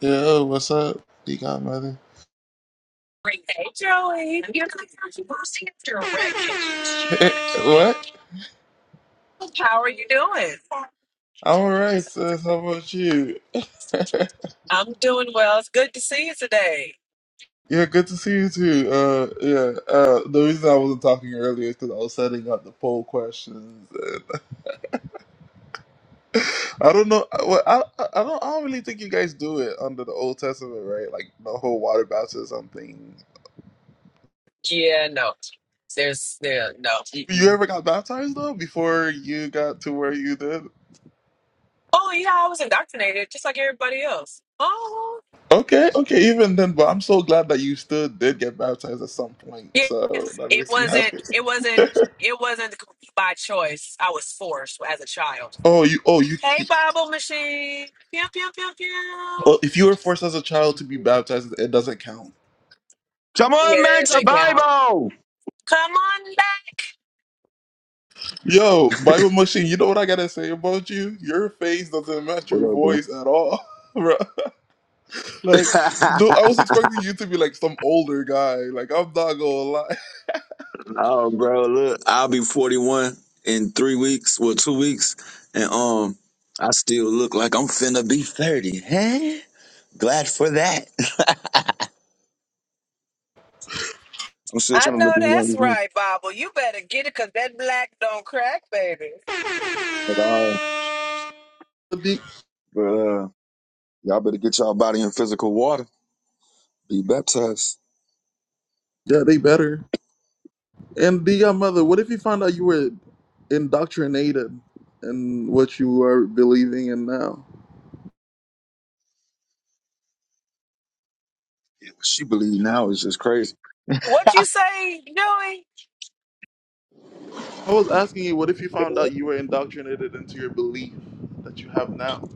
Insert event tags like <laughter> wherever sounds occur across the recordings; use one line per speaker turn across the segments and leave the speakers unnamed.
Yo, what's up, D Godmother?
Hey, Joey. You're not posting after a break.
Hey, hey, what?
How are you doing?
I'm alright, sis. How about you?
I'm doing well. It's good to see you today.
Yeah, good to see you too. Uh, yeah. Uh, the reason I wasn't talking earlier is because I was setting up the poll questions. And <laughs> I don't know. Well, I, I I don't. I don't really think you guys do it under the Old Testament, right? Like the whole water baptism thing.
Yeah, no. There's there no.
You
Mm-mm.
ever got baptized though before you got to where you did?
Oh yeah, I was indoctrinated just like everybody else. Oh
Okay, okay, even then, but I'm so glad that you still did get baptized at some point.
yeah,
So that
it
makes me happy.
wasn't. It wasn't.
<laughs>
It wasn't by choice. I was forced as a child.
Oh, you. Oh, you.
Hey, Bible machine. Pew pew pew
Oh,
pew.
if you were forced as a child to be baptized, it doesn't count.
Come
Yeah,
on
that
back to
doesn't count.
Bible.
Come on back.
Yo, Bible machine. You know what I gotta say about you? Your face doesn't match your
What up, bro?
voice at all, <laughs> bro. Like,
<laughs>
dude, I was expecting you to be like some older guy. Like, I'm not gonna lie. <laughs>
No, bro, look, I'll be 41 in three weeks, well, two weeks, and um, I still look like I'm finna be 30. Hey, glad for that. <laughs> I'm still
I
trying to
know
look as young
that's
as you
right, Bible. You better get it because that black don't crack, baby.
at all.
The-
But uh, y'all better get y'all body in physical water. Be baptized.
yeah, they better. And the uh, mother. What if you found out you were indoctrinated in what you are believing in now?
What She believe now is just crazy.
What you say, Joey?
I was asking you, what if you found out you were indoctrinated into your belief that you have now?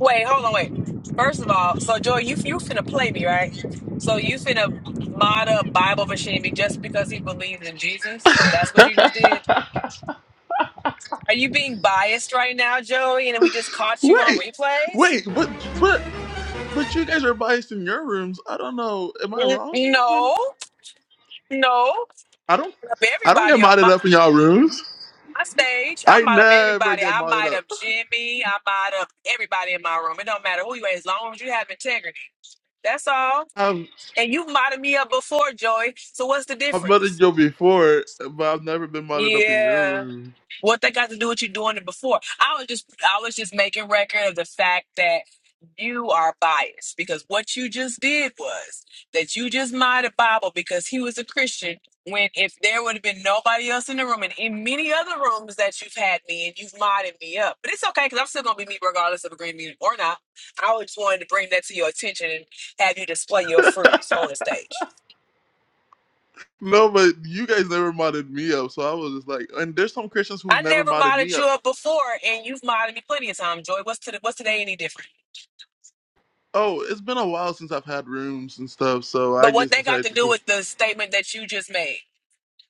Wait, hold on, wait. First of all, so Joy, you you finna play me, right? So you finna mod up Bible machine me just because he believes in Jesus? That's what
<laughs>
you just did? Are you being biased right now, Joey? And we just caught you on
Wait,
replays?
wait, but but but you guys are biased in your rooms. I don't know. Am I
N-
wrong? When
No, no.
I don't, I don't get
Everybody on
modded up in y'all
my.
rooms.
my stage. I
I
might up
never
everybody.
get
I
modded
might
up.
up Jimmy. I might up everybody in my room. It don't matter who you are, as long as you have integrity. That's all.
I've
And you might me up before, Joy. So what's the
I've modded
difference?
you before, but I've never been modded up in your
Yeah.
room.
What that got to do with you doing it before? I was just I was just making record of the fact that you are biased because what you just did was that you just minded Bible because he was a Christian. When if there would have been nobody else in the room and in many other rooms that you've had me and you've modded me up, but it's okay because I'm still gonna be me regardless of agreeing with me or not. I was just wanted to bring that to your attention and have you display your fruits on the stage.
No, but you guys never modded me up, so I was just like, and there's some Christians who've
I
never
never
modded me
modded
up.
you up before, and you've modded me plenty of times, Joy. What's to what's today any different?
Oh, it's been a while since I've had rooms and stuff, so I
But what
just
they got
decided
to do
to.
with the statement that you just made,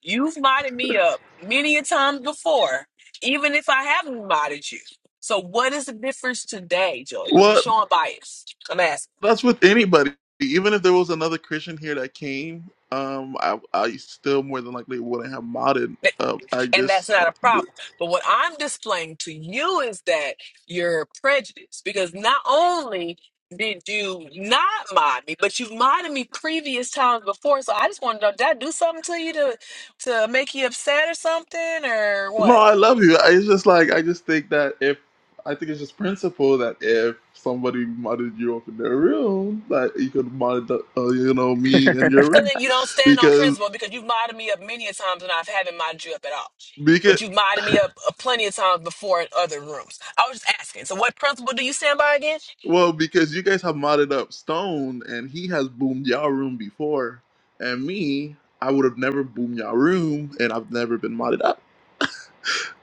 you've modded me up many a time before, even if I haven't modded you. So what is the difference today, Joey? Because you're
Well,
showing bias. I'm asking.
That's with anybody. Even if there was another Christian here that came, um, I, I still more than likely wouldn't have modded.
That-
Uh, I
And that's
just,
not a problem. But what I'm displaying to you is that you're prejudiced because not only did you not mod me, but you've modded me previous times before. So I just want to know, did I do something to you to to make you upset or something or
no,
what?
I love you. I, it's just like I just think that if I think it's just principle that if somebody modded you up in their room, that you could mod, the- uh, you know, me in your
So
room,
then you don't stand on
because
principle because you've modded me up many a times and I haven't modded you up at all.
because
But you've modded me up uh, plenty of times before in other rooms. I was just asking. So what principle do you stand by again?
well, because you guys have modded up Stone and he has boomed y'all room before, and me, I would have never boomed y'all room, and I've never been modded up.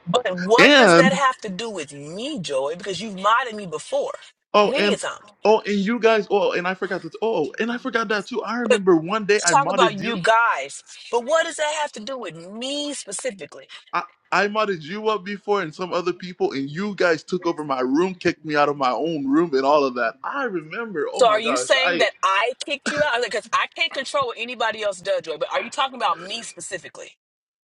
But what does that
And
have to do with me, Joey? Because you've modded me before
oh,
many a
and
time.
oh, and you guys. Oh, and I forgot that. Oh, and I forgot that too. I
But
remember one day I
talk about
modded you.
you guys. But what does that have to do with me specifically?
I I modded you up before and some other people, and you guys took over my room, kicked me out of my own room, and all of that. I remember. Oh
So
my
are you
gosh.
saying
I.
that I kicked you out? Because I can't control what anybody else does, Joy. But are you talking about me specifically?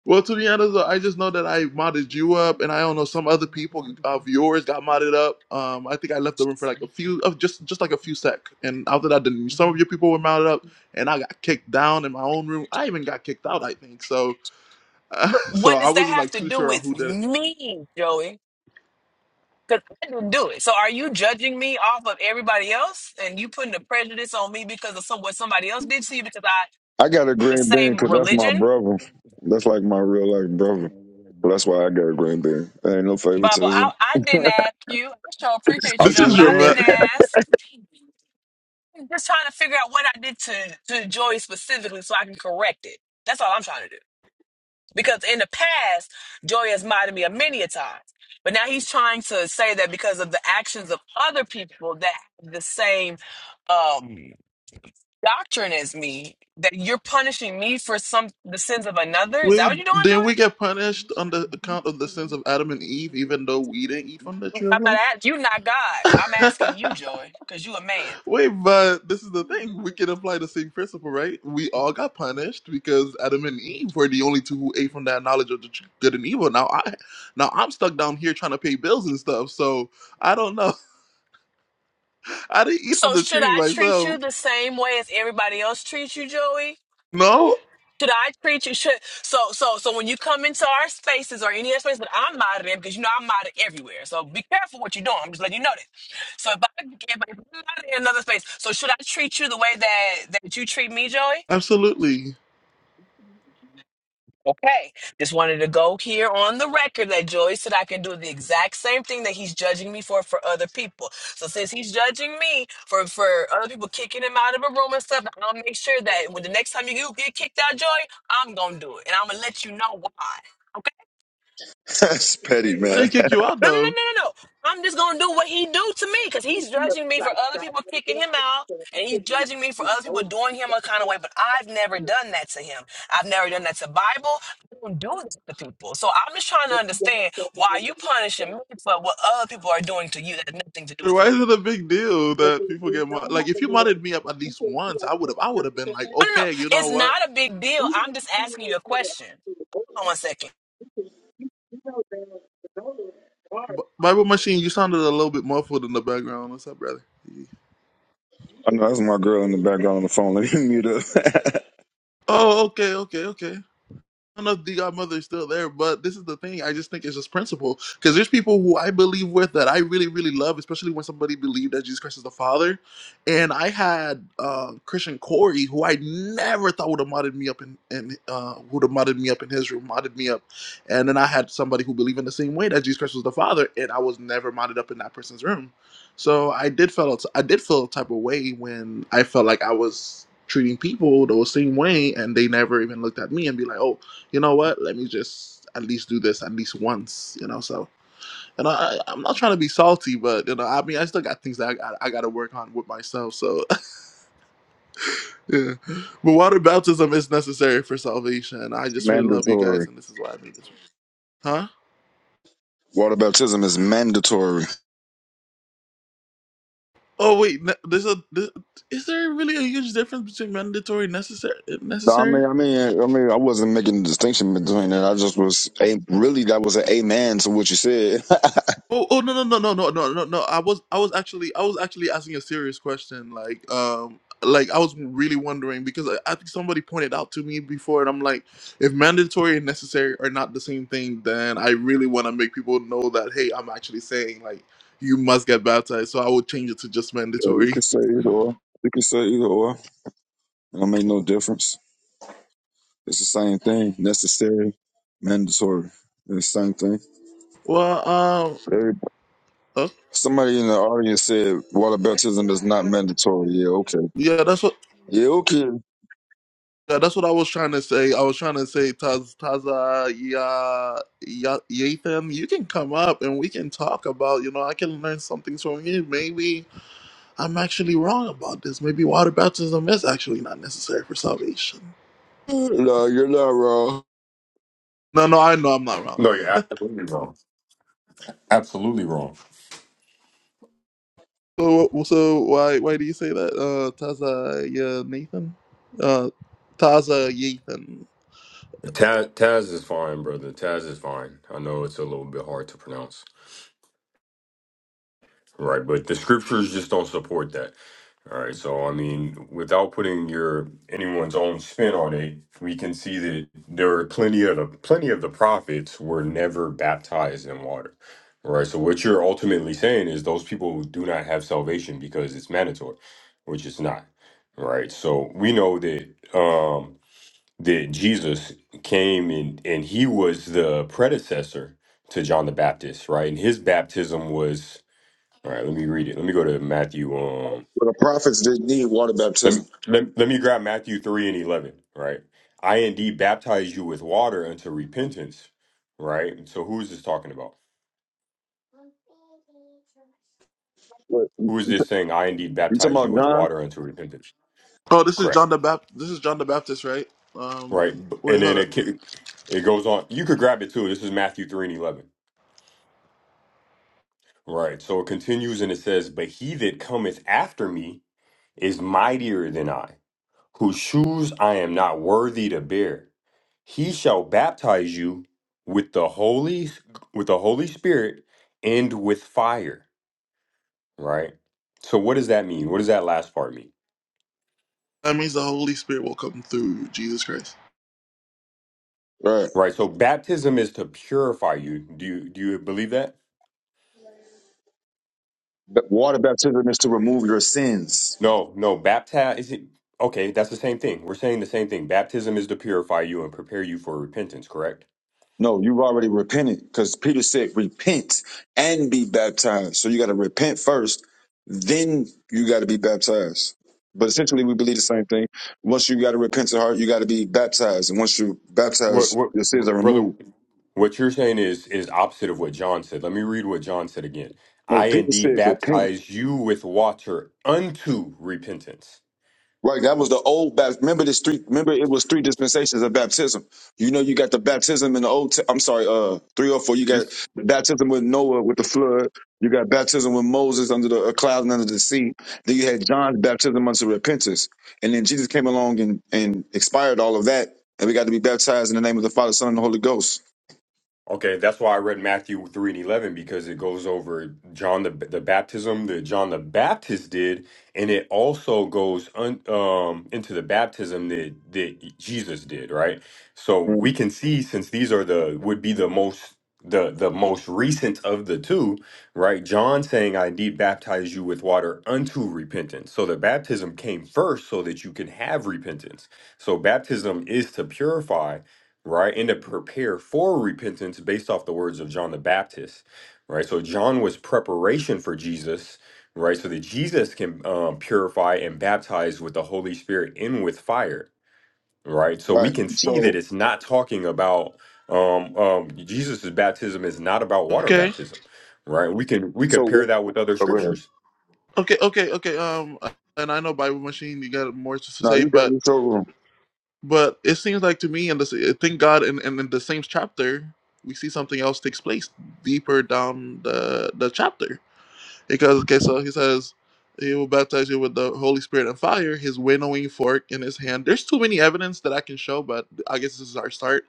Well, to be honest, though, I just know that I modded you up, and I don't know some other people of yours got modded up. Um, I think I left the room for like a few, of just just like a few sec, and after that, then some of your people were modded up, and I got kicked down in my own room. I even got kicked out, I think. So, <laughs> Uh,
But
so
what
I
does that
wasn't
have
like
to
too
do
sure on
with
who did it.
me, Joey? Because I didn't do it. So are you judging me off of everybody else and you putting a prejudice on me because of some, what somebody else did to you because I
I got a
the
green bean
same
because that's my
religion?
brother. That's like my real life brother. Well, That's why I got a green bean. There ain't no
Bible,
favoritism.
I, I didn't ask you. I sure appreciate
I'm
you
This
just
though,
is
but I
saying.
didn't
dramatic.
ask. I'm just trying to figure out what I did to, to Joey specifically so I can correct it. That's all I'm trying to do. Because in the past, Joy has mocked me a many a times. But now he's trying to say that because of the actions of other people that have the same um, doctrine as me, that you're punishing me for some the sins of another. Is that
Wait,
what you're
<laughs>
doing, Joy?
didn't we get punished on the account of the sins of Adam and Eve, even though we didn't eat from the tree of
I'm not
life?
at you, not God. I'm asking you, Joy, because you a man.
Wait, but this is the thing. We can apply the same principle, right? We all got punished because Adam and Eve were the only two who ate from that knowledge of the tr- good and evil. Now I, now I'm stuck down here trying to pay bills and stuff. So I don't know. <laughs> I didn't eat from
So
the
should
tree
I treat
myself.
you the same way as everybody else treats you, Joey?
No,
Should I treat you? Should so so so when you come into our spaces or any other space, but I'm modded in because you know I'm modded everywhere. So be careful what you're doing. I'm just letting you know this. So if I if I'm modded in another space, so should I treat you the way that that you treat me, Joey?
absolutely.
Okay. Just wanted to go here on the record that Joey said I can do the exact same thing that he's judging me for for other people. So since he's judging me for for other people kicking him out of a room and stuff, I'll make sure that when the next time you get kicked out, Joey, I'm gonna do it, and I'm gonna let you know why.
<laughs> That's petty,
I
man.
didn't kick
<laughs>
you out
No, no, no,
though.
no, no, no. I'm just gonna do what he do to me because he's judging me for other people kicking him out, and he's judging me for other people doing him a kind of way. But I've never done that to him. I've never done that to Bible. I don't do this to people. So I'm just trying to understand why you punishing me for what other people are doing to you that has nothing to do with
Why
me.
is it a big deal that people get mod- like? If you modded me up at least once, I would have. I would have been like,
No, no, no.
okay, you know
It's
what,
not a big deal. I'm just asking you a question. Hold on one second.
B- Bible Machine, you sounded a little bit muffled in the background. What's up, brother?
I know that's my girl in the background on the phone. <laughs> Let me mute her. <laughs>
Oh, okay, okay, okay. I don't know if the godmother is still there, but this is the thing. I just think it's just principle. Because there's people who I believe with that I really, really love, especially when somebody believed that Jesus Christ is the Father. And I had uh, Christian Corey, who I never thought would have modded me up in, in uh, would have modded me up in his room, modded me up. And then I had somebody who believed in the same way that Jesus Christ was the Father, and I was never modded up in that person's room. So I did feel I did feel a type of way when I felt like I was treating people the same way, and they never even looked at me and be like, oh you know what? Let me just at least do this at least once, you know. So, and I, I- I'm not trying to be salty, but you know, I mean, I still got things that I, got- I got to work on with myself. So, <laughs> yeah. But water baptism is necessary for salvation. I just really love you guys,
Mandatory.
and this is why I made this. Huh?
Water baptism is mandatory.
Oh wait, ne- there's a. This, is there really a huge difference between mandatory and necessary?
No, I
Necessary?
mean, I mean, I mean, I wasn't making a distinction between that. I just was a really that was an amen to what you said. <laughs>
Oh, oh no no no no no no no no. I was I was actually I was actually asking a serious question. Like um like I was really wondering because I, I think somebody pointed out to me before and I'm like if mandatory and necessary are not the same thing then I really want to make people know that hey I'm actually saying like you must get baptized so I would change it to just
Yeah, you
mandatory.
can
<laughs>
say either or. You can say either or. It don't make no difference. It's the same thing. Necessary, mandatory. It's the same thing.
Well um
Very
uh,
Somebody in the audience said water baptism is not mandatory. Yeah, okay.
yeah that's what
Yeah, okay.
Yeah, that's what I was trying to say. I was trying to say, Taz, Taza, yeah, yeah, Yathan, you can come up and we can talk about, you know, I can learn some things from you. Maybe I'm actually wrong about this. Maybe water baptism is actually not necessary for salvation.
No, you're not wrong.
No, no, I know I'm not wrong.
No, you're absolutely wrong. Absolutely wrong.
So, so why, why do you say that, uh, Taza, yeah, Nathan, uh, Taza, Yathan?
Taz, Taz is fine, brother. Taz is fine. I know it's a little bit hard to pronounce, right? But the scriptures just don't support that. All right. So I mean, without putting your anyone's own spin on it, we can see that there are plenty of the, plenty of the prophets were never baptized in water. Right. So what you're ultimately saying is those people do not have salvation because it's mandatory, which it's not. Right. So we know that. Um, that Jesus came and and he was the predecessor to John the Baptist, right? And his baptism was all right. Let me read it. Let me go to Matthew. Um,
Well, the prophets didn't need water
let me
baptism.
let, let me grab Matthew three and eleven. Right, I indeed baptize you with water unto repentance. Right. And So who is this talking about?
What?
Who is this saying? I indeed
You talking
baptize you
about
with
John?
water unto repentance.
Oh, this is John
Correct.
the Baptist. This is John the Baptist, right? Um,
Right.
wait,
And
hold
then
up.
it ca- it goes on. You could grab it too. This is Matthew three and eleven. Right. So it continues and it says, But he that cometh after me is mightier than I, whose shoes I am not worthy to bear. He shall baptize you with the Holy with the Holy Spirit and with fire. Right? So what does that mean? What does that last part mean?
That means the Holy Spirit will come through Jesus Christ.
Right.
Right. So baptism is to purify you. Do you do you believe that?
B- Water baptism is to remove your sins.
No, no, baptize is it okay, that's the same thing. We're saying the same thing. Baptism is to purify you and prepare you for repentance, correct?
No, you've already repented because Peter said, repent and be baptized. So you got to repent first, then you got to be baptized. But essentially, we believe the same thing. Once you got a repentant heart, you got to be baptized. And once you're
What,
baptized,
what,
your sins are
brother?
removed.
What you're saying is is opposite of what John said. Let me read what John said again.
No,
I
Peter
indeed
said, repent.
baptize you with water unto repentance.
Right, that was the old baptism. Remember this three. Remember it was three dispensations of baptism. You know, you got the baptism in the old. T- I'm sorry, uh, three or four. You got the baptism with Noah with the flood. You got baptism with Moses under the a cloud and under the sea. Then you had John's baptism unto repentance, and then Jesus came along and and expired all of that, and we got to be baptized in the name of the Father, Son, and the Holy Ghost.
Okay, that's why I read Matthew 3 and 11 because it goes over John the the baptism that John the Baptist did and it also goes un, um into the baptism that that Jesus did, right? So
Mm,
we can see since these are the would be the most the the most recent of the two, right? John saying I did baptize you with water unto repentance. So the baptism came first so that you can have repentance. So baptism is to purify right? And to prepare for repentance based off the words of John the Baptist, right? So John was preparation for Jesus, right? So that Jesus can um, purify and baptize with the Holy Spirit and with fire, right? So we
Right.
can see that
So,
it's not talking about um, um, Jesus' baptism is not about water
Okay,
baptism, right? We can we
so
compare
oh,
that with other
go ahead.
scriptures.
okay, okay, okay. Um, and I know Bible Machine, you got more to
no,
say,
you got
but
your showroom.
but it seems like to me, and this, thank God, and in, in, in the same chapter, we see something else takes place deeper down the the chapter. Because okay, so he says he will baptize you with the Holy Spirit and fire. His winnowing fork in his hand. There's too many evidence that I can show, but I guess this is our start.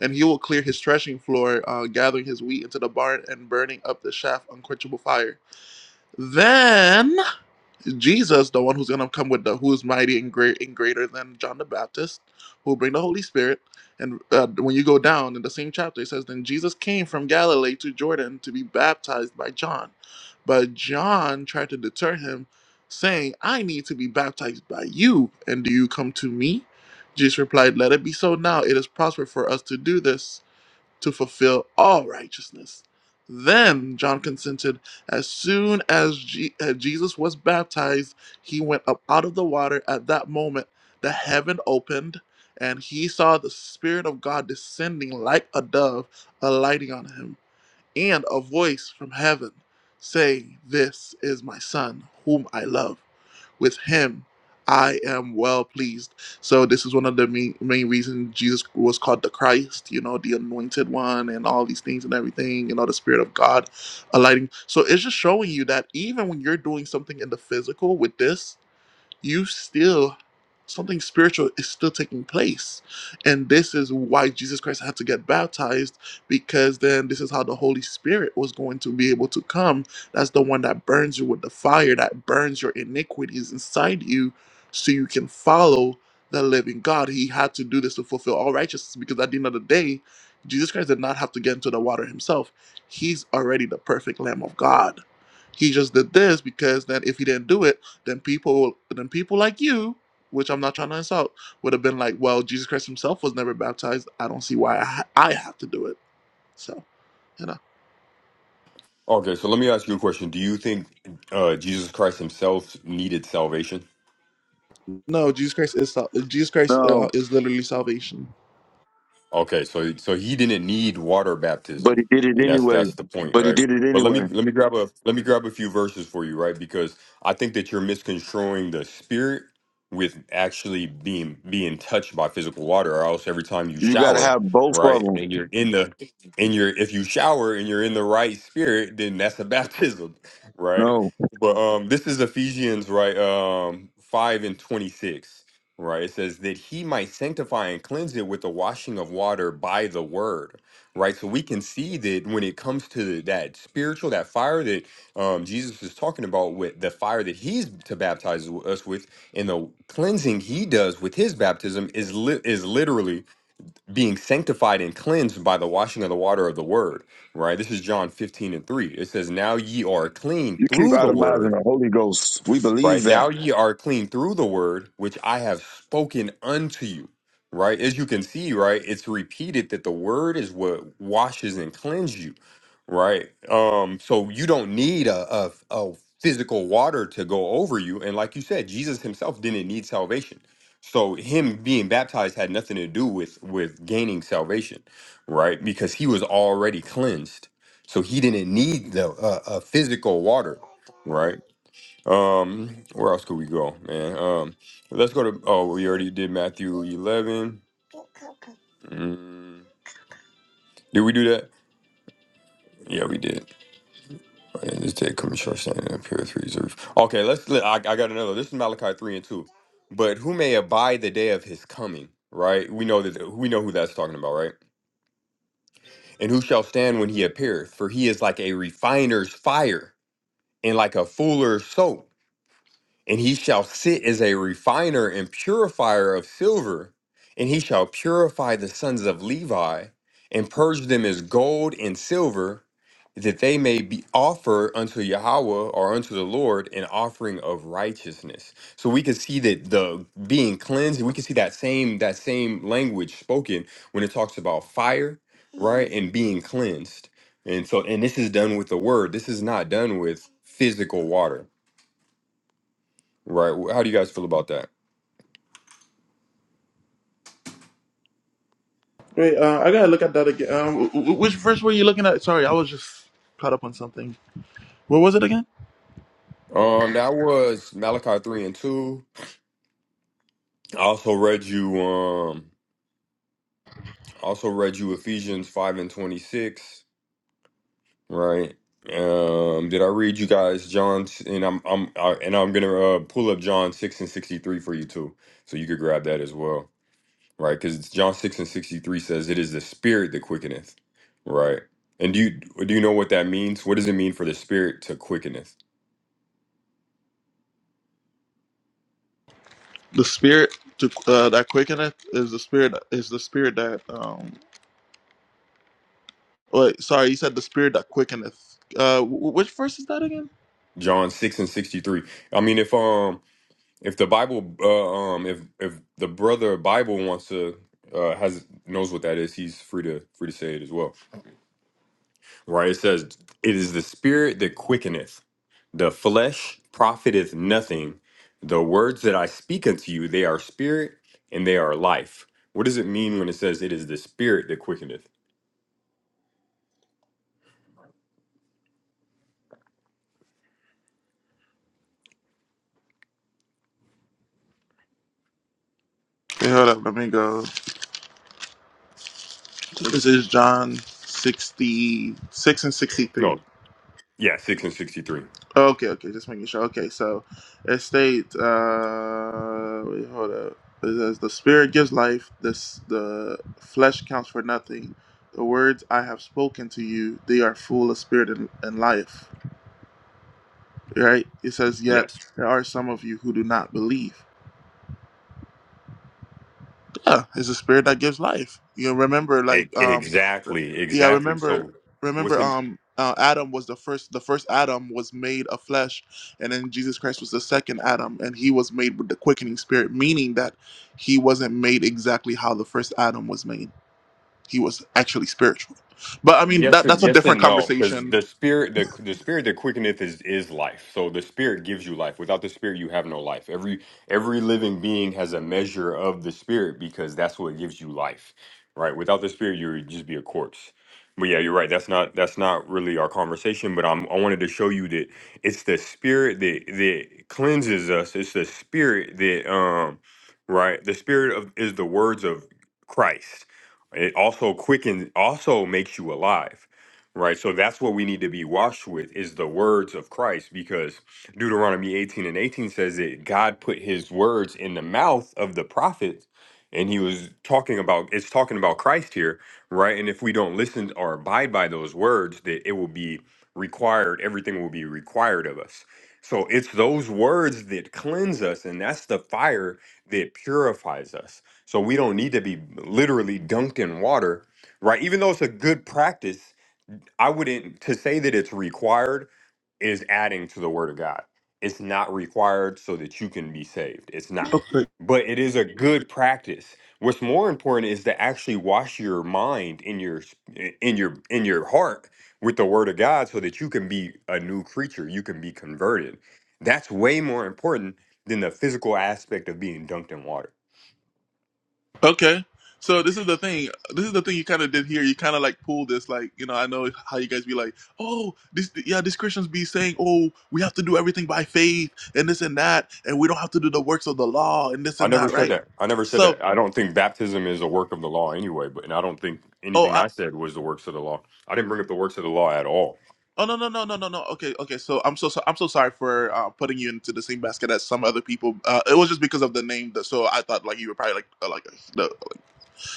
And he will clear his threshing floor, uh, gathering his wheat into the barn and burning up the shaft unquenchable fire. Then. Jesus, the one who's going to come with the who's mighty and great and greater than John the Baptist, who will bring the Holy Spirit. And uh, when you go down in the same chapter, it says, Then Jesus came from Galilee to Jordan to be baptized by John. But John tried to deter him, saying, I need to be baptized by you, and do you come to me? Jesus replied, Let it be so now. It is prosper for us to do this to fulfill all righteousness. Then John consented. As soon as Je- uh, Jesus was baptized, he went up out of the water. At that moment, the heaven opened, and he saw the Spirit of God descending like a dove, alighting on him, and a voice from heaven saying, This is my Son, whom I love with him I am well pleased. So this is one of the main, main reasons Jesus was called the Christ, you know, the anointed one and all these things and everything, you know, the spirit of God alighting. So it's just showing you that even when you're doing something in the physical with this, you still something spiritual is still taking place and this is why jesus christ had to get baptized because then this is how the holy spirit was going to be able to come that's the one that burns you with the fire that burns your iniquities inside you so you can follow the living god he had to do this to fulfill all righteousness because at the end of the day jesus christ did not have to get into the water himself he's already the perfect lamb of god he just did this because then if he didn't do it then people then people like you which i'm not trying to insult would have been like well jesus christ himself was never baptized i don't see why i, ha- I have to do it so you know
Okay, so let me ask you a question. Do you think uh, Jesus Christ himself needed salvation?
no jesus christ is sal- jesus christ uh,
No,
is literally salvation
Okay, so so he didn't need water baptism,
but he did it
and that's
anyway.
that's the point,
But he
right?
did it
But let
anyway.
me let me grab a let me grab a few verses for you, right? Because I think that you're misconstruing the spirit with actually being being touched by physical water, or else every time you
You got to
shower,
have both of
right,
them.
and you're in the and you're if you shower and you're in the right spirit, then that's a baptism, <laughs> right?
No,
But um this is Ephesians, right? Um five and twenty-six. Right. It says that he might sanctify and cleanse it with the washing of water by the word. Right. So we can see that when it comes to that spiritual, that fire that um, Jesus is talking about with the fire that he's to baptize us with and the cleansing he does with his baptism is li- is literally being sanctified and cleansed by the washing of the water of the word. Right. This is John 15 and 3. It says, now ye are clean
you keep
through the word
itemizing the Holy Ghost. We believe
Right now
that.
ye are clean through the word which I have spoken unto you. Right? As you can see, right, it's repeated that the word is what washes and cleanses you. Right? Um, so you don't need a, a, a physical water to go over you. And like you said, Jesus himself didn't need salvation. So him being baptized had nothing to do with with gaining salvation, right? Because he was already cleansed. So he didn't need the uh, a physical water, right? Um, where else could we go, man? Um, let's go to. Oh, we already did Matthew eleven. Mm, did we do that? Yeah, we did. And this day coming short standing up here three reserves. Okay, let's. let- I, I got another. This is Malachi three and two. But who may abide the day of his coming? Right. We know that. We know who that's talking about, right? And who shall stand when he appeareth? For he is like a refiner's fire and like a fuller's soap. and he shall sit as a refiner and purifier of silver, and he shall purify the sons of Levi, and purge them as gold and silver, that they may be offer unto Yahweh or unto the Lord an offering of righteousness. So we can see that the being cleansed, we can see that same that same language spoken when it talks about fire, right, and being cleansed. And so and this is done with the word. This is not done with physical water. Right. How do you guys feel about that?
wait uh, i gotta look at that again um, wh- wh- which verse were you looking at sorry i was just caught up on something what was it again
Um, that was Malachi three and two. I also read you um also read you Ephesians five and twenty six, right? Um, did I read you guys John s- and I'm I'm I, and I'm gonna uh, pull up John six and sixty three for you too, so you could grab that as well, right? Because John six and sixty three says it is the spirit that quickeneth, right? And do you do you know what that means? What does it mean for the spirit to quickeneth?
the spirit to, uh, that quickeneth is the spirit is the spirit that um wait sorry you said the spirit that quickeneth uh wh- wh- which verse is that again
John six and sixty three. I mean, if um if the Bible, uh, um, if if the brother Bible wants to uh, has knows what that is, he's free to free to say it as well. Right? It says, "It is the spirit that quickeneth; the flesh profiteth nothing. The words that I speak unto you, they are spirit and they are life." What does it mean when it says, "It is the spirit that quickeneth"?
Wait, hold up let me go This is John 66 and 63.
No, yeah, six and sixty-three.
Oh, Okay, okay, just making sure. Okay, so it states, uh, wait, hold up. It says, The Spirit gives life, this, the flesh counts for nothing. The words I have spoken to you, they are full of spirit and, and life. Right? It says, Yet
Yes,
there are some of you who do not believe. Yeah, it's the spirit that gives life. You remember,
E-
like, um,
exactly,
yeah,
exactly.
remember,
So, what's
remember,
it?
um, uh, Adam was the first. The first Adam was made of flesh, and then Jesus Christ was the second Adam, and he was made with the quickening spirit, meaning that he wasn't made exactly how the first Adam was made. He was actually spiritual. But I mean, that
Yes
that's
and
a
yes
different
and no, because
conversation.
the spirit, the the spirit that quickeneth is is life. So the spirit gives you life. Without the spirit, you have no life. Every every living being has a measure of the spirit because that's what gives you life, right? Without the spirit, you would just be a corpse. But yeah, you're right. That's not that's not really our conversation. But I'm I wanted to show you that it's the spirit that that cleanses us. It's the spirit that um right. The spirit of is the words of Christ it also quickens, also makes you alive, right? So that's what we need to be washed with is the words of Christ, because Deuteronomy 18 and 18 says that God put his words in the mouth of the prophets, and he was talking about, it's talking about Christ here, right? And if we don't listen or abide by those words, that it will be required, everything will be required of us. So it's those words that cleanse us, and that's the fire that purifies us so we don't need to be literally dunked in water, right? Even though it's a good practice, I wouldn't to say that it's required is adding to the word of God. It's not required so that you can be saved. It's not.
Okay.
But it is a good practice. What's more important is to actually wash your mind in your in your in your heart with the word of God so that you can be a new creature, you can be converted. That's way more important than the physical aspect of being dunked in water.
Okay. So this is the thing. This is the thing you kind of did here. You kind of like pull this, like you know. I know how you guys be like, oh, this yeah, these Christians be saying, oh, we have to do everything by faith and this and that, and we don't have to do the works of the law and this
I
and
never
that,
said
right?
that. I never said
So,
that. I don't think baptism is a work of the law anyway, but and I don't think anything
oh,
I said was the works of the law. I didn't bring up the works of the law at all.
Oh no no no no no no. Okay okay. So I'm so, so I'm so sorry for uh, putting you into the same basket as some other people. Uh, it was just because of the name. That, so I thought like you were probably like uh, like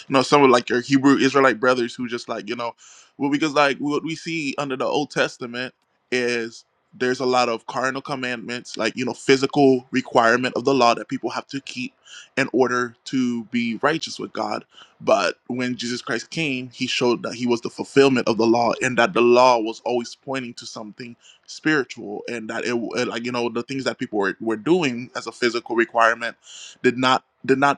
you know, some of like your Hebrew Israelite brothers who just like, you know, well, because like what we see under the Old Testament is there's a lot of carnal commandments, like, you know, physical requirement of the law that people have to keep in order to be righteous with God. But when Jesus Christ came, he showed that he was the fulfillment of the law and that the law was always pointing to something spiritual and that it, it like, you know, the things that people were, were doing as a physical requirement did not did not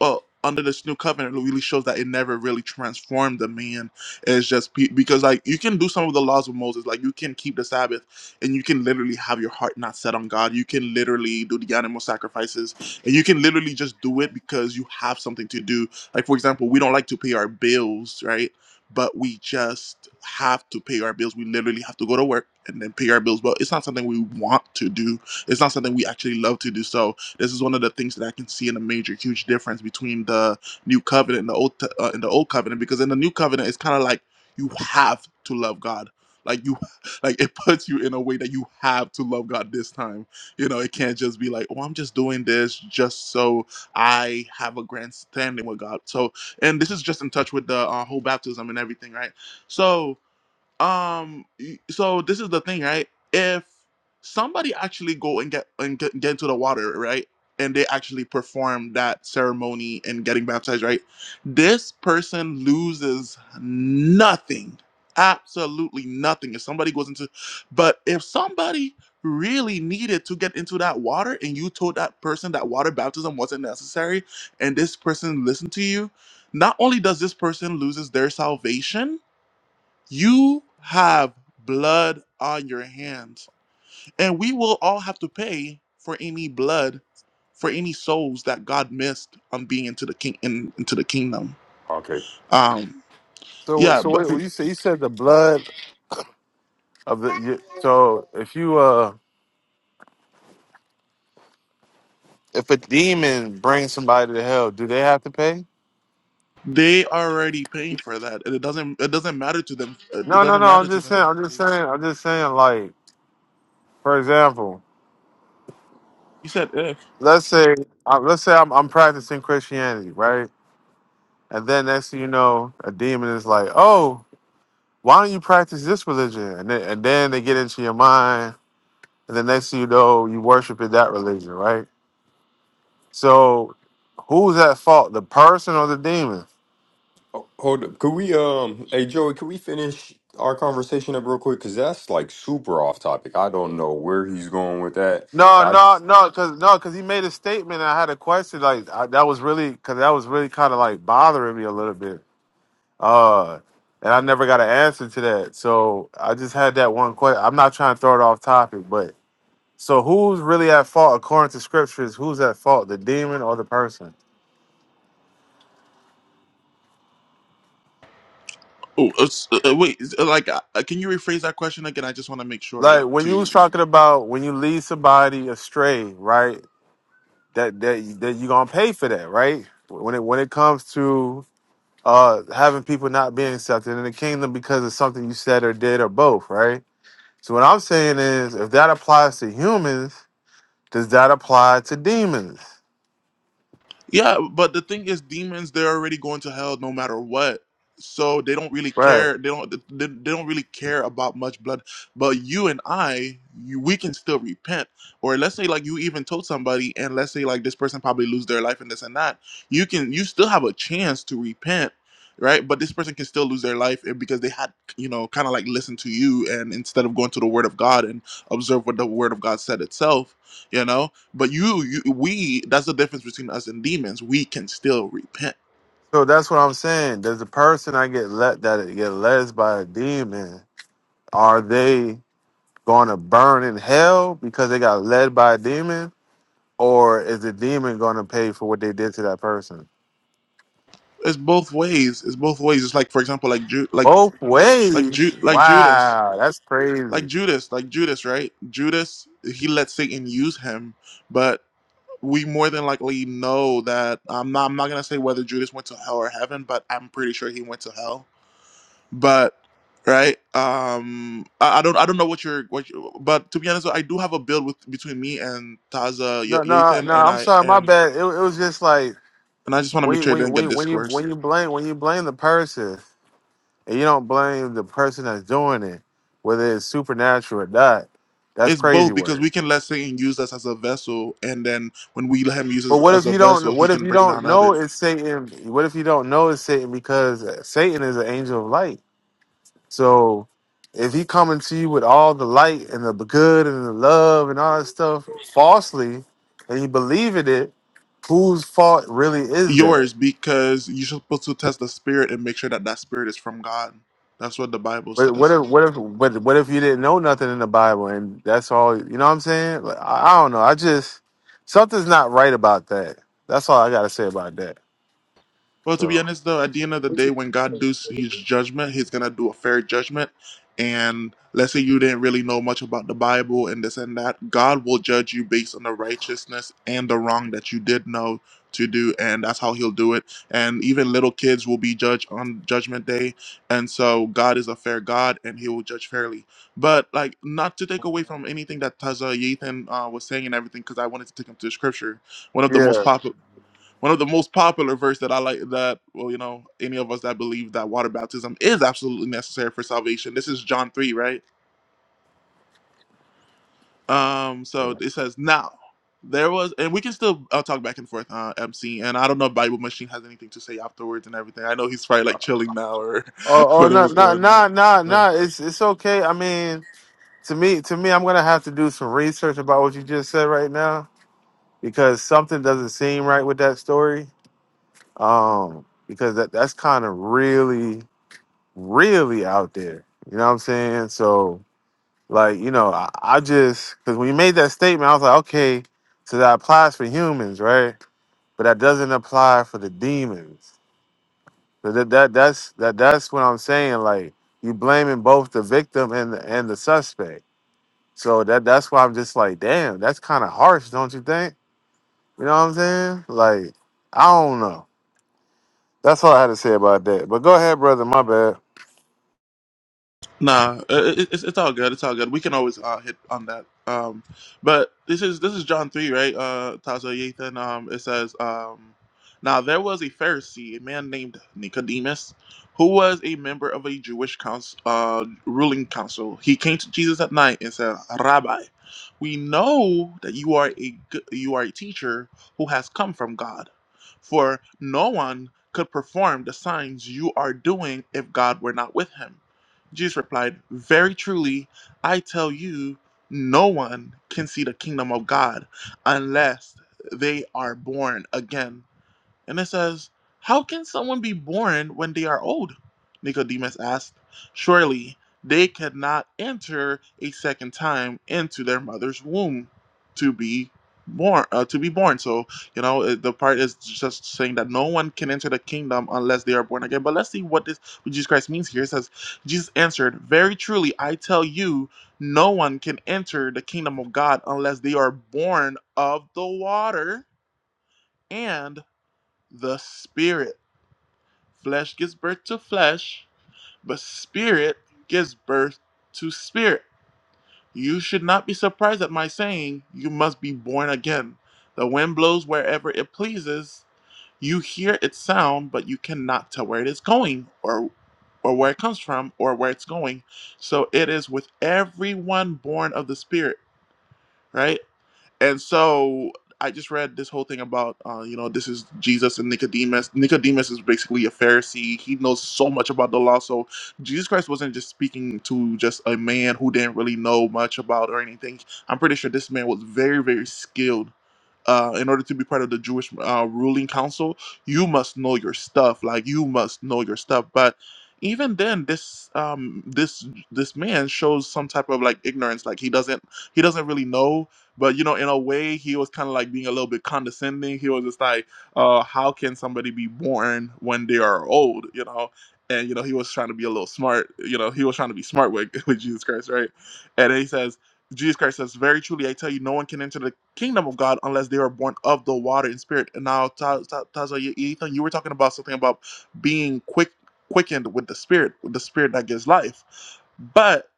well under this new covenant it really shows that it never really transformed the man it's just pe- because like you can do some of the laws of moses like you can keep the sabbath and you can literally have your heart not set on god you can literally do the animal sacrifices and you can literally just do it because you have something to do like for example we don't like to pay our bills right but we just have to pay our bills we literally have to go to work and then pay our bills but it's not something we want to do it's not something we actually love to do so this is one of the things that I can see in a major, huge difference between the new covenant and the old t- uh, and the old covenant. Because in the new covenant, it's kind of like you have to love God. Like you, <laughs> like it puts you in a way that you have to love God this time. You know, it can't just be like, oh, I'm just doing this just so I have a grand standing with God. So, and this is just in touch with the uh, whole baptism and everything, right? So, um y- so this is the thing right if somebody actually go and get and get, get into the water right and they actually perform that ceremony and getting baptized right this person loses nothing absolutely nothing if somebody goes into but if somebody really needed to get into that water and you told that person that water baptism wasn't necessary and this person listened to you not only does this person loses their salvation you have blood on your hands, and we will all have to pay for any blood, for any souls that God missed on being into the king in, into the kingdom.
Okay,
Um,
So,
yeah,
so
but
wait, well, you said you said the blood of the. You, so, if you uh, if a demon brings somebody to hell, do they have to pay?
they are already paying for that, and it doesn't it doesn't matter to them. uh, It
No, no,
doesn't
no.
matter
I'm
to
just
them.
saying. I'm just
anyways.
saying. I'm just saying. Like, for example,
You said if.
let's say, uh, let's say I'm, I'm practicing Christianity, right? And then next thing you know, a demon is like, "Oh, why don't you practice this religion?" And then, and then they get into your mind, and then next thing you know, you worship in that religion, right? So, who's at fault, the person or the demon?
Oh, Hold up. Could we, um, hey Joey, could we finish our conversation up real quick? Because that's like super off topic. I don't know where he's going with that.
No,
I
no,
just,
no, because no, because he made a statement. And I had a question like I, that was really because that was really kind of like bothering me a little bit. Uh, and I never got an answer to that, so I just had that one question. I'm not trying to throw it off topic, but so who's really at fault according to scriptures? Who's at fault, the demon or the person?
Oh, it's- uh, uh, wait. is- uh, Like, uh, uh, can you rephrase that question again? I just want to make sure,
Like
like,
when you
to.
was talking about when you lead somebody astray, right? That that that you gonna pay for that, right? When it when it comes to uh having people not being accepted in the kingdom because of something you said or did or both, right? So what I'm saying is if that applies to humans, does that apply to demons?
Yeah, but the thing is, demons, they're already going to hell no matter what. So they don't really
Right.
care. They don't. They, they don't really care about much blood. But you and I, you, we can still repent. Or let's say like you even told somebody, and let's say like this person probably lose their life and this and that. You can. You still have a chance to repent, right? But this person can still lose their life eh, because they had, you know, kind of like listen to you, and instead of going to the Word of God and observe what the Word of God said itself, you know. But you, you, we, that's the difference between us and demons. We can still repent.
So that's what I'm saying. Does the person I get let that get led by a demon, are they gonna burn in hell because they got led by a demon? Or is the demon gonna pay for what they did to that person?
It's both ways. It's both ways. It's like, for example, like Ju- like
Both
like Ju-
ways.
like Judas,
Wow, that's
like
crazy.
Judas, like Judas, right? Judas, he let Satan use him, but we more than likely know that I'm not. I'm not gonna say whether Judas went to hell or heaven, but I'm pretty sure he went to hell. but right um I, I don't i don't know what you're what you, but to be honest i do have a build with between me and taza Y-
No, no,
yathan
no.
and
I'm
i
sorry, my
and
bad. It, it was just like
and i just want to
when
make
you,
sure it
when you,
doesn't
when
get
you, when you
discourse
when you blame when you blame the person and you don't blame the person that's doing it, whether it's supernatural or not. That's
it's
crazy
both because
word.
we can let satan use us as a vessel and then when we let him use
But
us
what if
as a
you don't?
vessel he
What if
can
you
bring
don't
down
know
others
it's Satan? What if you don't know it's Satan because Satan is an angel of light. So if he coming to you with all the light and the good and the love and all that stuff falsely, and you believe in it, whose fault really is that?
yours because you're supposed to test the spirit and make sure that that spirit is from god that's what the bible
But
says
what if what if but what if you didn't know nothing in the Bible and that's all you know what I'm saying? Like, I, I don't know. I just something's not right about that. That's all I gotta say about that.
Well, to be
So
honest, though, at the end of the day, when God does His judgment, He's gonna do a fair judgment. And let's say you didn't really know much about the Bible and this and that, God will judge you based on the righteousness and the wrong that you did know to do, and that's how He'll do it. And even little kids will be judged on Judgment Day, and so God is a fair God, and He will judge fairly. But like, not to take away from anything that Taza Yathan uh, was saying and everything, because I wanted to take him to Scripture. One of the most
yeah.
popular. One of the most popular verse that I like that well, you know, any of us that believe that water baptism is absolutely necessary for salvation. This is John three, right? Um,
yeah.
so it says now there was, and we can still I'll talk back and forth, uh, MC. And I don't know if Bible Machine has anything to say afterwards and everything. I know he's probably like chilling now or <laughs>
Oh oh no
whatever's
no
going
no no
on.
no it's it's okay. I mean to me to me I'm gonna have to do some research about what you just said right now because something doesn't seem right with that story. Um because that that's kind of really, really out there. You know what I'm saying? So Like, you know, I, I just because when you made that statement, I was like, okay, so that applies for humans, right? But that doesn't apply for the demons. So that, that that's that that's what I'm saying. Like you blaming both the victim and the and the suspect. So that that's why I'm just like, damn, that's kind of harsh, don't you think? You know what I'm saying? Like, I don't know. That's all I had to say about that. But go ahead, brother. My bad.
Nah, uh, it, it's, it's all good. It's all good. We can always uh, hit on that. Um, but this is this is John three, right? Uh, Tazo Yathan. Um, it says, um, now there was a Pharisee, a man named Nicodemus, who was a member of a Jewish council, uh, ruling council. He came to Jesus at night and said, Rabbi, we know that you are a good, you are a teacher who has come from God, for no one could perform the signs you are doing if God were not with him. Jesus replied, Very truly, I tell you, no one can see the kingdom of God unless they are born again. And it says, How can someone be born when they are old? Nicodemus asked. Surely they could not enter a second time into their mother's womb to be born uh, to be born so you know uh, the part is just saying that no one can enter the kingdom unless they are born again but let's see what this what jesus christ means here it says jesus answered, 'Very truly i tell you no one can enter the kingdom of god unless they are born of the water and the spirit. Flesh gives birth to flesh, but spirit gives birth to spirit. You should not be surprised at my saying, You must be born again. The wind blows wherever it pleases. You hear its sound, but you cannot tell where it is going or or where it comes from or where it's going. So it is with everyone born of the spirit, right? And so I just read this whole thing about, uh, you know, this is Jesus and Nicodemus. Nicodemus is basically a Pharisee. He knows so much about the law. So Jesus Christ wasn't just speaking to just a man who didn't really know much about or anything. I'm pretty sure this man was very, very skilled uh, in order to be part of the Jewish uh, ruling council, you must know your stuff. Like you must know your stuff. But even then, this um, this this man shows some type of like ignorance. Like he doesn't he doesn't really know. But you know, in a way, he was kind of like being a little bit condescending. He was just like, uh, "How can somebody be born when they are old?" You know. And you know he was trying to be a little smart. You know he was trying to be smart with, <laughs> with Jesus Christ, right? And then he says, Jesus Christ says, Very truly, I tell you, no one can enter the kingdom of God unless they are born of the water and spirit. And now, Taza, Ethan, you were talking about something about being quick, quickened with the spirit, with the spirit that gives life. But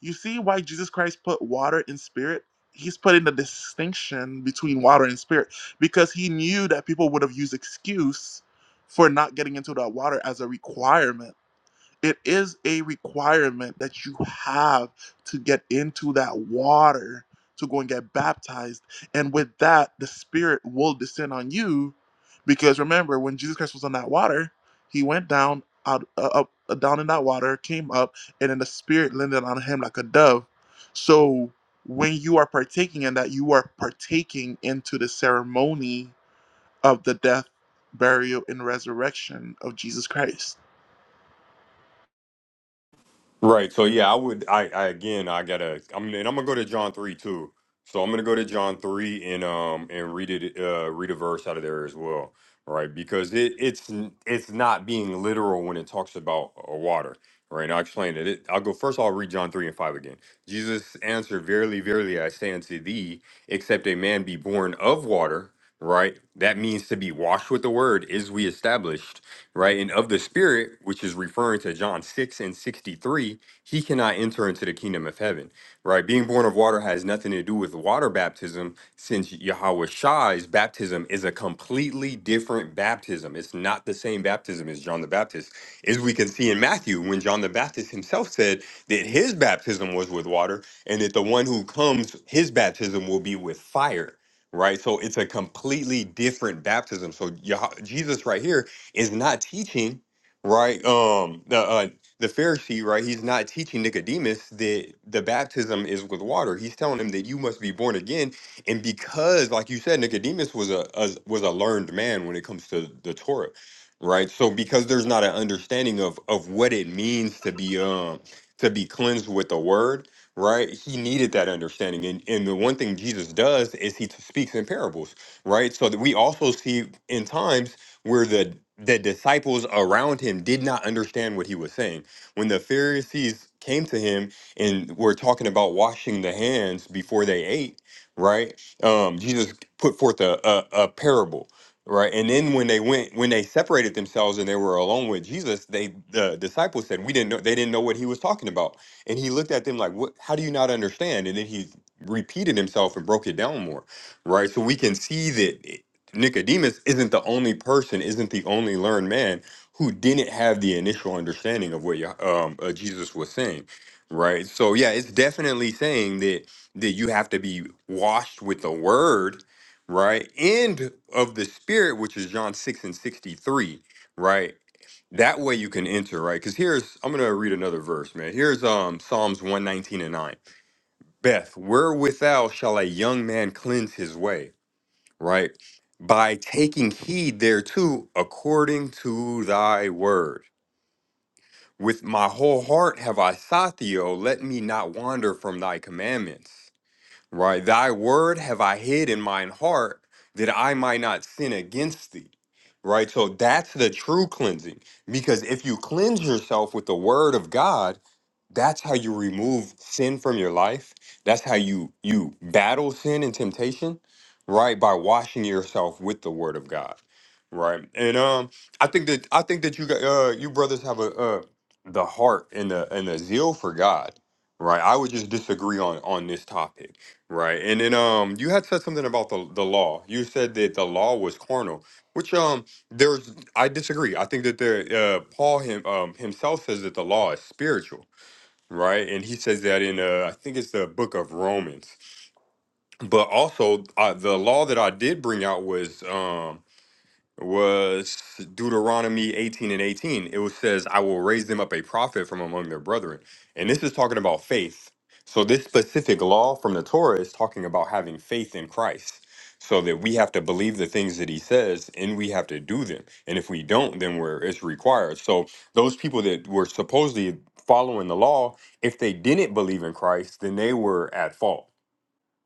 you see why Jesus Christ put water and spirit? He's putting the distinction between water and spirit because he knew that people would have used excuse for not getting into that water as a requirement it is a requirement that you have to get into that water to go and get baptized. And with that, the Spirit will descend on you. Because remember, when Jesus Christ was on that water, he went down out uh, up uh, down in that water, came up, and then the Spirit landed on him like a dove. So when you are partaking in that, you are partaking into the ceremony of the death, burial, and resurrection of Jesus Christ.
Right. So yeah, I would. I, I again, I gotta. I'm and I'm gonna go to John three too. So I'm gonna go to John three and um and read it. Uh, read a verse out of there as well. Right, because it it's it's not being literal when it talks about uh, water. Right, and I'll explain it. it. I'll go first. I'll read John three and five again. Jesus answered, "Verily, verily, I say unto thee, except a man be born of water, right, that means to be washed with the word, is we established." right? And of the spirit, which is referring to John 6 and 63, he cannot enter into the kingdom of heaven, right? Being born of water has nothing to do with water baptism, since Yahweh Shai's baptism is a completely different baptism. It's not the same baptism as John the Baptist. As we can see in Matthew, when John the Baptist himself said that his baptism was with water, and that the one who comes, his baptism will be with fire. Right, so it's a completely different baptism. So Yah- Jesus, right here, is not teaching, right? Um, the uh, the Pharisee, right? He's not teaching Nicodemus that the baptism is with water. He's telling him that you must be born again, and because, like you said, Nicodemus was a, a was a learned man when it comes to the Torah, right? So because there's not an understanding of of what it means to be um to be cleansed with the word. Right, he needed that understanding, and and the one thing Jesus does is he speaks in parables right? So that we also see in times where the the disciples around him did not understand what he was saying. When the Pharisees came to him and were talking about washing the hands before they ate, right? Um, Jesus put forth a, a, a parable, right? And then when they went, when they separated themselves and they were alone with Jesus, they the disciples said, "We didn't know." They didn't know what he was talking about, and he looked at them like, "What? How do you not understand?" And then he repeated himself and broke it down more, right? So we can see that. Nicodemus isn't the only person, isn't the only learned man who didn't have the initial understanding of what Yah- um, uh, Jesus was saying, right? So yeah, it's definitely saying that that you have to be washed with the word, right, and of the spirit, which is John six and sixty three, right. That way you can enter, right? Because here's I'm gonna read another verse, man. Here's um Psalms one nineteen and nine. Beth, wherewithal shall a young man cleanse his way? right? By taking heed thereto according to thy word. With my whole heart have I sought thee, O let me not wander from thy commandments. Right. Thy word have I hid in mine heart that I might not sin against thee. Right. So that's the true cleansing. Because if you cleanse yourself with the word of God, that's how you remove sin from your life. That's how you you battle sin and temptation, right? By washing yourself with the word of God. Right. And um I think that I think that you got uh you brothers have a uh the heart and the and the zeal for God. Right. I would just disagree on on this topic Right. And then um you had said something about the the law. You said that the law was carnal, which um there's I disagree. I think that there uh Paul him um himself says that the law is spiritual, right? And he says that in uh I think it's the book of Romans. But also uh, the law that I did bring out was um was Deuteronomy 18 and 18. It was, says, I will raise them up a prophet from among their brethren. And this is talking about faith. So, this specific law from the Torah is talking about having faith in Christ so that we have to believe the things that he says and we have to do them. And if we don't, then we're, it's required. So, those people that were supposedly following the law, if they didn't believe in Christ, then they were at fault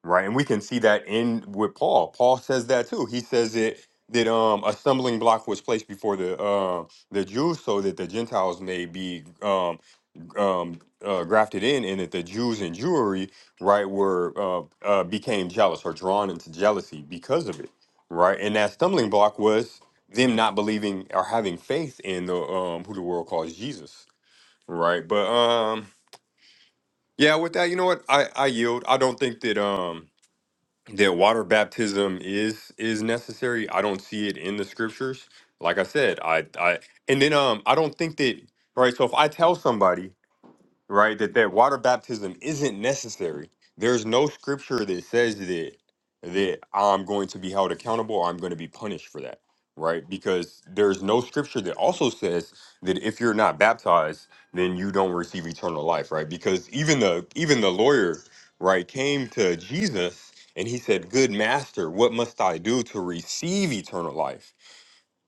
right? And we can see that in with Paul. Paul says that too. He says it that um, a stumbling block was placed before the um the Jews so that the Gentiles may be um, um, uh, grafted in, and that the Jews and Jewry, right, were uh, uh, became jealous or drawn into jealousy because of it, right? And that stumbling block was them not believing or having faith in the um, who the world calls Jesus, right? But um, yeah, with that, you know what? I I yield. I don't think that um that water baptism is is necessary. I don't see it in the scriptures. Like I said, I I and then um I don't think that right. So if I tell somebody right? That that water baptism isn't necessary. There's no scripture that says that that I'm going to be held accountable or I'm going to be punished for that, right? Because there's no scripture that also says that if you're not baptized, then you don't receive eternal life, right? Because even the even the lawyer, right, came to Jesus and he said, "Good master, what must I do to receive eternal life?"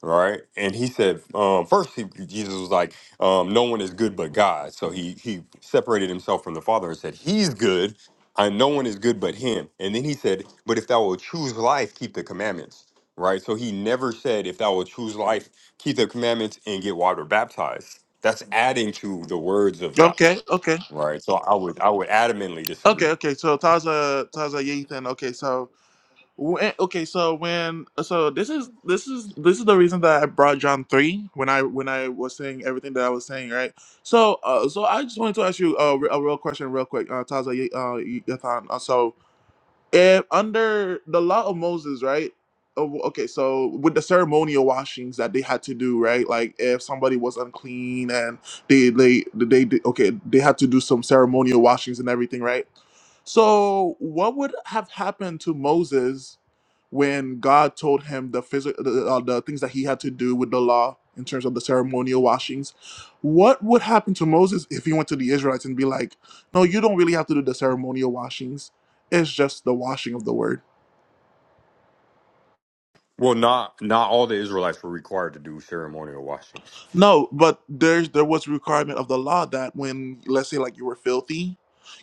Right? And he said, um, first he, Jesus was like, um, no one is good but God. So he he separated himself from the Father and said, He's good, and no one is good but Him. And then he said, But if thou will choose life, keep the commandments. Right. So he never said, If thou will choose life, keep the commandments and get water baptized. That's adding to the words of God.
Okay, okay.
Right. So I would I would adamantly
Okay,
disagree.
okay. So Taza, Taza Yathan. Okay, so when, okay, so when, so this is this is this is the reason that I brought John three when I when I was saying everything that I was saying, right? So, uh, so I just wanted to ask you a, a real question, real quick, uh, Taza Ye- uh, Yathan. Uh, so, if under the law of Moses, right? oh, Okay, so with the ceremonial washings that they had to do, right? Like if somebody was unclean and they they they, they okay, they had to do some ceremonial washings and everything, right? So, what would have happened to Moses when God told him the phys- the, uh, the things that he had to do with the law in terms of the ceremonial washings? What would happen to Moses if he went to the Israelites and be like, "No, you don't really have to do the ceremonial washings. It's just the washing of the word."
Well, not not all the Israelites were required to do ceremonial washings.
No, but there's there was requirement of the law that when let's say like you were filthy,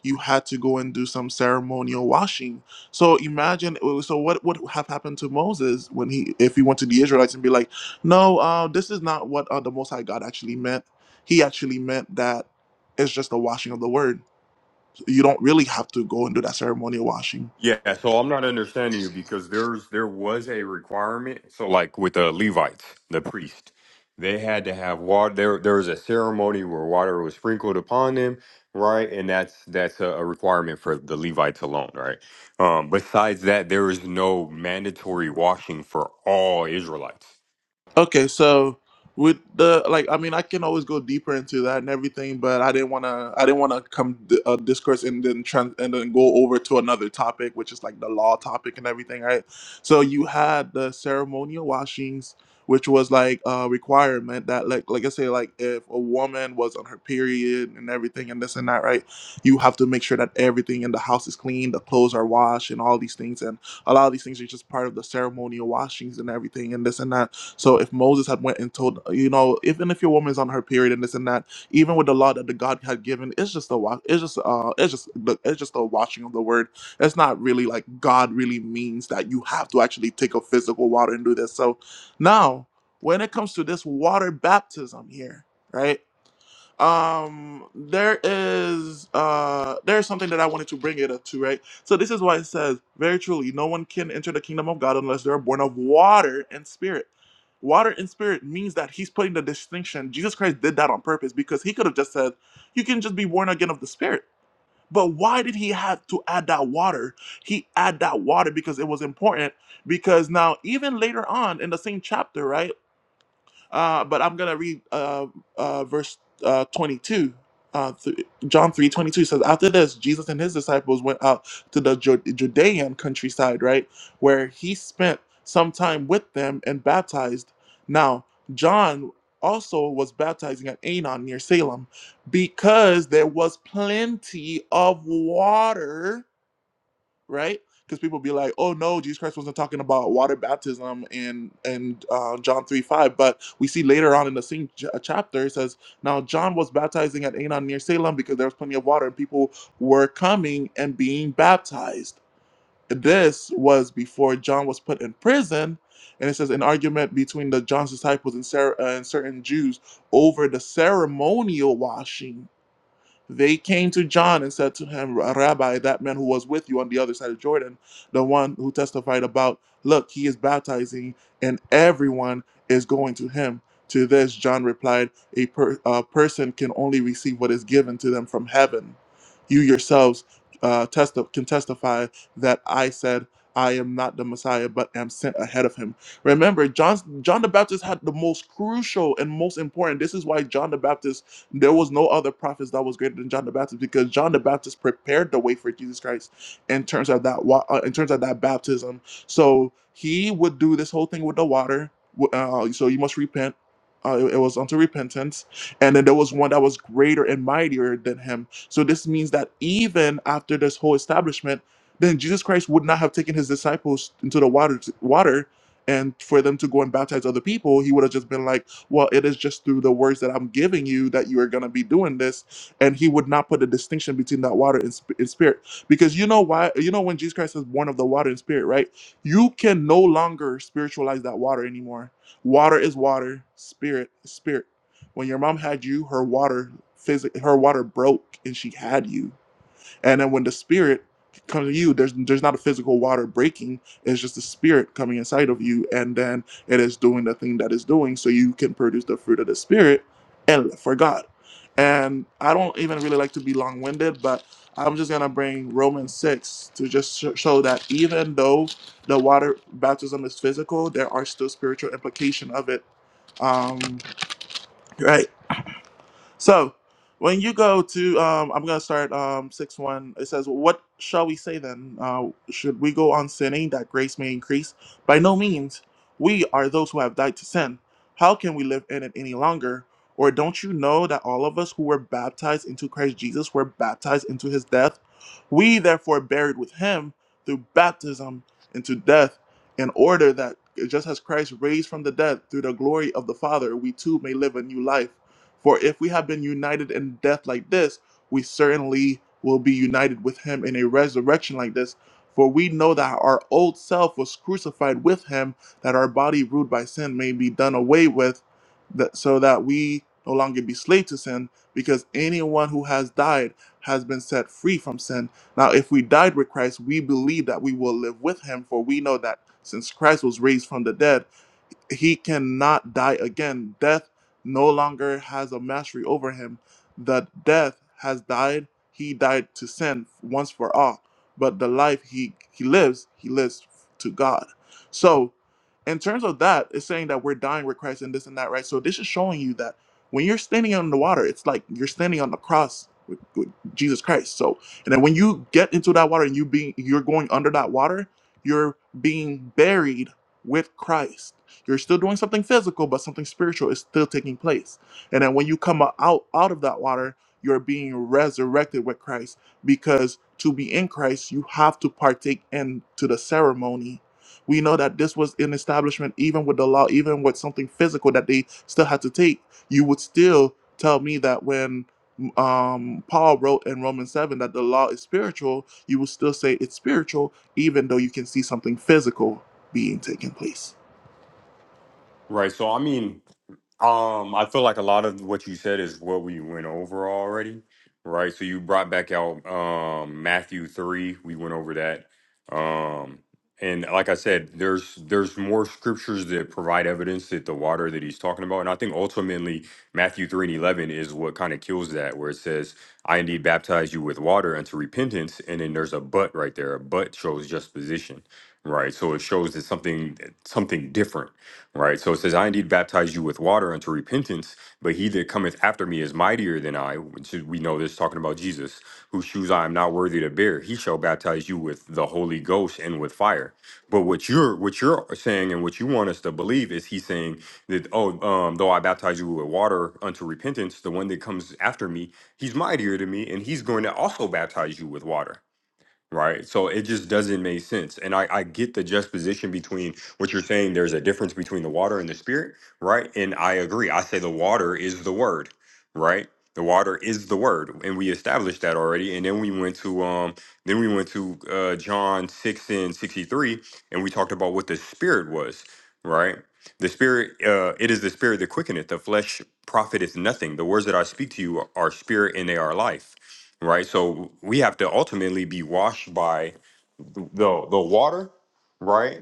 you had to go and do some ceremonial washing. So imagine uh, so what would have happened to Moses when he if he went to the Israelites and be like, "No, uh, this is not what uh, the Most High God actually meant. He actually meant that it's just the washing of the word." You don't really have to go and do that ceremonial washing.
Yeah, so I'm not understanding you because there's there was a requirement. So like with the Levites, the priest, they had to have water. There there was a ceremony where water was sprinkled upon them, right? And that's that's a, a requirement for the Levites alone, right? Um, besides that, there is no mandatory washing for all Israelites,
Okay, so with the like, I mean, I can always go deeper into that and everything, but I didn't wanna, I didn't wanna come d- uh, discourse and then trans- and then go over to another topic, which is like the law topic and everything, right? So you had the ceremonial washings, which was like a requirement that, like, like I say, like if a woman was on her period and everything and this and that, right? You have to make sure that everything in the house is clean, the clothes are washed, and all these things, and a lot of these things are just part of the ceremonial washings and everything and this and that. So if Moses had went and told, you know, even if your woman is on her period and this and that, even with the law that the God had given, it's just a wa- it's just uh it's just the it's just a washing of the word. It's not really like God really means that you have to actually take a physical water and do this. So now when it comes to this water baptism here, right? um there is uh there is something that i wanted to bring it up to right so this is why it says very truly no one can enter the kingdom of god unless they're born of water and spirit water and spirit means that he's putting the distinction jesus christ did that on purpose because he could have just said you can just be born again of the spirit but why did he have to add that water he add that water because it was important because now even later on in the same chapter right uh, but I'm going to read uh, uh, verse uh, 22. Uh, th- John 3:22. 22 says, After this, Jesus and his disciples went out to the Ju- Judean countryside, right? Where he spent some time with them and baptized. Now, John also was baptizing at Anon near Salem because there was plenty of water right? Because people be like, "Oh no, Jesus Christ wasn't talking about water baptism and and uh, John three five, but we see later on in the same ch- uh, chapter it says, "Now John was baptizing at Aenon near Salem because there was plenty of water and people were coming and being baptized." This was before John was put in prison, and it says an argument between the John's disciples and, Sarah, uh, and certain Jews over the ceremonial washing they came to John and said to him, Rabbi, that man who was with you on the other side of Jordan, the one who testified about, look, he is baptizing and everyone is going to him. To this, John replied, A per- uh, person can only receive what is given to them from heaven. You yourselves uh, testi- can testify that I said, I am not the Messiah, but am sent ahead of him. Remember, John's, John the Baptist had the most crucial and most important. This is why John the Baptist there was no other prophets that was greater than John the Baptist because John the Baptist prepared the way for Jesus Christ in terms of that wa- uh, in terms of that baptism. So he would do this whole thing with the water. w- Uh, so you must repent. Uh, it, it was unto repentance, and then there was one that was greater and mightier than him. So this means that even after this whole establishment, then Jesus Christ would not have taken his disciples into the water, water, and for them to go and baptize other people, he would have just been like well, it is just through the words that I'm giving you that you are going to be doing this. And he would not put a distinction between that water and, sp- and spirit. Because you know why? You know, when Jesus Christ is born of the water and spirit, right? You can no longer spiritualize that water anymore. Water is water, spirit, is spirit. When your mom had you, her water, physic- her water broke and she had you and then when the spirit comes to you, there's there's not a physical water breaking. It's just the spirit coming inside of you, and then it is doing the thing that it's doing, so you can produce the fruit of the spirit, El for God. And I don't even really like to be long-winded, but I'm just gonna bring Romans six to just sh- show that even though the water baptism is physical, there are still spiritual implication of it. Um, right. So when you go to, um, I'm going to start um, 6 1. It says, What shall we say then? Uh, should we go on sinning that grace may increase? By no means. We are those who have died to sin. How can we live in it any longer? Or don't you know that all of us who were baptized into Christ Jesus were baptized into his death? We therefore buried with him through baptism into death, in order that just as Christ raised from the dead through the glory of the Father, we too may live a new life. For if we have been united in death like this, we certainly will be united with him in a resurrection like this. For we know that our old self was crucified with him, that our body ruled by sin may be done away with, that, so that we no longer be slaves to sin, because anyone who has died has been set free from sin. Now, if we died with Christ, we believe that we will live with him, for we know that since Christ was raised from the dead, he cannot die again. Death no longer has a mastery over him. The death has died. He died to sin once for all. But the life he, he lives, he lives to God. So, in terms of that, it's saying that we're dying with Christ and this and that, right? So, this is showing you that when you're standing on the water, it's like you're standing on the cross with, with Jesus Christ. So, and then when you get into that water and you being you're going under that water, you're being buried with Christ you're still doing something physical, but something spiritual is still taking place. And then when you come out out of that water, you're being resurrected with Christ because to be in Christ, you have to partake in to the ceremony. We know that this was an establishment, even with the law, even with something physical that they still had to take. You would still tell me that when um, Paul wrote in Romans 7 that the law is spiritual, you will still say it's spiritual, even though you can see something physical being taking place.
right? So I mean, Um, I feel like a lot of what you said is what we went over already, right? So you brought back out um Matthew 3, we went over that. Um and like I said, there's there's more scriptures that provide evidence that the water that he's talking about. And I think ultimately Matthew 3 and 11 is what kind of kills that, where it says, I indeed baptize you with water unto repentance. And then there's a but right there. A but shows just position, right? So it shows that something something different Right. So it says, I indeed baptize you with water unto repentance, but he that cometh after me is mightier than I, which is- we know this talking about Jesus, whose shoes I am not worthy to bear. He shall baptize you with the Holy Ghost and with fire. But what you're what you're saying and what you want us to believe is he's saying that, oh, um, though I baptize you with water unto repentance, the one that comes after me, he's mightier than me, and he's going to also baptize you with water right? So it just doesn't make sense. And I, I get the juxtaposition between what you're saying. There's a difference between the water and the spirit, right? And I agree. I say the water is the word, right? The water is the word, and we established that already. And then we went to um, then we went to uh, John six and sixty three, and we talked about what the spirit was, right? The spirit, uh, it is the spirit that quickeneth. The flesh profiteth nothing. The words that I speak to you are spirit and they are life. Right? So we have to ultimately be washed by the the water, right?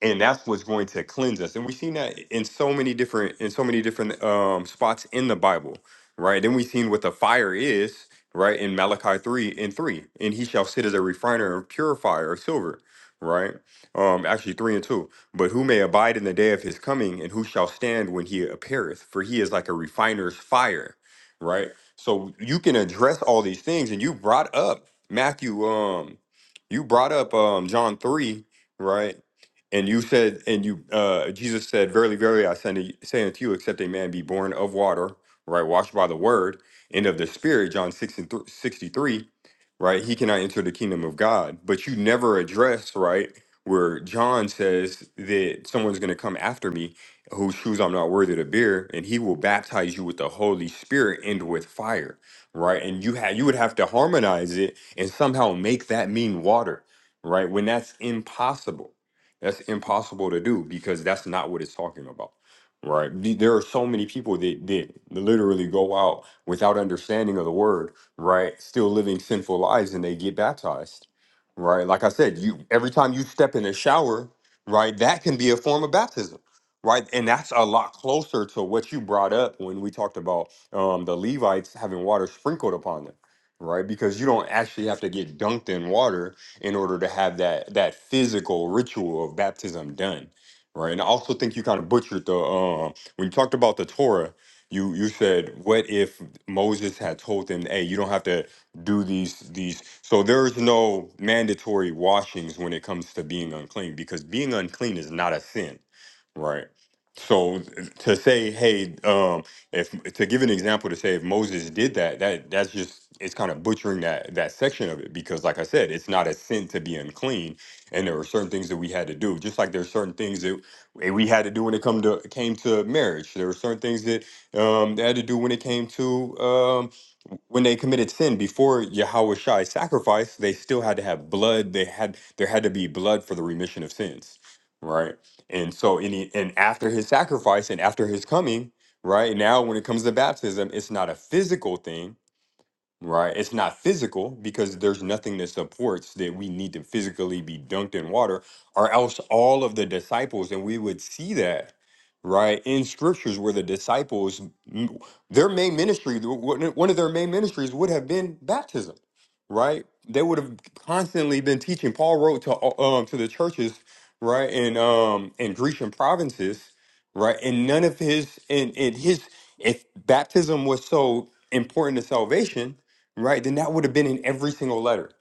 and that's what's going to cleanse us and we've seen that in so many different in so many different um spots in the bible right then we've seen what the fire is right in malachi 3 and 3 and he shall sit as a refiner and purifier of silver right um actually 3 and 2 but who may abide in the day of his coming and who shall stand when he appeareth for he is like a refiner's fire right so you can address all these things and you brought up matthew um you brought up um john 3 right and you said, and you, uh, Jesus said, Verily, verily, I say unto say unto you, except a man be born of water, right, washed by the word, and of the Spirit, John 6 and th- 63, right, he cannot enter the kingdom of God. But you never address, right, where John says that someone's going to come after me whose shoes I'm not worthy to bear, and he will baptize you with the Holy Spirit and with fire, right? And you had you would have to harmonize it and somehow make that mean water, right? When that's impossible that's impossible to do because that's not what it's talking about, right? The- There are so many people that, that literally go out without understanding of the word, right? Still living sinful lives and they get baptized, right? Like I said, you every time you step in a shower, right, that can be a form of baptism. Right, and that's a lot closer to what you brought up when we talked about um, the Levites having water sprinkled upon them, right? Because you don't actually have to get dunked in water in order to have that that physical ritual of baptism done, right? And I also think you kind of butchered the um when you talked about the Torah. You you said what if Moses had told them, hey, you don't have to do these these. So there's no mandatory washings when it comes to being unclean because being unclean is not a sin, right? So th- to say, hey, um, if to give an example to say if Moses did that, that that's just it's kind of butchering that that section of it because like I said, it's not a sin to be unclean, and there were certain things that we had to do. Just like there's certain things that we had to do when it come to came to marriage. There were certain things that um, they had to do when it came to um when they committed sin before Yahweh sacrifice, they still had to have blood. They had there had to be blood for the remission of sins, right? And so, and, he, and after his sacrifice and after his coming, right now, when it comes to baptism, it's not a physical thing Right. It's not physical because there's nothing that supports that we need to physically be dunked in water, or else all of the disciples, and we would see that, right, in scriptures where the disciples, m- their main ministry, the- one one of their main ministries would have been baptism, right? They would have constantly been teaching. Paul wrote to all- um to the churches, right, in um in Grecian provinces, right, and none of his and and his if baptism was so important to salvation right? Then that would have been in every single letter,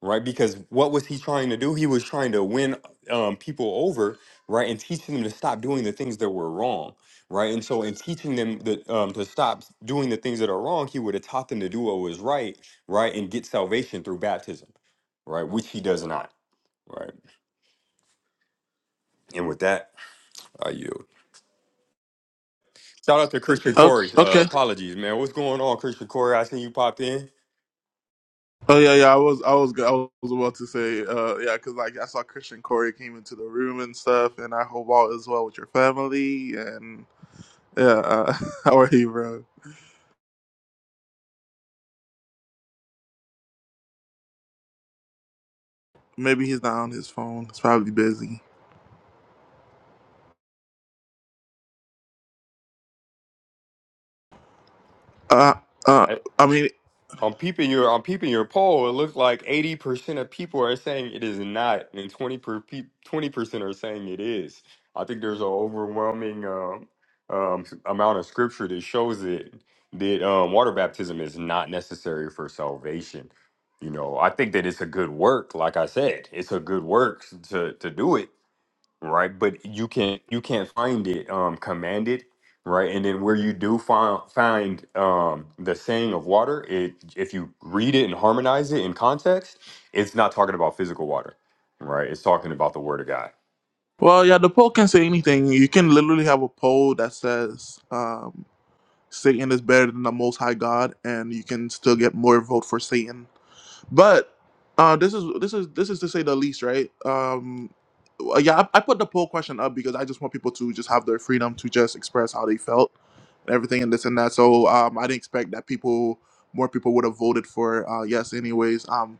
right? Because what was he trying to do? He was trying to win um, people over, right, and teaching them to stop doing the things that were wrong, right? And so, in teaching them that um, to stop doing the things that are wrong, he would have taught them to do what was right, right, and get salvation through baptism, right, which he does not. Right. And with that, I yield. Shout out to Christian
Oh,
Corey. Uh,
okay.
apologies, man. What's going on, Christian Corey? I seen you popped in.
Oh yeah, yeah. I was, I was, I was about to say, uh, yeah, because like I saw Christian Corey came into the room and stuff, and I hope all is well with your family. And yeah, uh, <laughs> how are you, bro? Maybe he's not on his phone. He's probably busy. Uh, uh. I mean,
I'm peeping your I'm peeping your poll. It looks like 80% of people are saying it is not, and 20 per pe- 20% are saying it is. I think there's an overwhelming um, um, amount of scripture that shows it that um, water baptism is not necessary for salvation. You know, I think that it's a good work. Like I said, it's a good work to to do it right? But you can't you can't find it um commanded, right? And then where you do find find um the saying of water, it if you read it and harmonize it in context, it's not talking about physical water, right? It's talking about the word of God.
well, yeah. The poll can say anything. You can literally have a poll that says, um, Satan is better than the Most High God, and you can still get more vote for Satan But uh, this is this is this is to say the least, right? Um, uh, yeah, I, I put the poll question up because I just want people to just have their freedom to just express how they felt and everything and this and that. So um, I didn't expect that people more people would have voted for uh, yes, anyways. Um,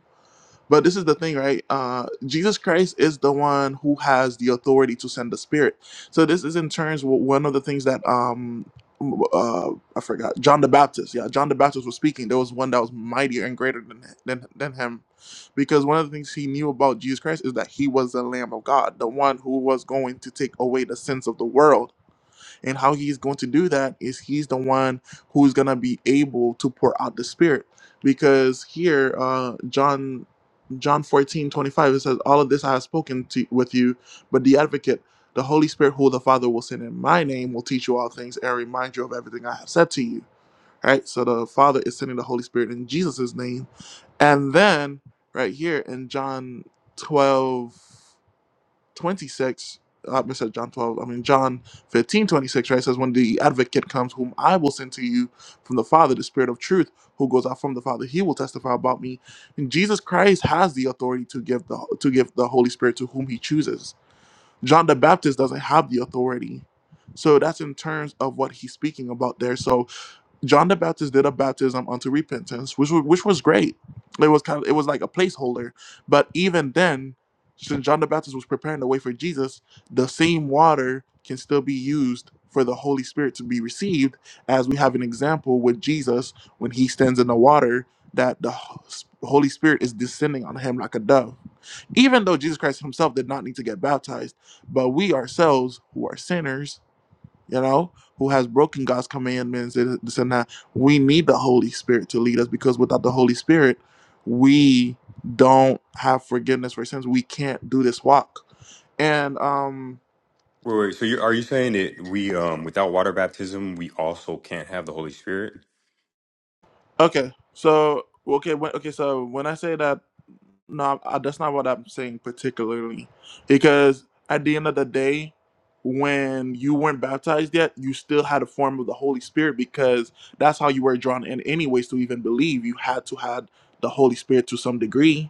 but this is the thing, right? Uh, Jesus Christ is the one who has the authority to send the Spirit. So this is in turns w- one of the things that um, uh, I forgot. John the Baptist, yeah, John the Baptist was speaking. There was one that was mightier and greater than than, than him, because one of the things he knew about Jesus Christ is that he was the Lamb of God, the one who was going to take away the sins of the world. And how he's going to do that is he's the one who's going to be able to pour out the Spirit. Because here, uh, John John 14 25, it says, All of this I have spoken to, with you, but the advocate, the Holy Spirit, who the Father will send in my name, will teach you all things and remind you of everything I have said to you. Right? So the Father is sending the Holy Spirit in Jesus' name. And then right here in John 12. 26 uh, I said John 12, I mean, John fifteen twenty six. 26, right? it says, When the advocate comes, whom I will send to you from the Father, the Spirit of truth, who goes out from the Father, he will testify about me. And Jesus Christ has the authority to give the, to give the Holy Spirit to whom he chooses. John the Baptist doesn't have the authority. So that's in terms of what he's speaking about there. So John the Baptist did a baptism unto repentance, which was, which was great. It was kind of it was like a placeholder, but even then, since John the Baptist was preparing the way for Jesus, the same water can still be used for the Holy Spirit to be received, as we have an example with Jesus when he stands in the water that the H- Holy Spirit is descending on him like a dove. Even though Jesus Christ himself did not need to get baptized, but we ourselves who are sinners you know, who has broken God's commandments and this and that. We need the Holy Spirit to lead us because without the Holy Spirit, we don't have forgiveness for sins. We can't do this walk. And um,
Wait, wait, so you are you saying that we um without water baptism we also can't have the Holy Spirit?
okay, so okay, when, okay, so when I say that. No, I, that's not what I'm saying particularly, because at the end of the day, when you weren't baptized yet, you still had a form of the Holy Spirit because that's how you were drawn in, anyways, to even believe. You had to had the Holy Spirit to some degree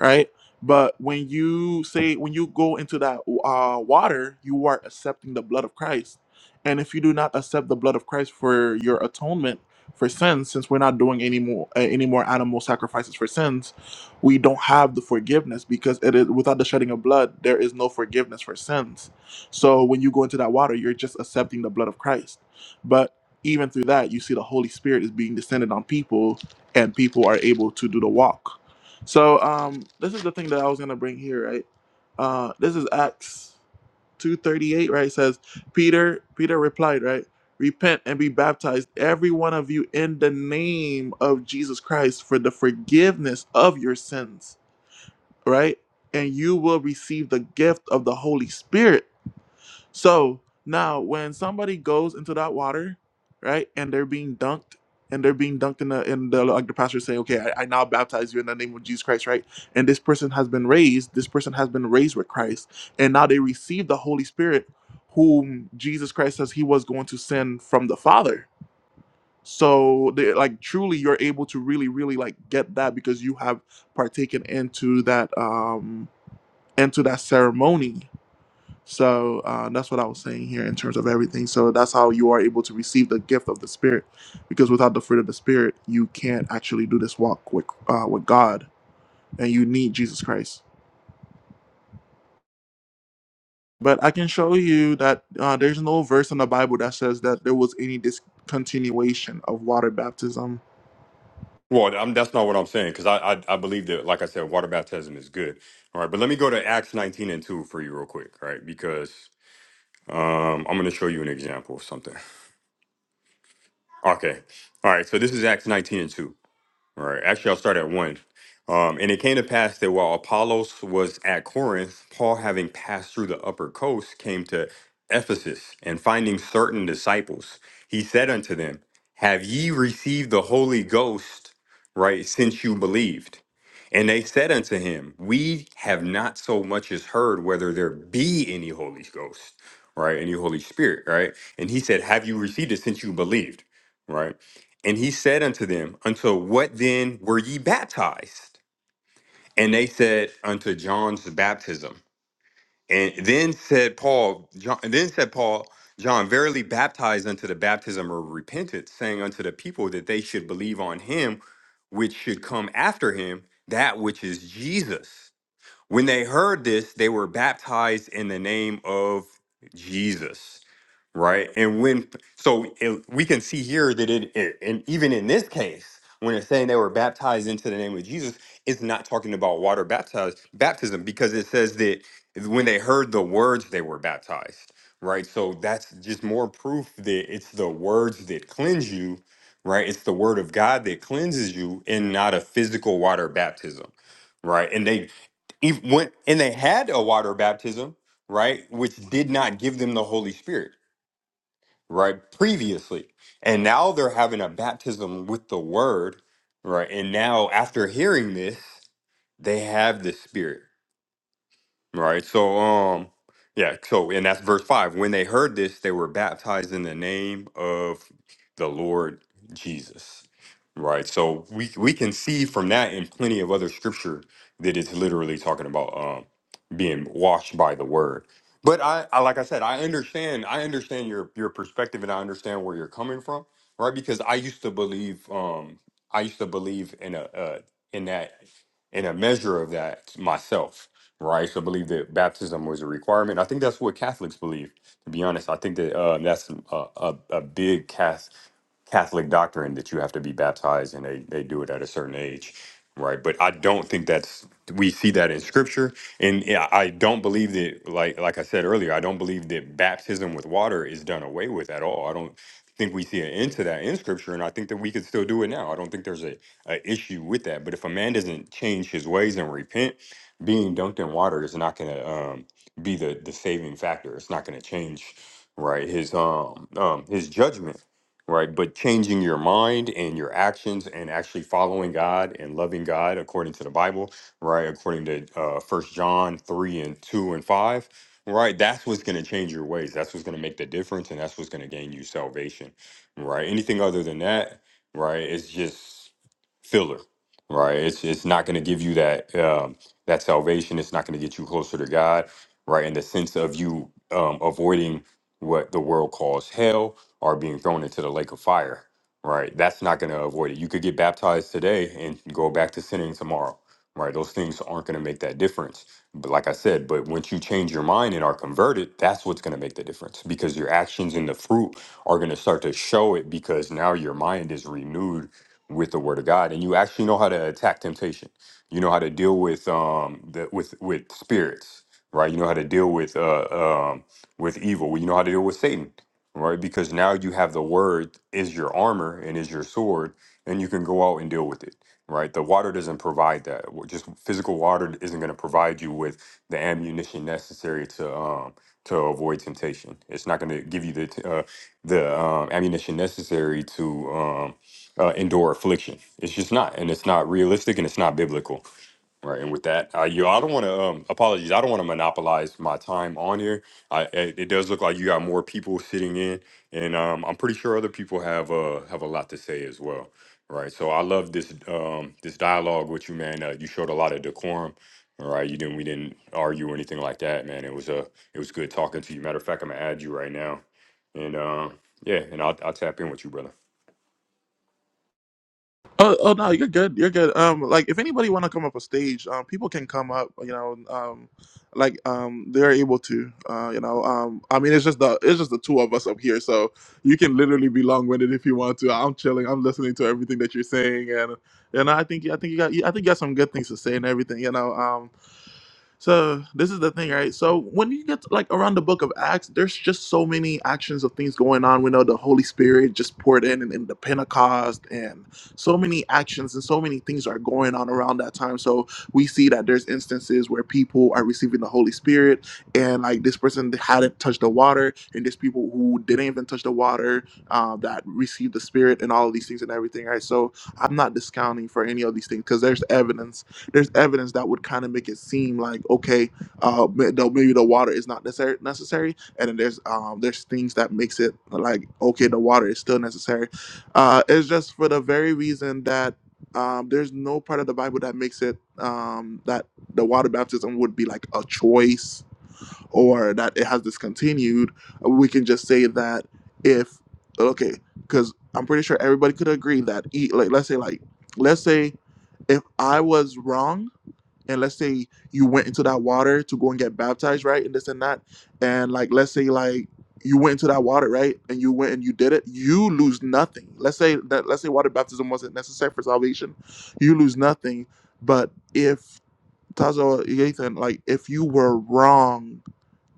right? But when you say when you go into that uh, water, you are accepting the blood of Christ. And if you do not accept the blood of Christ for your atonement for sins, since we're not doing any more uh, any more animal sacrifices for sins, we don't have the forgiveness because it is without the shedding of blood, there is no forgiveness for sins. So when you go into that water, you're just accepting the blood of Christ. But even through that, you see the Holy Spirit is being descended on people, and people are able to do the walk so um, this is the thing that I was gonna bring here, right? Uh, this is Acts two thirty eight, right? It says Peter. Peter replied, right? Repent and be baptized, every one of you, in the name of Jesus Christ, for the forgiveness of your sins, right? And you will receive the gift of the Holy Spirit so now, when somebody goes into that water, right, and they're being dunked, and they're being dunked in the in the like the pastor saying, "Okay, I, I now baptize you in the name of Jesus Christ," right? And this person has been raised. This person has been raised with Christ, and now they receive the Holy Spirit, whom Jesus Christ says He was going to send from the Father. So, they, like, truly, you're able to really, really like get that because you have partaken into that um into that ceremony so uh, that's what I was saying here in terms of everything. So that's how you are able to receive the gift of the Spirit, because without the fruit of the Spirit, you can't actually do this walk with uh, with God, and you need Jesus Christ. But I can show you that uh, there's no verse in the Bible that says that there was any discontinuation of water baptism
Well, I'm, that's not what I'm saying because I, I I believe that like I said, water baptism is good. All right, but let me go to Acts 19 and 2 for you real quick, all right? Because um, I'm going to show you an example of something. Okay. All right. So this is Acts 19 and 2. Right. Actually, I'll start at one. Um, and it came to pass that while Apollos was at Corinth, Paul, having passed through the upper coast, came to Ephesus, and finding certain disciples, he said unto them, Have ye received the Holy Ghost, right, since you believed? And they said unto him, We have not so much as heard whether there be any Holy Ghost, right, any Holy Spirit, right? And he said, Have you received it since you believed, right? And he said unto them, Unto what then were ye baptized? And they said, Unto John's baptism. And then said Paul, John, and then said Paul, John verily baptized unto the baptism of repentance, saying unto the people that they should believe on him which should come after him, that which is Jesus. When they heard this, they were baptized in the name of Jesus, right? And when, so it, we can see here that it, it, and even in this case, when it's saying they were baptized into the name of Jesus, it's not talking about water baptized, baptism because it says that when they heard the words, they were baptized, right? So that's just more proof that it's the words that cleanse you, right? It's the word of God that cleanses you and not a physical water baptism right? And they even when and they had a water baptism, right, which did not give them the Holy Spirit, right, previously, and now they're having a baptism with the Word, right, and now after hearing this, they have the Spirit, Right. So, um, yeah. So, and that's verse five. When they heard this, they were baptized in the name of the Lord Jesus. Right. So we we can see from that and plenty of other scripture that it's literally talking about um being washed by the word. But I, I like I said, I understand. I understand your your perspective, and I understand where you're coming from. Right. Because I used to believe. Um, I used to believe in a uh, in that in a measure of that myself right? So I believe that baptism was a requirement. I think that's what Catholics believe. To be honest, I think that uh, that's a, a, a big Cath- Catholic doctrine that you have to be baptized, and they they do it at a certain age, right? But I don't think that's we see that in Scripture, and yeah, I don't believe that. Like like I said earlier, I don't believe that baptism with water is done away with at all. I don't think we see an end to that in scripture and i think that we could still do it now i don't think there's a, a issue with that but if a man doesn't change his ways and repent being dunked in water is not going to um, be the the saving factor. It's not going to change, right? His um um his judgment, right? But changing your mind and your actions and actually following God and loving God according to the Bible, right? According to uh, First John three and two and five. Right, that's what's going to change your ways. That's what's going to make the difference, and that's what's going to gain you salvation. Right, anything other than that, right, it's just filler, right? It's it's not going to give you that. Um, that salvation is not going to get you closer to God, right? In the sense of you um, avoiding what the world calls hell or being thrown into the lake of fire, right? That's not going to avoid it. You could get baptized today and go back to sinning tomorrow, right? Those things aren't going to make that difference. But like I said, but once you change your mind and are converted, that's what's going to make the difference because your actions and the fruit are going to start to show it because now your mind is renewed with the word of God and you actually know how to attack temptation you know how to deal with um the, with with spirits, right? You know how to deal with uh um with evil. Well, You know how to deal with Satan, right? Because now you have the word is your armor and is your sword, and you can go out and deal with it, right? The water doesn't provide that. W- Just physical water isn't going to provide you with the ammunition necessary to um to avoid temptation. It's not going to give you the t- uh, the um, ammunition necessary to um, uh, endure affliction. It's just not, and it's not realistic, and it's not biblical. Right, and with that, uh, you, I don't want to. Um, apologies, I don't want to monopolize my time on here. I, it, it does look like you got more people sitting in, and um, I'm pretty sure other people have uh have a lot to say as well. Right, so I love this um this dialogue with you, man. Uh, you showed a lot of decorum. All right, you didn't we didn't argue or anything like that, man. It was uh, it was good talking to you. Matter of fact, I'm gonna add you right now, and uh, yeah, and I'll I'll tap in with you, brother.
Oh, oh no, you're good. You're good. Um, like if anybody want to come up a stage, um, people can come up. You know, um, like um, they're able to. Uh, you know, um, I mean, it's just the it's just the two of us up here, so you can literally be long winded if you want to. I'm chilling. I'm listening to everything that you're saying, and you know, I think I think you got I think you got some good things to say and everything. You know, um. So this is the thing, right? So when you get to, like around the book of Acts, there's just so many actions of things going on. We know the Holy Spirit just poured in and, and the Pentecost and so many actions and so many things are going on around that time. So we see that there's instances where people are receiving the Holy Spirit and like this person hadn't touched the water and there's people who didn't even touch the water uh, that received the Spirit and all of these things and everything, right? So I'm not discounting for any of these things because there's evidence there's evidence that would kind of make it seem like okay, uh, ma- though maybe the water is not necessary, necessary, and then there's um, there's things that makes it like okay, the water is still necessary. Uh, it's just for the very reason that um, there's no part of the Bible that makes it um, that the water baptism would be like a choice or that it has discontinued. We can just say that if okay, because I'm pretty sure everybody could agree that e- like let's say like let's say if I was wrong and let's say you went into that water to go and get baptized, right? And this and that. And like let's say like you went into that water, right? And you went and you did it, you lose nothing. Let's say that let's say water baptism wasn't necessary for salvation. You lose nothing. But if Tazo Ethan, like if you were wrong,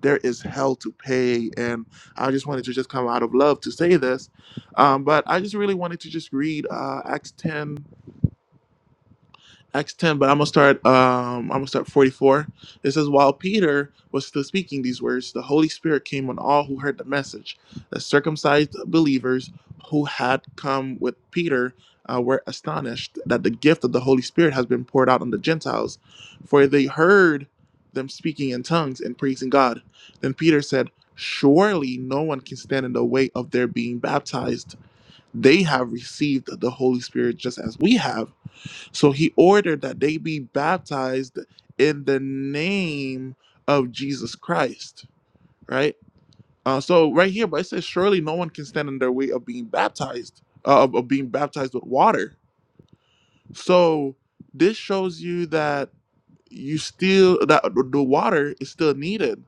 there is hell to pay. And I just wanted to just come out of love to say this. Um, but I just really wanted to just read uh Acts 10 Acts 10, but I'm gonna start um I'm gonna start 44. It says, While Peter was still speaking these words, the Holy Spirit came on all who heard the message. The circumcised believers who had come with Peter uh, were astonished that the gift of the Holy Spirit has been poured out on the Gentiles, for they heard them speaking in tongues and praising God. Then Peter said, Surely no one can stand in the way of their being baptized. They have received the Holy Spirit just as we have. So he ordered that they be baptized in the name of Jesus Christ, right? Uh, so right here, but it says, surely no one can stand in their way of being baptized, uh, of, of being baptized with water. So this shows you that you still that the water is still needed.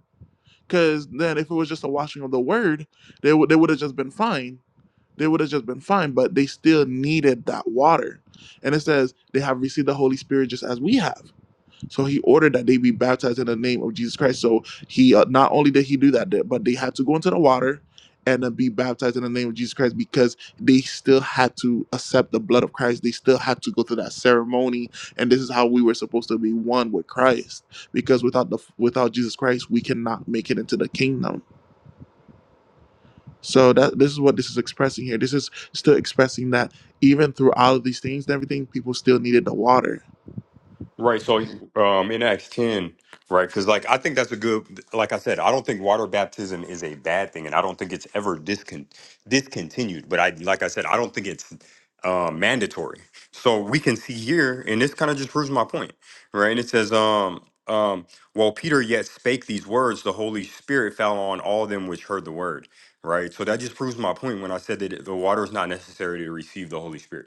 Because then, if it was just a washing of the word, they would they would have just been fine. They would have just been fine, but they still needed that water. And it says they have received the Holy Spirit just as we have. So he ordered that they be baptized in the name of Jesus Christ. So he uh, not only did he do that, th- but they had to go into the water and then be baptized in the name of Jesus Christ because they still had to accept the blood of Christ. They still had to go through that ceremony, and this is how we were supposed to be one with Christ. Because without the without Jesus Christ, we cannot make it into the kingdom so that this is what this is expressing here. This is still expressing that even through all of these things and everything, people still needed the water.
Right. So um, in Acts 10, right? Because, like, I think that's a good, like I said, I don't think water baptism is a bad thing, and I don't think it's ever discon- discontinued. But I, like I said, I don't think it's uh, mandatory. So we can see here, and this kind of just proves my point, right? And it says, um, um, while Peter yet spake these words, the Holy Spirit fell on all them which heard the word, right? So that just proves my point when I said that the water is not necessary to receive the Holy Spirit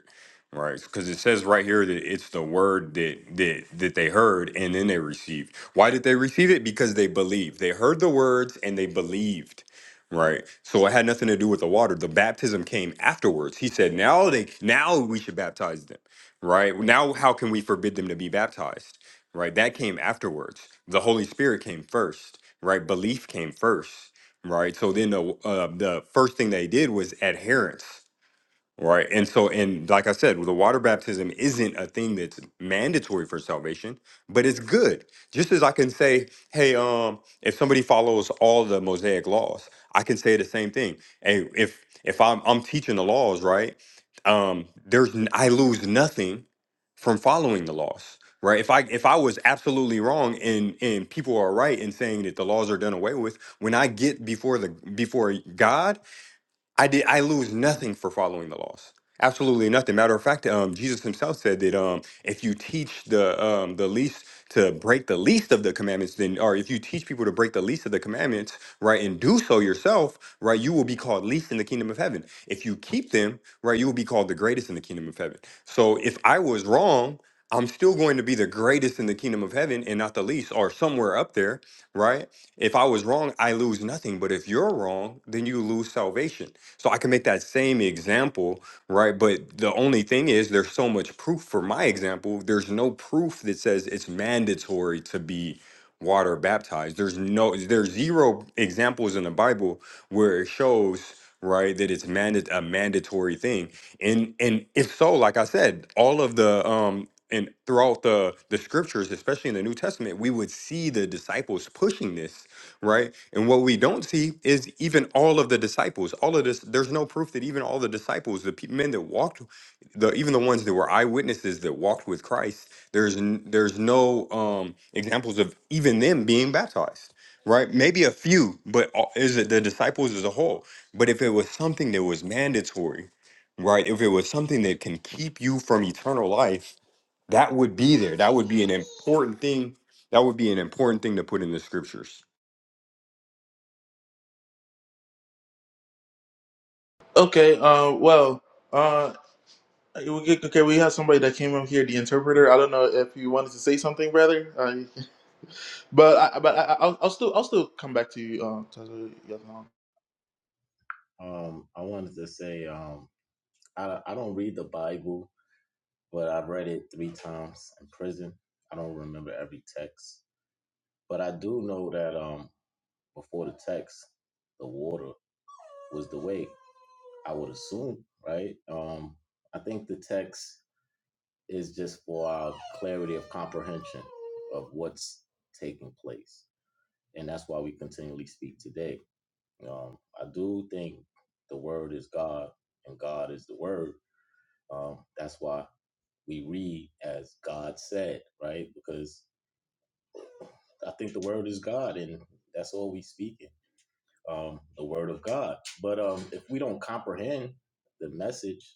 Right, because it says right here that it's the word that that that they heard and then they received. Why did they receive it? Because they believed. They heard the words and they believed. Right. So it had nothing to do with the water. The baptism came afterwards. He said, "Now they now we should baptize them." Right? Now how can we forbid them to be baptized? Right? That came afterwards. The Holy Spirit came first. Right? Belief came first. Right? So then the uh, the first thing they did was adherence Right. And so, and like I said, the water baptism isn't a thing that's mandatory for salvation, but it's good. Just as I can say, hey, um, if somebody follows all the Mosaic laws, I can say the same thing. Hey, if if I'm I'm teaching the laws, right? Um, there's n- I lose nothing from following the laws, right? If I if I was absolutely wrong and and people are right in saying that the laws are done away with, when I get before the before God, I did. I lose nothing for following the laws. Absolutely nothing. Matter of fact, um, Jesus himself said that um, if you teach the um, the least to break the least of the commandments, then or if you teach people to break the least of the commandments, right, and do so yourself, right, you will be called least in the kingdom of heaven. If you keep them, right, you will be called the greatest in the kingdom of heaven. So if I was wrong. I'm still going to be the greatest in the kingdom of heaven and not the least, or somewhere up there, right? If I was wrong, I lose nothing. But if you're wrong, then you lose salvation so I can make that same example, right? But the only thing is, there's so much proof for my example. There's no proof that says it's mandatory to be water baptized. There's no, there's zero examples in the Bible where it shows right that it's mandate a mandatory thing and and if so like i said all of the um and throughout the the scriptures especially in the new testament we would see the disciples pushing this right? And what we don't see is even all of the disciples, all of this, there's no proof that even all the disciples, the pe- men that walked, the even the ones that were eyewitnesses that walked with Christ, there's n- there's no um, examples of even them being baptized, right? Maybe a few, but all- is it the disciples as a whole? But if it was something that was mandatory, right? If it was something that can keep you from eternal life, that would be there. That would be an important thing. That would be an important thing to put in the scriptures
Okay. Uh, well, uh, we get- okay. We have somebody that came up here, the interpreter. I don't know if you wanted to say something, brother. Uh, but I, but I, I'll, I'll still I'll still come back to you. Uh, Tazo Yaslan.
Um, I wanted to say um, I I don't read the Bible, but I've read it three times in prison. I don't remember every text, but I do know that um, before the text, the water was the way. I would assume, right? Um, I think the text is just for our clarity of comprehension of what's taking place, and that's why we continually speak today. Um, I do think the Word is God, and God is the Word Um, that's why we read as God said, right? Because I think the word is God, and that's all we speak in um, the word of God. But um, if we don't comprehend the message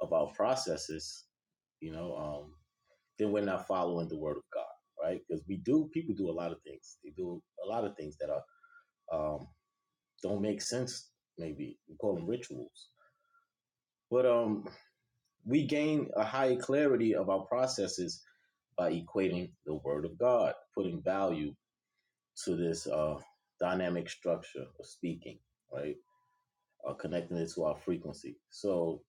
of our processes, you know, um, then we're not following the word of God, right? Because we do, people do a lot of things. They do a lot of things that are um, don't make sense. Maybe we call them rituals, but um, We gain a higher clarity of our processes by equating the Word of God, putting value to this uh, dynamic structure of speaking, right? Uh, connecting it to our frequency. So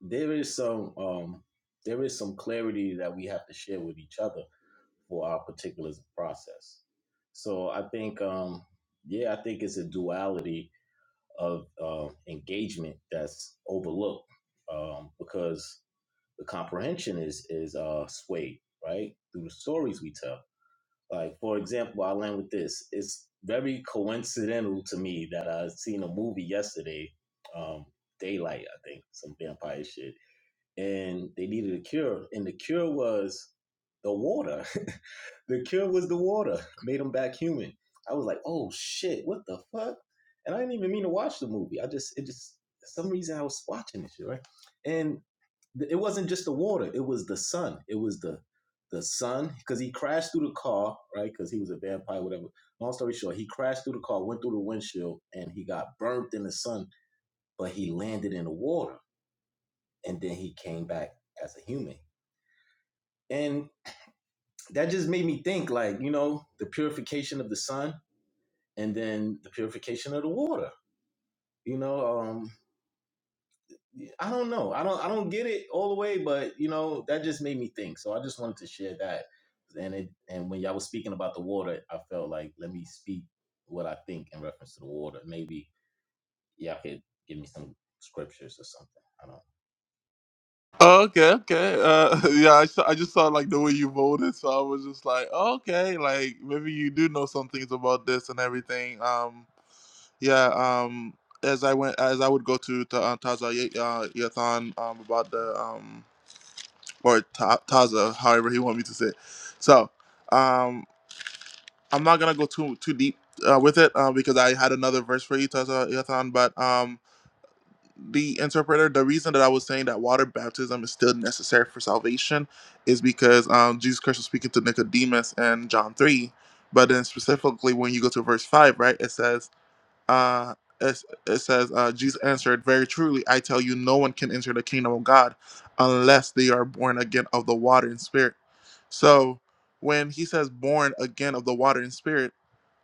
there is some um, there is some clarity that we have to share with each other for our particular process. So I think um, yeah, I think it's a duality of uh, engagement that's overlooked um, because the comprehension is is uh swayed right through the stories we tell like for example i'll end with this it's very coincidental to me that i seen a movie yesterday um daylight i think some vampire shit and they needed a cure and the cure was the water <laughs> the cure was the water made them back human i was like oh shit what the fuck and i didn't even mean to watch the movie i just it just for some reason i was watching this shit right and. It wasn't just the water; it was the sun. It was the the sun because he crashed through the car, right? Because he was a vampire, whatever. Long story short, he crashed through the car, went through the windshield, and he got burnt in the sun. But he landed in the water, and then he came back as a human. And that just made me think, like you know, the purification of the sun, and then the purification of the water. You know, um, I don't know. I don't I don't get it all the way, but you know, that just made me think. So I just wanted to share that. And it and when y'all was speaking about the water, I felt like let me speak what I think in reference to the water. Maybe y'all could give me some scriptures or something. I don't
Oh, okay, okay. Uh, <laughs> yeah, I, saw, I just saw like the way you voted, so I was just like, oh, okay, like maybe you do know some things about this and everything. Um, yeah. Um, as I went, as I would go to Ta- uh, Taza Ye- uh, Yathan um, about the um or Ta- Taza, however he want me to say. It. So, um, I'm not gonna go too too deep uh, with it uh, because I had another verse for you, Taza Yathan, but um the interpreter, the reason that I was saying that water baptism is still necessary for salvation is because um, Jesus Christ was speaking to Nicodemus in John 3. But then specifically when you go to verse 5, right, it says, uh, it, it says, uh, Jesus answered, Very truly, I tell you, no one can enter the kingdom of God unless they are born again of the water and spirit. So when he says born again of the water and spirit,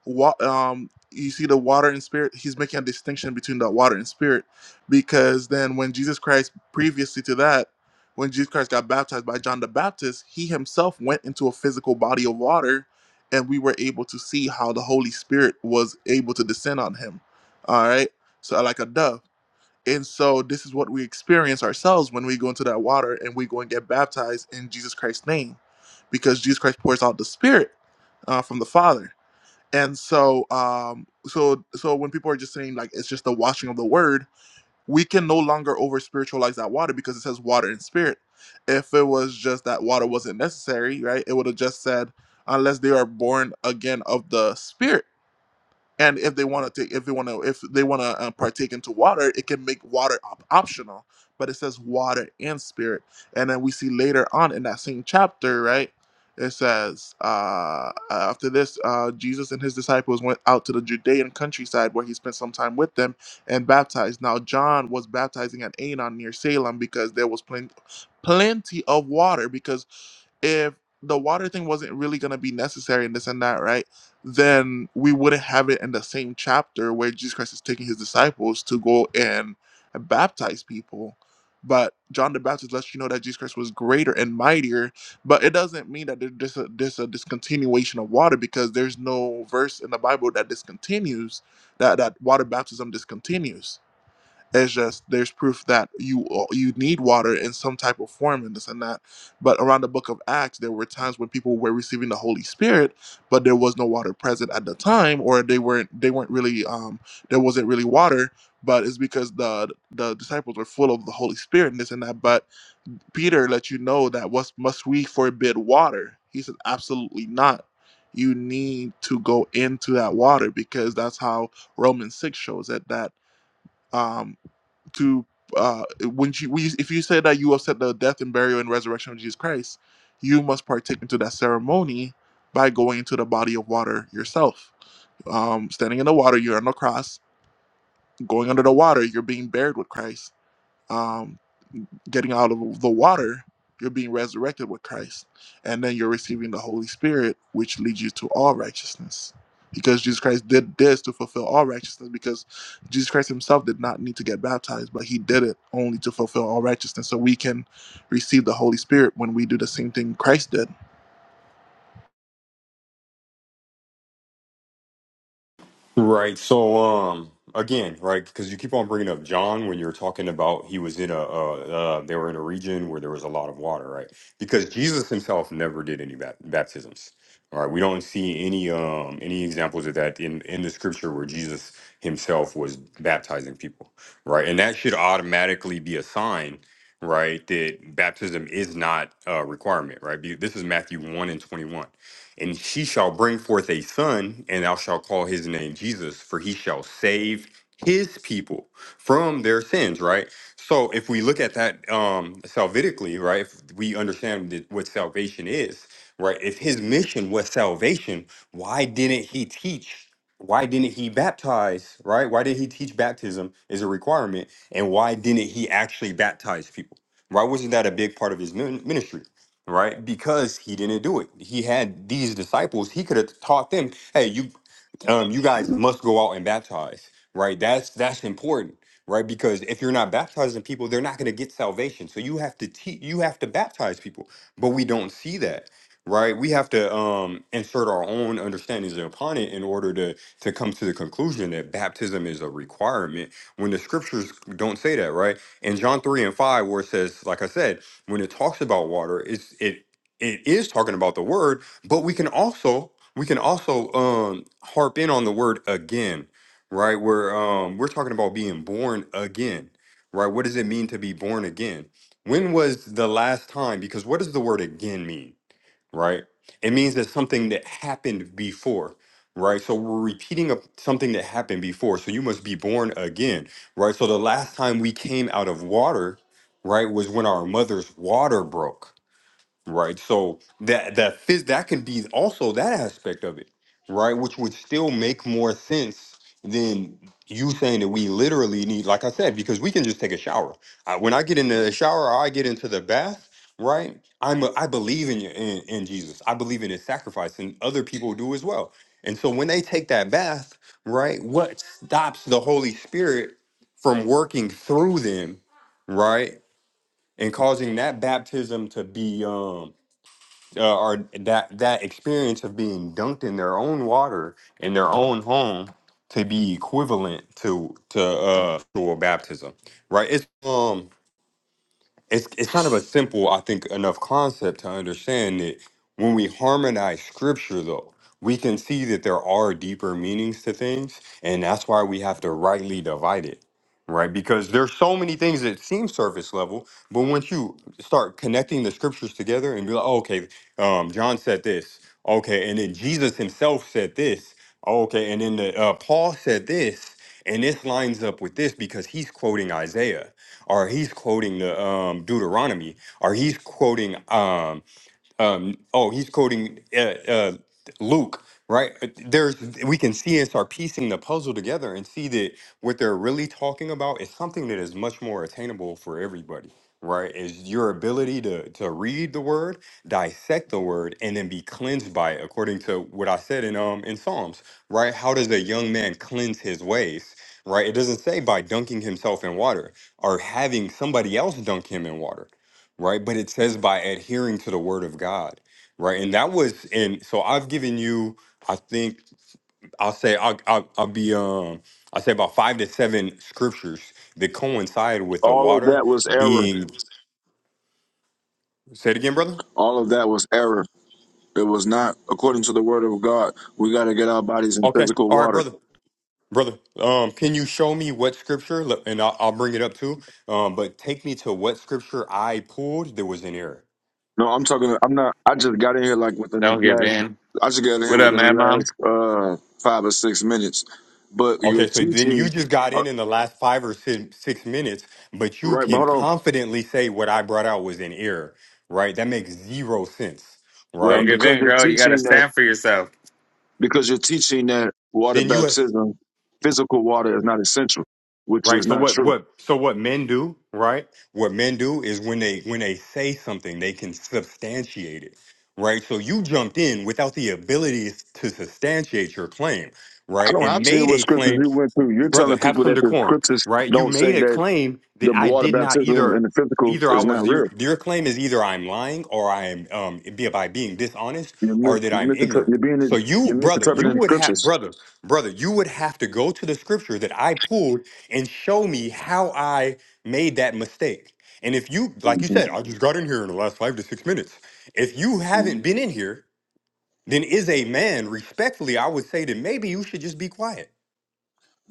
wa- um, you see the water and spirit he's making a distinction between the water and spirit because then when jesus christ previously to that when jesus christ got baptized by john the baptist he himself went into a physical body of water and we were able to see how the holy spirit was able to descend on him all right so like a dove and so this is what we experience ourselves when we go into that water and we go and get baptized in jesus christ's name because jesus christ pours out the spirit uh, from the father and so um so so when people are just saying like it's just the washing of the word we can no longer over spiritualize that water because it says water and spirit if it was just that water wasn't necessary right it would have just said unless they are born again of the spirit and if they want to take if they want to if they want to uh, partake into water it can make water op- optional but it says water and spirit and then we see later on in that same chapter right it says uh, after this uh, jesus and his disciples went out to the judean countryside where he spent some time with them and baptized now john was baptizing at anon near salem because there was plen- plenty of water because if the water thing wasn't really going to be necessary and this and that right then we wouldn't have it in the same chapter where Jesus Christ is taking his disciples to go and baptize people. But John the Baptist lets you know that Jesus Christ was greater and mightier, but it doesn't mean that there- there's a, there's a discontinuation of water because there's no verse in the Bible that discontinues that that water baptism discontinues. It's just there's proof that you uh, you need water in some type of form and this and that. But around the book of Acts, there were times when people were receiving the Holy Spirit, but there was no water present at the time, or they weren't they weren't really um there wasn't really water. But it's because the the disciples were full of the Holy Spirit and this and that. But Peter let you know that what must we forbid water? He said absolutely not. You need to go into that water because that's how Romans six shows it that. um, to uh, when you we, if you say that you accept the death and burial and resurrection of Jesus Christ, you must partake into that ceremony by going into the body of water yourself. Um, standing in the water, you're on the cross. Going under the water, you're being buried with Christ. Um, getting out of the water, you're being resurrected with Christ. And then you're receiving the Holy Spirit, which leads you to all righteousness. Because Jesus Christ did this to fulfill all righteousness, because Jesus Christ himself did not need to get baptized, but he did it only to fulfill all righteousness. So we can receive the Holy Spirit when we do the same thing Christ did.
Right. So, um, again, right, because you keep on bringing up John when you're talking about he was in a, uh, uh, they were in a region where there was a lot of water, right? Because Jesus himself never did any bat- baptisms. All right. We don't see any, um, any examples of that in, in the scripture where Jesus himself was baptizing people, right? And that should automatically be a sign, right, that baptism is not a requirement, right? Be- This is Matthew 1 and 21 and she shall bring forth a son, and thou shalt call his name Jesus, for he shall save his people from their sins, right? So if we look at that um salvitically, right, if we understand that what salvation is, right? If his mission was salvation, why didn't he teach? Why didn't he baptize, right? Why did he teach baptism is a requirement? And why didn't he actually baptize people? Why wasn't that a big part of his min- ministry? right? Because he didn't do it. He had these disciples. He could have taught them, "Hey, you, um, you guys must go out and baptize." Right? That's that's important, right? Because if you're not baptizing people, they're not going to get salvation. So you have to teach. You have to baptize people. But we don't see that, right? We have to um, insert our own understandings upon it in order to to come to the conclusion that baptism is a requirement when the scriptures don't say that, right? In John three and five, where it says, like I said when it talks about water, it's it it is talking about the word, but we can also we can also um harp in on the word again, right? Where um we're talking about being born again, right? What does it mean to be born again? When was the last time? Because what does the word again mean? right? It means that something that happened before, right? So we're repeating of something that happened before. So you must be born again, right? So the last time we came out of water, right, was when our mother's water broke right? So that that phys- that can be also that aspect of it, right? Which would still make more sense than you saying that we literally need, like I said, because we can just take a shower. I, when I get into the shower or I get into the bath, right? I'm a, I believe in, your- in in Jesus. I believe in His sacrifice, and other people do as well. And so when they take that bath, right, what stops the Holy Spirit from working through them, right, and causing that baptism to be um, uh, or that that experience of being dunked in their own water in their own home to be equivalent to to uh to a baptism right it's um it's it's kind of a simple, I think, enough concept to understand that when we harmonize scripture though, we can see that there are deeper meanings to things, and that's why we have to rightly divide it. Right? Because there's so many things that seem surface level, but once you start connecting the scriptures together and be like, oh, okay, um, John said this, okay, and then Jesus himself said this, okay, and then the, uh, Paul said this, and this lines up with this because he's quoting Isaiah or he's quoting the um, Deuteronomy, or he's quoting um, um oh he's quoting uh, uh luke right there's we can see and start piecing the puzzle together and see that what they're really talking about is something that is much more attainable for everybody right is your ability to to read the word dissect the word and then be cleansed by it according to what i said in um in psalms right how does a young man cleanse his ways right it doesn't say by dunking himself in water or having somebody else dunk him in water right? But it says by adhering to the word of God, right? And that was, and so I've given you, I think, I'll say, I'll, I'll, I'll be, um, I'll say about five to seven scriptures that coincide with the
All of
water
that was error.
being, say it again, brother.
All of that was error. It was not according to the word of God. We got to get our bodies in
Okay.
physical
All right,
water.
brother. Brother, um, can you show me what scripture, and I'll, I'll bring it up too, um, but take me to what scripture I pulled that was in error.
No, I'm talking, I'm not, I just got in here like within the
Don't give
last,
in.
I just got in here
What up,
within the
Mad Mom?
last uh, five or six minutes. But you're
Okay, so then you
teaching,
just got
uh,
in in the last five or si- six minutes, but you
right, but
can
hold on.
confidently say what I brought out was in error, right? That makes zero sense,
Don't
What,
right?
give
because
in,
you're
girl. You gotta
teaching that,
stand for yourself.
because you're teaching that water
Then you,
baptism, physical water is not essential, which
right?
is
So
not
what,
true
what, so what men do, right? What men do is when they when they say something, they can substantiate it, right? So you jumped in without the ability to substantiate your claim,
I
right?
don't have
And
to hear
made
what
a claim
scriptures you went through. You're
brother
telling
have
people
some
that the
decorum
scriptures
right you
don't say
made a
that
claim
the
that i
water
did not
baptism and
either
the physical
either i
is not
was your
real.
your claim is either i'm lying or i am um be by being dishonest
You're
or
mis-
that
you're,
i'm
misinter-
ignorant
you're
so
being
you
you're
brother you
misinterpreting the
would have
scriptures.
brother brother you would have to go to the scripture that i pulled and show me how i made that mistake and if you like you said i just got in here in the last five to six minutes if you haven't been in here then is a man respectfully i would say that maybe you should just be quiet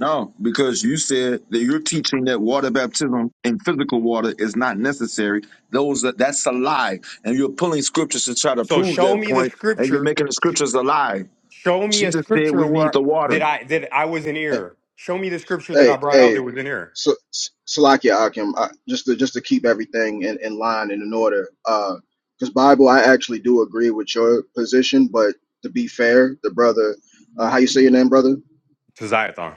No, because you said that you're teaching that water baptism and physical water is not necessary. Those that that's a lie, and you're pulling scriptures to try to
So
prove
show
that
me the
point, and you're
scripture.
making the scriptures a lie.
Show me a
Jesus said
scripture
we need
where
the water.
that I that I was in error. Show me the scripture that I
Hey,
brought out
hey,
that was in error
so, S- Salakia Akim, I, just to just to keep everything in, in line and in order, because Bible, I actually do agree with your position, but to be fair, the brother, uh, how you say your name, brother?
to Ziathon.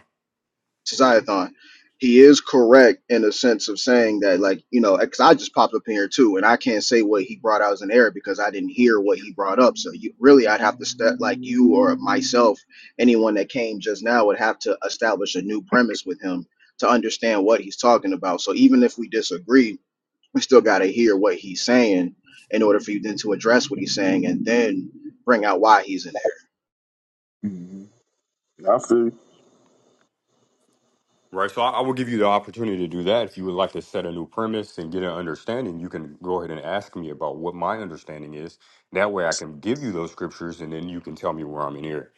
Josiathon, he is correct in the sense of saying that, like, you know, because I just popped up in here too, and I can't say what he brought out as an error because I didn't hear what he brought up. So you really, I'd have to step like you or myself, anyone that came just now would have to establish a new premise with him to understand what he's talking about. So even if we disagree, we still got to hear what he's saying in order for you then to address what he's saying and then bring out why he's in error.
Mm-hmm.
Right. So I, I will give you the opportunity to do that. If you would like to set a new premise and get an understanding, you can go ahead and ask me about what my understanding is. That way I can give you those scriptures and then you can tell me where I'm in error.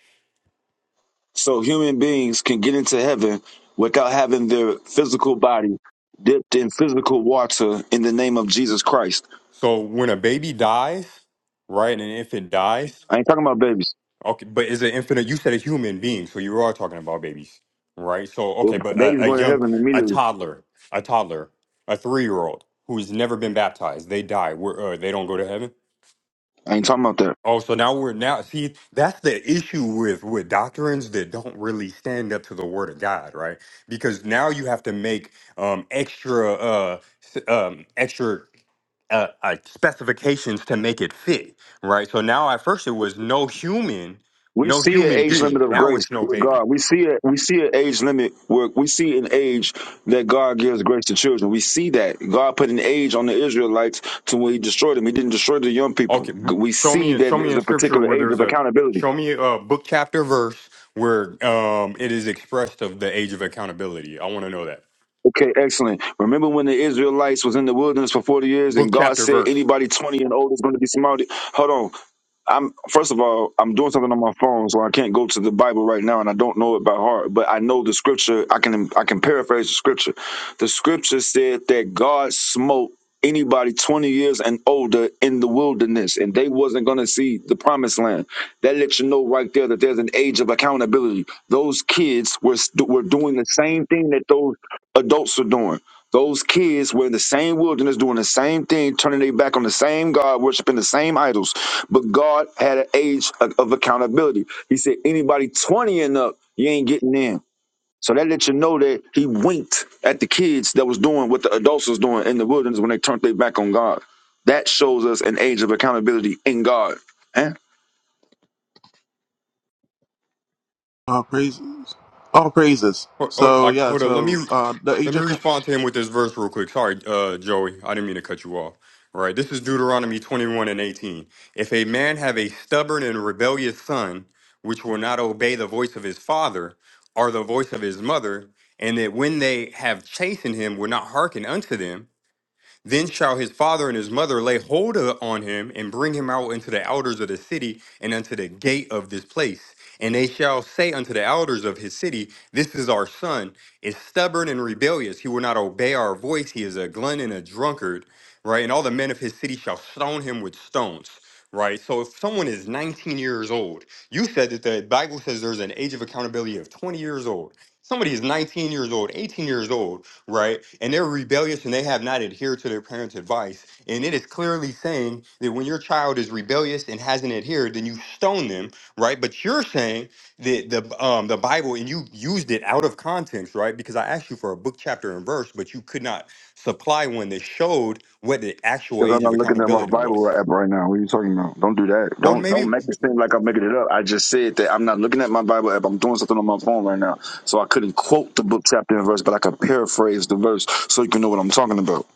So human beings can get into heaven without having their physical body dipped in physical water in the name of Jesus Christ.
So when a baby dies, right, an infant dies,
I ain't talking about babies.
Okay, but is it infinite? You said a human being, so you are talking about babies, right? So okay,
Well,
but
babies
a, a
going to
young,
heaven
a
immediately.
toddler, a toddler, a three-year-old who's never been baptized, they die. We're, uh, they don't go to heaven.
I ain't talking about that.
Oh, so now we're now see that's the issue with with doctrines that don't really stand up to the word of God, right? Because now you have to make um extra uh s- um extra uh, uh, specifications to make it fit, right? So now at first it was no human,
We
no
see an
human
age limit
being.
of
Now
grace
it's no
with God.
baby.
We see a, we see an age limit where we see an age that God gives grace to children. We see that God put an age on the Israelites to when He destroyed them. He didn't destroy the young people.
Okay, m-
We
show
see
me
that
show me
there's
in
a
scripture
particular
where
age
there's
of
a
accountability.
show me a book chapter verse where um it is expressed of the age of accountability. I want to know that
Okay, excellent. Remember when the Israelites was in the wilderness for 40 years
book
and God
chapter
said
verse.
anybody 20 and older is going to be smited? Hold on. I'm first of all, I'm doing something on my phone, so I can't go to the Bible right now, and I don't know it by heart. But I know the scripture. I can I can paraphrase the scripture. The scripture said that God smote anybody 20 years and older in the wilderness, and they wasn't gonna see the promised land. That lets you know right there that there's an age of accountability. Those kids were st- were doing the same thing that those adults are doing. Those kids were in the same wilderness, doing the same thing, turning their back on the same God, worshiping the same idols. But God had an age of, of accountability. He said, anybody 20 and up, you ain't getting in. So that let you know that he winked at the kids that was doing what the adults was doing in the wilderness when they turned their back on God. That shows us an age of accountability in God. Eh?
All praises. All praises.
Hold, hold,
So,
I,
yeah,
hold up. Let me
so uh, the age
let me
of.
respond to him with this verse real quick. Sorry, uh, Joey. I didn't mean to cut you off. All right. This is Deuteronomy 21 and 18. If a man have a stubborn and rebellious son, which will not obey the voice of his father or the voice of his mother, and that when they have chastened him, will not hearken unto them, then shall his father and his mother lay hold o- on him and bring him out into the elders of the city and unto the gate of this place. And they shall say unto the elders of his city, This is our son, is stubborn and rebellious. He will not obey our voice. He is a glutton and a drunkard, right? And all the men of his city shall stone him with stones, right? So if someone is 19 years old, you said that the Bible says there's an age of accountability of 20 years old. Somebody is 19 years old, 18 years old right? And they're rebellious and they have not adhered to their parents' advice. And it is clearly saying that when your child is rebellious and hasn't adhered, then you stone them, right? But you're saying that the um the Bible and you used it out of context, right? Because I asked you for a book chapter and verse, but you could not supply one that showed what the actual
Because I'm
age of
not looking at my
accountability
Bible
was.
right app right now. What are you talking about? Don't do that.
Well,
Don't don't
maybe
make it seem like I'm making it up. I just said that I'm not looking at my Bible app. I'm doing something on my phone right now. So I couldn't quote the book chapter and verse, but I could paraphrase the verse so you can know what I'm talking about.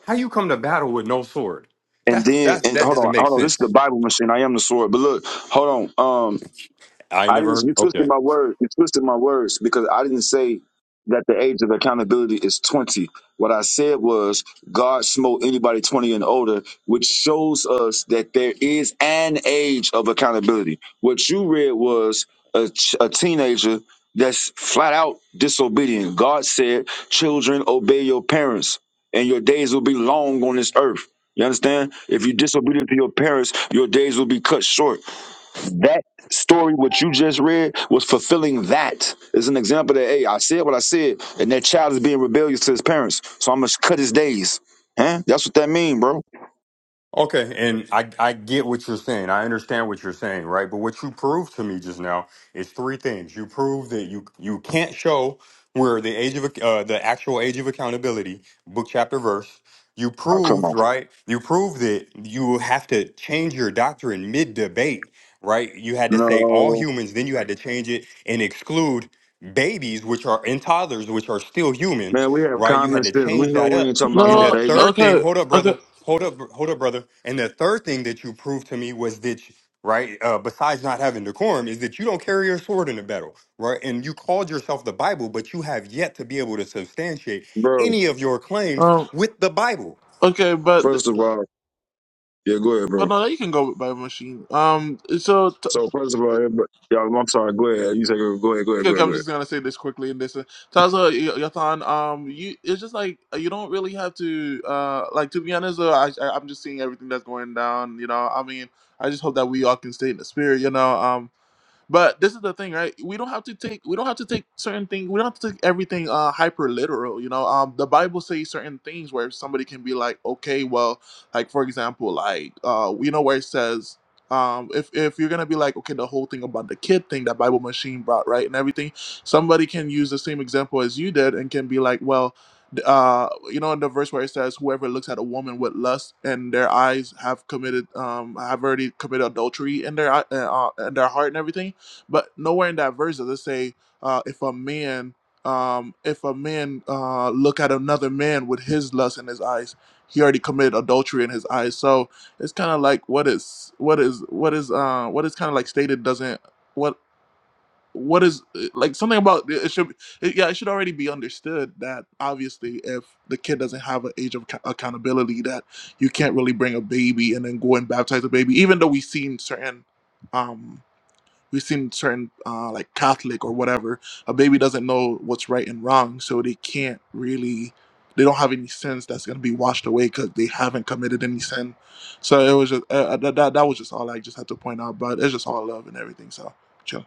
how you come to battle with no sword?
And
That's
then
that's
and
that
hold on,
doesn't make
hold on. This is the
sense.
Bible machine. I am the sword. But look, hold on. Um.
I
I didn't.
never
You
okay.
twisted my words. You twisted my words because I didn't say that the age of accountability is twenty. What I said was God smote anybody twenty and older, which shows us that there is an age of accountability. What you read was a, ch- a teenager that's flat out disobedient. God said, "Children, obey your parents, and your days will be long on this earth." You understand? If you're disobedient to your parents, your days will be cut short that story, what you just read, was fulfilling that. Is an example that, hey, I said what I said, and that child is being rebellious to his parents. So I'm gonna cut his days. Huh? That's what that mean, bro.
Okay, and I, I get what you're saying. I understand what you're saying, right? But what you proved to me just now is three things. You proved that you you can't show where the age of uh, the actual age of accountability, book chapter verse. You
Oh, come
proved,
on.
right? You proved that you have to change your doctrine mid debate, right? You had to say all
No.
humans, then you had to change it and exclude babies, which are and toddlers, which are still human,
Man, we have
right? You
common
had to
sense. We
change
know
that
we
up
ain't talking about
and
no
the
No,
babies.
third thing,
okay,
hold up, brother.
okay.
Hold up, br- hold up, brother. And the third thing that you proved to me was that, you- right, uh, besides not having decorum, is that you don't carry your sword in a battle, right? And you called yourself the Bible, but you have yet to be able to substantiate
Bro,
any of your claims
Um,
with the Bible.
okay, but.
first of all, yeah, go ahead,
But
bro.
no, you can go with Bible Machine. Um, so
So first of all, everybody, y'all, I'm sorry, go ahead. You say go go ahead, go ahead,
Okay,
go
okay,
ahead, go
I'm
ahead.
just gonna say this quickly and this. uh, Taza Y- Yathan, um, you it's just like uh, you don't really have to, uh, like to be honest. Uh, I, I I'm just seeing everything that's going down. You know, I mean, I just hope that we all can stay in the spirit. You know, um. But this is the thing, right? We don't have to take we don't have to take certain things. We don't have to take everything uh, hyper literal. You know, um, the Bible says certain things where somebody can be like, okay, well, like for example, like uh, you know where it says. Um, if, if you're gonna be like okay the whole thing about the kid thing that bible machine brought right and everything somebody can use the same example as you did and can be like well th- uh you know in the verse where it says whoever looks at a woman with lust and their eyes have committed um have already committed adultery in their eye- uh, uh, in their heart and everything but nowhere in that verse does it say uh, if a man um, if a man uh, look at another man with his lust in his eyes, he already committed adultery in his eyes. So it's kind of like what is what is what is uh, what is kind of like stated doesn't what what is eh, like something about it should it, yeah it should already be understood that obviously if the kid doesn't have an age of acco- accountability that you can't really bring a baby and then go and baptize a baby even though we've seen certain um We've seen certain uh, like Catholic or whatever, a baby doesn't know what's right and wrong, so they can't really. They don't have any sins that's gonna be washed away because they haven't committed any sin. So it was just uh, uh, that, that. That was just all I just had to point out. But it's just all love and everything. So chill.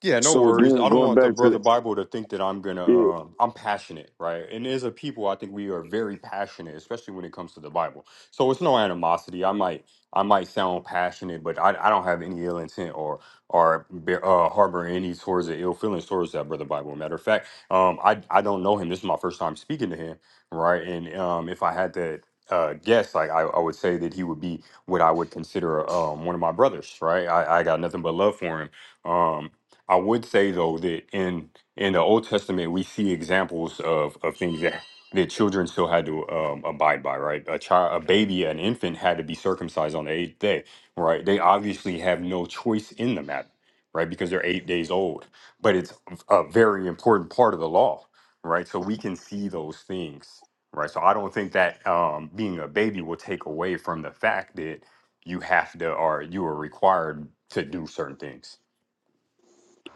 Yeah, no
So
worries.
again,
I don't
going
want the
back to
brother Bible to think that I'm gonna
yeah,
um I'm passionate, right? And as a people, I think we are very passionate, especially when it comes to the Bible. So it's no animosity. I might I might sound passionate, but I, I don't have any ill intent or or bear- uh, harbor any towards the ill feelings towards that brother Bible. Matter of fact, um I I don't know him. This is my first time speaking to him, right? And um if I had to uh, guess, like I, I would say that he would be what I would consider um, one of my brothers, right? I, I got nothing but love for him. Um, I would say though that in in the Old Testament we see examples of of things that that children still had to um, abide by, right? A child, a baby, an infant had to be circumcised on the eighth day, right? They obviously have no choice in the matter, right? Because they're eight days old, but it's a very important part of the law, right? So we can see those things, right? So I don't think that um, being a baby will take away from the fact that you have to or you are required to do certain things.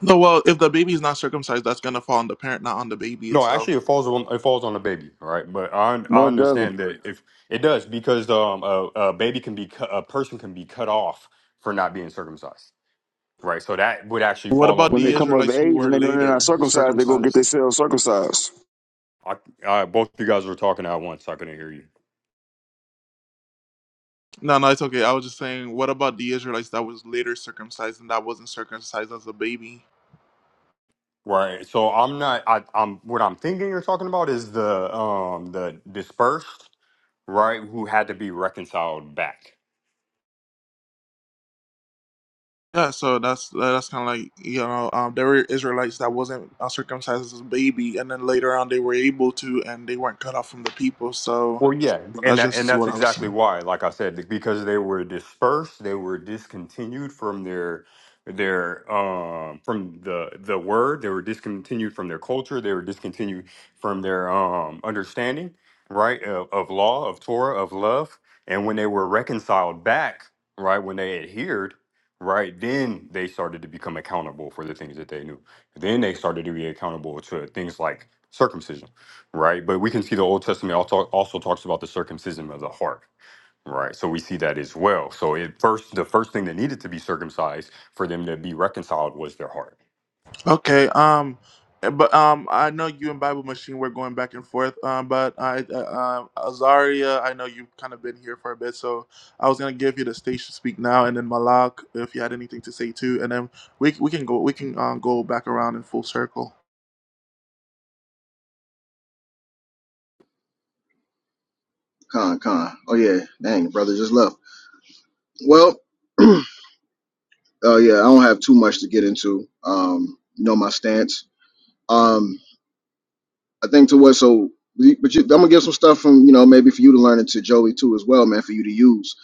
No, well, if the baby's not circumcised, that's gonna fall on the parent, not on the baby
No, actually,
itself.
it falls on it falls on the baby, all right? But I un-
no
I
it doesn't.
understand that if it does because um a, a baby can be cut, a person can be cut off for not being circumcised, right? So that would actually
What
fall on
about
the
When
the
they
baby.
come of
Israelites who
age
were
and they know they're not
later
circumcised, they go get
circumcised?
themselves circumcised.
I, I both of you guys were talking at once. so I couldn't hear you.
No, no, it's okay. I was just saying, what about the Israelites that was later circumcised and that wasn't circumcised as a baby?
Right. So I'm not. I, I'm what I'm thinking you're talking about is the um the dispersed right who had to be reconciled back.
Yeah, so that's that's kind of like you know um, there were Israelites that wasn't uh, circumcised as a baby, and then later on they were able to, and they weren't cut off from the people. So
Well, yeah, and
that's
that, and
just
that's
what I was
exactly
saying.
why. Like I said, because they were dispersed, they were discontinued from their their um from the the word. They were discontinued from their culture. They were discontinued from their um understanding, right, of, of law, of Torah, of love. And when they were reconciled back, right, when they adhered, right, then they started to become accountable for the things that they knew. Then they started to be accountable to things like circumcision right? But we can see the Old Testament also, also talks about the circumcision of the heart, right? So we see that as well. So it first, the first thing that needed to be circumcised for them to be reconciled was their heart,
Okay, um, eh, but um, I know you and Bible Machine were going back and forth, um, but I uh, uh, Azaria, I know you've kind of been here for a bit, so I was gonna give you the stage to speak now, and then Malak, if you had anything to say too, and then we we can go we can um, go back around in full circle.
Con, con. Oh yeah, dang, brother just left. Well. <clears throat> Oh yeah, I don't have too much to get into. Um, you know my stance. Um, I think to what so, but you, I'm gonna give some stuff from you know maybe for you to learn and to Joey too as well, man, for you to use.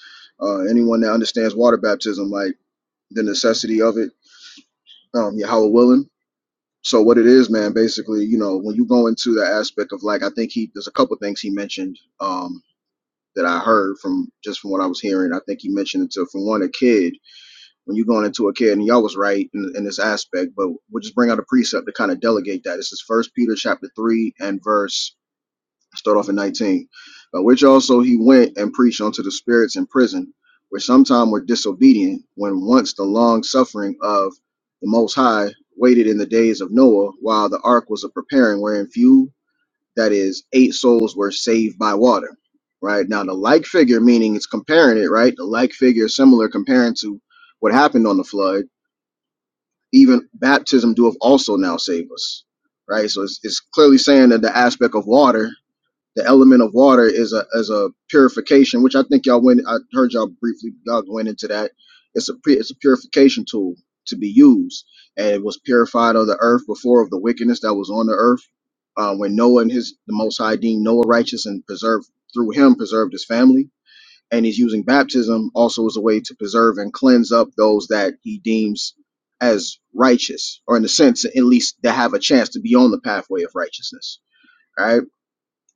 Uh, anyone that understands water baptism, like the necessity of it, um, Yahweh willing. So what it is, man, basically, you know, when you go into the aspect of like, I think he there's a couple things he mentioned um, that I heard from just from what I was hearing. I think he mentioned it to from one a kid when you're going into a kid, and y'all was right in, in this aspect, but we'll just bring out a precept to kind of delegate that. This is First Peter chapter three and verse start off in 19, by which also he went and preached unto the spirits in prison, which sometime were disobedient, when once the long suffering of the Most High waited in the days of Noah, while the ark was a preparing, wherein few, that is, eight souls were saved by water. Right now, the like figure, meaning it's comparing it, right? The like figure is similar comparing to what happened on the flood even baptism doeth also now save us right so it's, it's clearly saying that the aspect of water the element of water is a is a purification which i think y'all went i heard y'all briefly y'all went into that it's a pu- it's a purification tool to be used and it was purified of the earth before of the wickedness that was on the earth uh, when noah and his the most high deemed noah righteous and preserved through him preserved his family and he's using baptism also as a way to preserve and cleanse up those that he deems as righteous, or in a sense, at least that have a chance to be on the pathway of righteousness. All right,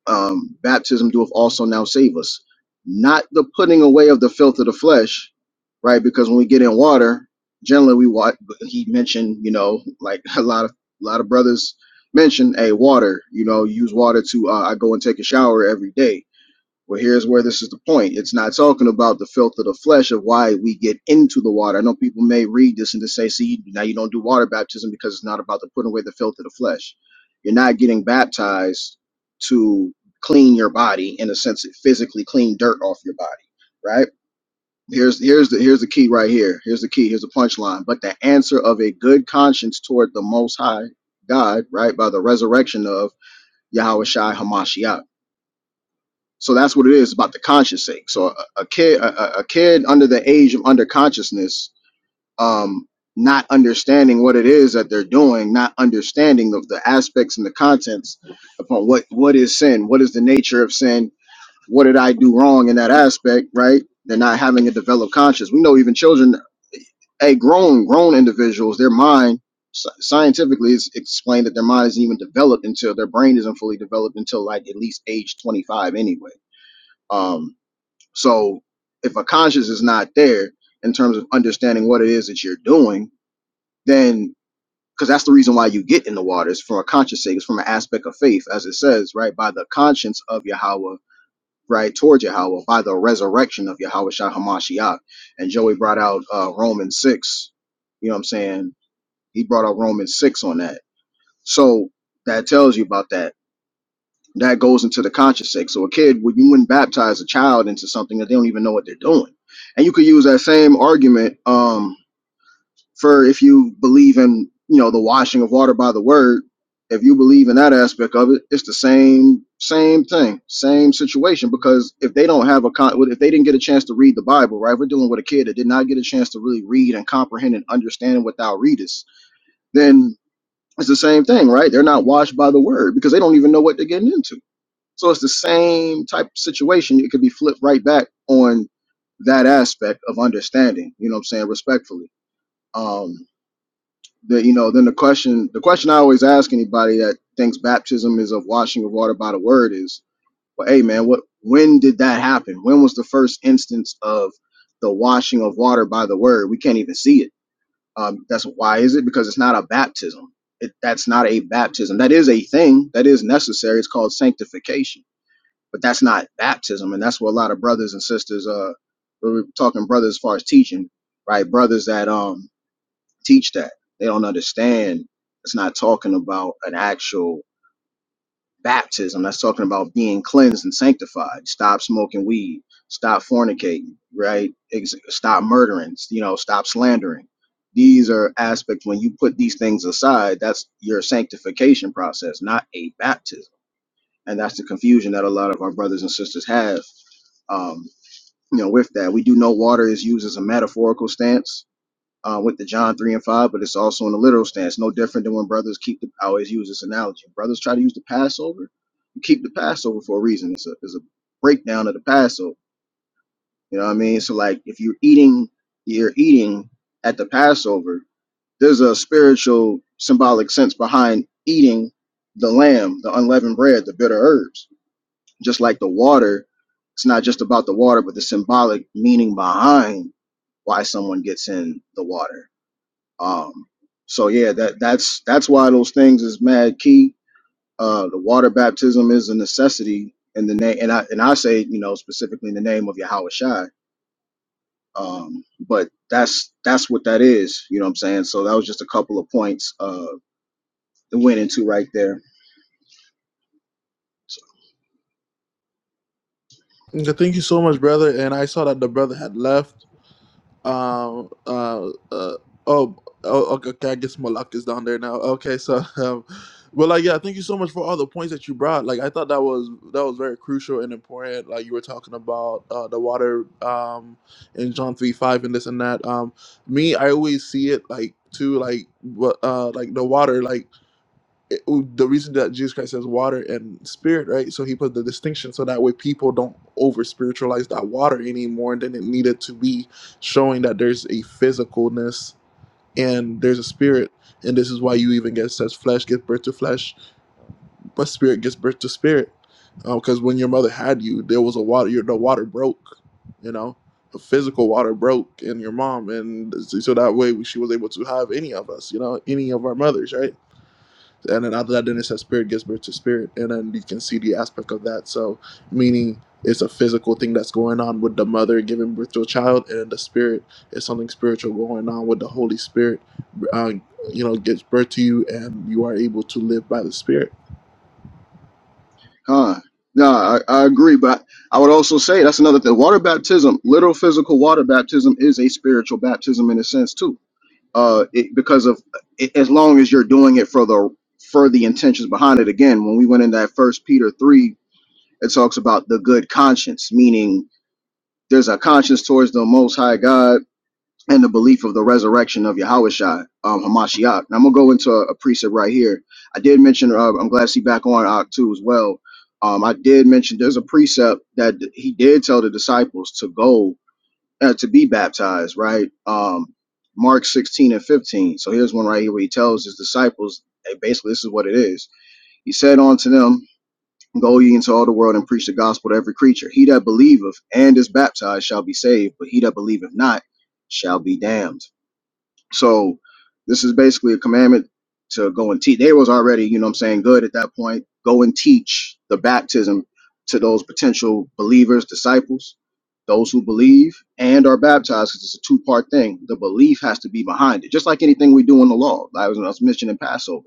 um, baptism doeth also now save us, not the putting away of the filth of the flesh, right? Because when we get in water, generally we what he mentioned, you know, like <laughs> a lot of a lot of brothers mention, hey, water, you know, use water to uh, I go and take a shower every day well, here's where this is the point. It's not talking about the filth of the flesh of why we get into the water. I know people may read this and just say, see, now you don't do water baptism because it's not about the putting away the filth of the flesh. You're not getting baptized to clean your body in a sense, it physically clean dirt off your body, right? Here's here's the here's the key right here. Here's the key. Here's the punchline. But the answer of a good conscience toward the Most High God, right, by the resurrection of Yahweh Hamashiach so that's what it is about the conscious thing. So a, a kid, a, a a kid under the age of under consciousness, um, not understanding what it is that they're doing, not understanding of the aspects and the contents upon what what is sin, what is the nature of sin, what did I do wrong in that aspect, right? They're not having a developed conscience. We know even children, hey, grown grown individuals, their mind sci- scientifically is explained that their mind isn't even developed until their brain isn't fully developed until like at least age 25 anyway um so if a conscience is not there in terms of understanding what it is that you're doing, then because that's the reason why you get in the waters from a conscious sake, it's from an aspect of faith, as it says, right? By the conscience of Yahweh, right, toward Yahweh, by the resurrection of Yahweh Shah Hamashiach. And Joey brought out uh Romans six, you know what I'm saying? He brought out Romans six on that. So that tells you about that that goes into the conscious sex. So a kid, when you wouldn't baptize a child into something that they don't even know what they're doing. And you could use that same argument um, for if you believe in, you know, the washing of water by the word. If you believe in that aspect of it, it's the same same thing, same situation. Because if they don't have a con, if they didn't get a chance to read the Bible, right? If we're dealing with a kid that did not get a chance to really read and comprehend and understand what thou readest, then it's the same thing, right? They're not washed by the word because they don't even know what they're getting into so it's the same type of situation. It could be flipped right back on that aspect of understanding. You know what I'm saying? Respectfully. Um, the, you know, then the question, the question I always ask anybody that thinks baptism is of washing of water by the word is, well, hey man, what, when did that happen? When was the first instance of the washing of water by the word? We can't even see it. Um, that's why is it? Because it's not a baptism. It, that's not a baptism. That is a thing that is necessary. It's called sanctification but that's not baptism and that's what a lot of brothers and sisters uh we're talking brothers as far as teaching right brothers that um teach that they don't understand it's not talking about an actual baptism that's talking about being cleansed and sanctified stop smoking weed stop fornicating right Ex- stop murdering you know stop slandering these are aspects when you put these things aside that's your sanctification process not a baptism and that's the confusion that a lot of our brothers and sisters have um, you know, with that. We do know water is used as a metaphorical stance uh, with the John 3 and 5, but it's also in a literal stance. No different than when brothers keep the, I always use this analogy. Brothers try to use the Passover. You keep the Passover for a reason. It's a, it's a breakdown of the Passover. You know what I mean? So, like, if you're eating, you're eating at the Passover, there's a spiritual symbolic sense behind eating the lamb, the unleavened bread, the bitter herbs just like the water, it's not just about the water, but the symbolic meaning behind why someone gets in the water. Um, so yeah, that that's that's why those things is mad key. Uh, the water baptism is a necessity in the name, and I and I say you know specifically in the name of Yahweh Shai. Um, but that's that's what that is. You know what I'm saying? So that was just a couple of points uh, that went into right there.
Okay, Thank you so much, brother. And I saw that the brother had left. Uh, uh, uh, oh, oh, okay, okay. I guess Malak is down there now. Okay, so, <laughs> um, but like, yeah, thank you so much for all the points that you brought. Like, I thought that was that was very crucial and important. Like, you were talking about uh, the water um, in John three five and this and that. Um, me, I always see it like too, like what, uh, like the water. Like it- the reason that Jesus Christ says water and spirit, right? So he put the distinction so that way people don't over spiritualize that water anymore than it needed to be, showing that there's a physicalness and there's a spirit. And this is why you even get says flesh gives birth to flesh, but spirit gives birth to spirit. Because uh, when your mother had you, there was a water, your, the water broke, you know, the physical water broke in your mom. And so that way she was able to have any of us, you know, any of our mothers, right? and then after that then it says spirit gives birth to spirit and then you can see the aspect of that so meaning it's a physical thing that's going on with the mother giving birth to a child and the spirit is something spiritual going on with the holy spirit uh, you know gives birth to you and you are able to live by the spirit
Huh. No, I, I agree, but I would also say that's another thing. Water baptism, literal physical water baptism, is a spiritual baptism in a sense too. Uh, it, because of it, as long as you're doing it for the for the intentions behind it. Again, when we went in that First Peter three, it talks about the good conscience, meaning there's a conscience towards the Most High God and the belief of the resurrection of Yahushua, um, Hamashiach. And I'm gonna go into a, a precept right here. I did mention. Uh, I'm glad to see back on Act Two as well. Um, I did mention there's a precept that he did tell the disciples to go uh, to be baptized, right? Um, Mark 16 and 15. So here's one right here where he tells his disciples, hey, basically, this is what it is. He said unto them, Go ye into all the world and preach the gospel to every creature. He that believeth and is baptized shall be saved, but he that believeth not shall be damned. So this is basically a commandment to go and teach. They was already, you know what I'm saying, good at that point. Go and teach the baptism to those potential believers, disciples, those who believe and are baptized, because it's a two-part thing. The belief has to be behind it. Just like anything we do in the law. I was, I was mentioning Passover.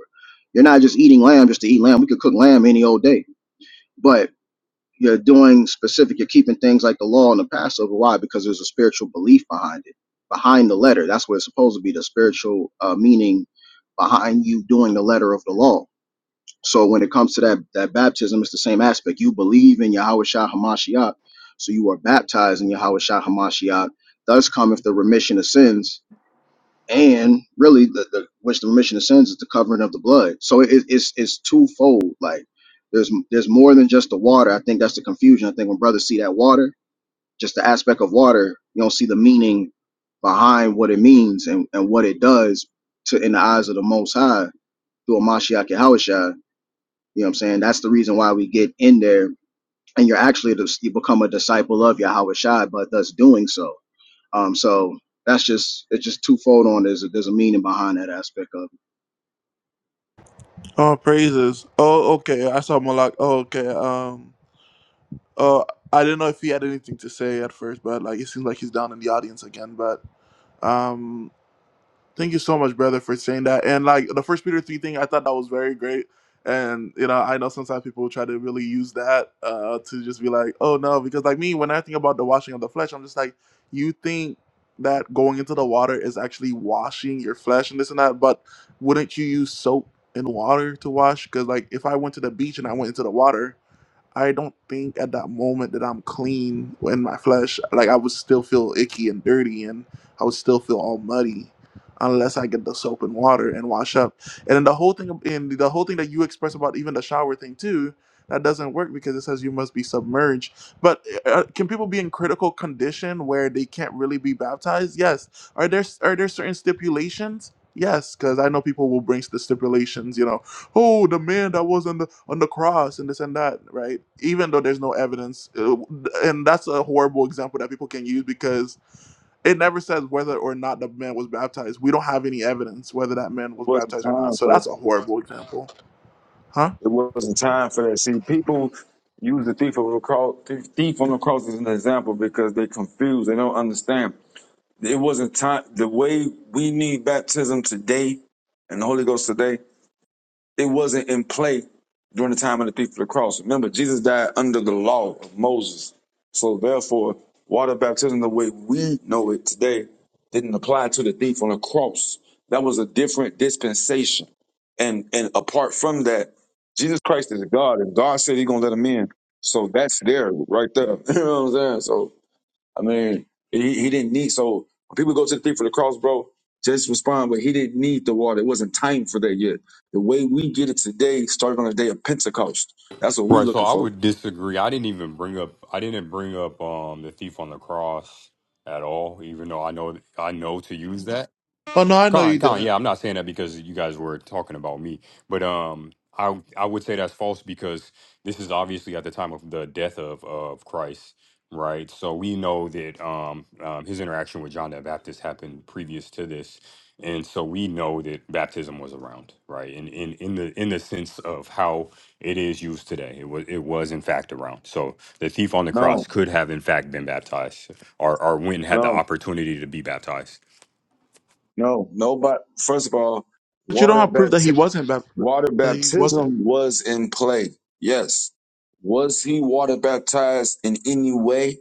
You're not just eating lamb just to eat lamb. We could cook lamb any old day. but you're doing specific you're keeping things like the law and the passover why because there's a spiritual belief behind it behind the letter that's what it's supposed to be the spiritual uh, meaning behind you doing the letter of the law so when it comes to that that baptism it's the same aspect you believe in yahweh shah hamashiach so you are baptized in yahweh shah hamashiach thus cometh the remission of sins and really the, the which the remission of sins is the covering of the blood so it, it's it's twofold like there's there's more than just the water i think that's the confusion i think when brothers see that water just the aspect of water you don't see the meaning behind what it means and, and what it does to in the eyes of the most high through a mashiach Yahusha. you know what i'm saying that's the reason why we get in there and you're actually the- you become a disciple of Yahweh Shai, but thus doing so um, so that's just it's just twofold on. There's a, there's a meaning behind that aspect of. It.
oh praises oh okay i saw malak oh okay um oh i didn't know if he had anything to say at first but like it seems like he's down in the audience again but um, Thank you so much, brother, for saying that. And like the first Peter three thing, I thought that was very great. And you know, I know sometimes people try to really use that uh, to just be like, oh no, because like me, when I think about the washing of the flesh, I'm just like, you think that going into the water is actually washing your flesh and this and that, but wouldn't you use soap and water to wash? Because like if I went to the beach and I went into the water. I don't think at that moment that I'm clean in my flesh. Like I would still feel icky and dirty, and I would still feel all muddy, unless I get the soap and water and wash up. And then the whole thing, and the whole thing that you express about even the shower thing too, that doesn't work because it says you must be submerged. But uh, uh, can people be in critical condition where they can't really be baptized? Yes. Are there are there certain stipulations? Yes, because I know people will bring the stipulations. You know, oh, the man that was on the on the cross and this and that, right? Even though there's no evidence, uh, and that's a horrible example that people can use because it never says whether or not the man was baptized. We don't have any evidence whether that man
It
was
wasn't
baptized or not.
time
So
for that.
that's a horrible example, huh?
It wasn't time for that. See, people use the thief on the cross, thief on the cross as an example because they confused. They don't understand. It wasn't time. The way we need baptism today and the Holy Ghost today. It wasn't in play during the time of the thief of the cross. Remember, Jesus died under the law of Moses. So therefore, water baptism, the way we know it today, didn't apply to the thief on the cross. That was a different dispensation. And and apart from that, Jesus Christ is God, and God said He's gonna let him in. So that's there right there. <laughs> you know what I'm saying? So I mean, he, he didn't need so when people go to the thief for the cross, bro, just respond, but he didn't need the water. It wasn't time for that yet. The way we get it today started on the day of Pentecost. That's what we
right? So
looking
I
for.
would disagree. I didn't even bring up, I didn't bring up um, the thief on the cross at all, even though I know I know to use that.
Oh no, I know you
Con, con,
didn't.
yeah, I'm not saying that because you guys were talking about me, but um, I I would say that's false because this is obviously at the time of the death of of Christ, right? So we know that um, um his interaction with John the Baptist happened previous to this, and so we know that baptism was around, right? And in in the in the sense of how it is used today, it was it was in fact around. So the thief on the cross
No,
could have in fact been baptized, or or when had the
no,
opportunity to be baptized.
no. no. But first of all,
But you don't
water
have proof that he
bapti-
wasn't baptized.
water
That he wasn't.
baptism was in play. Yes. Was he water baptized in any way?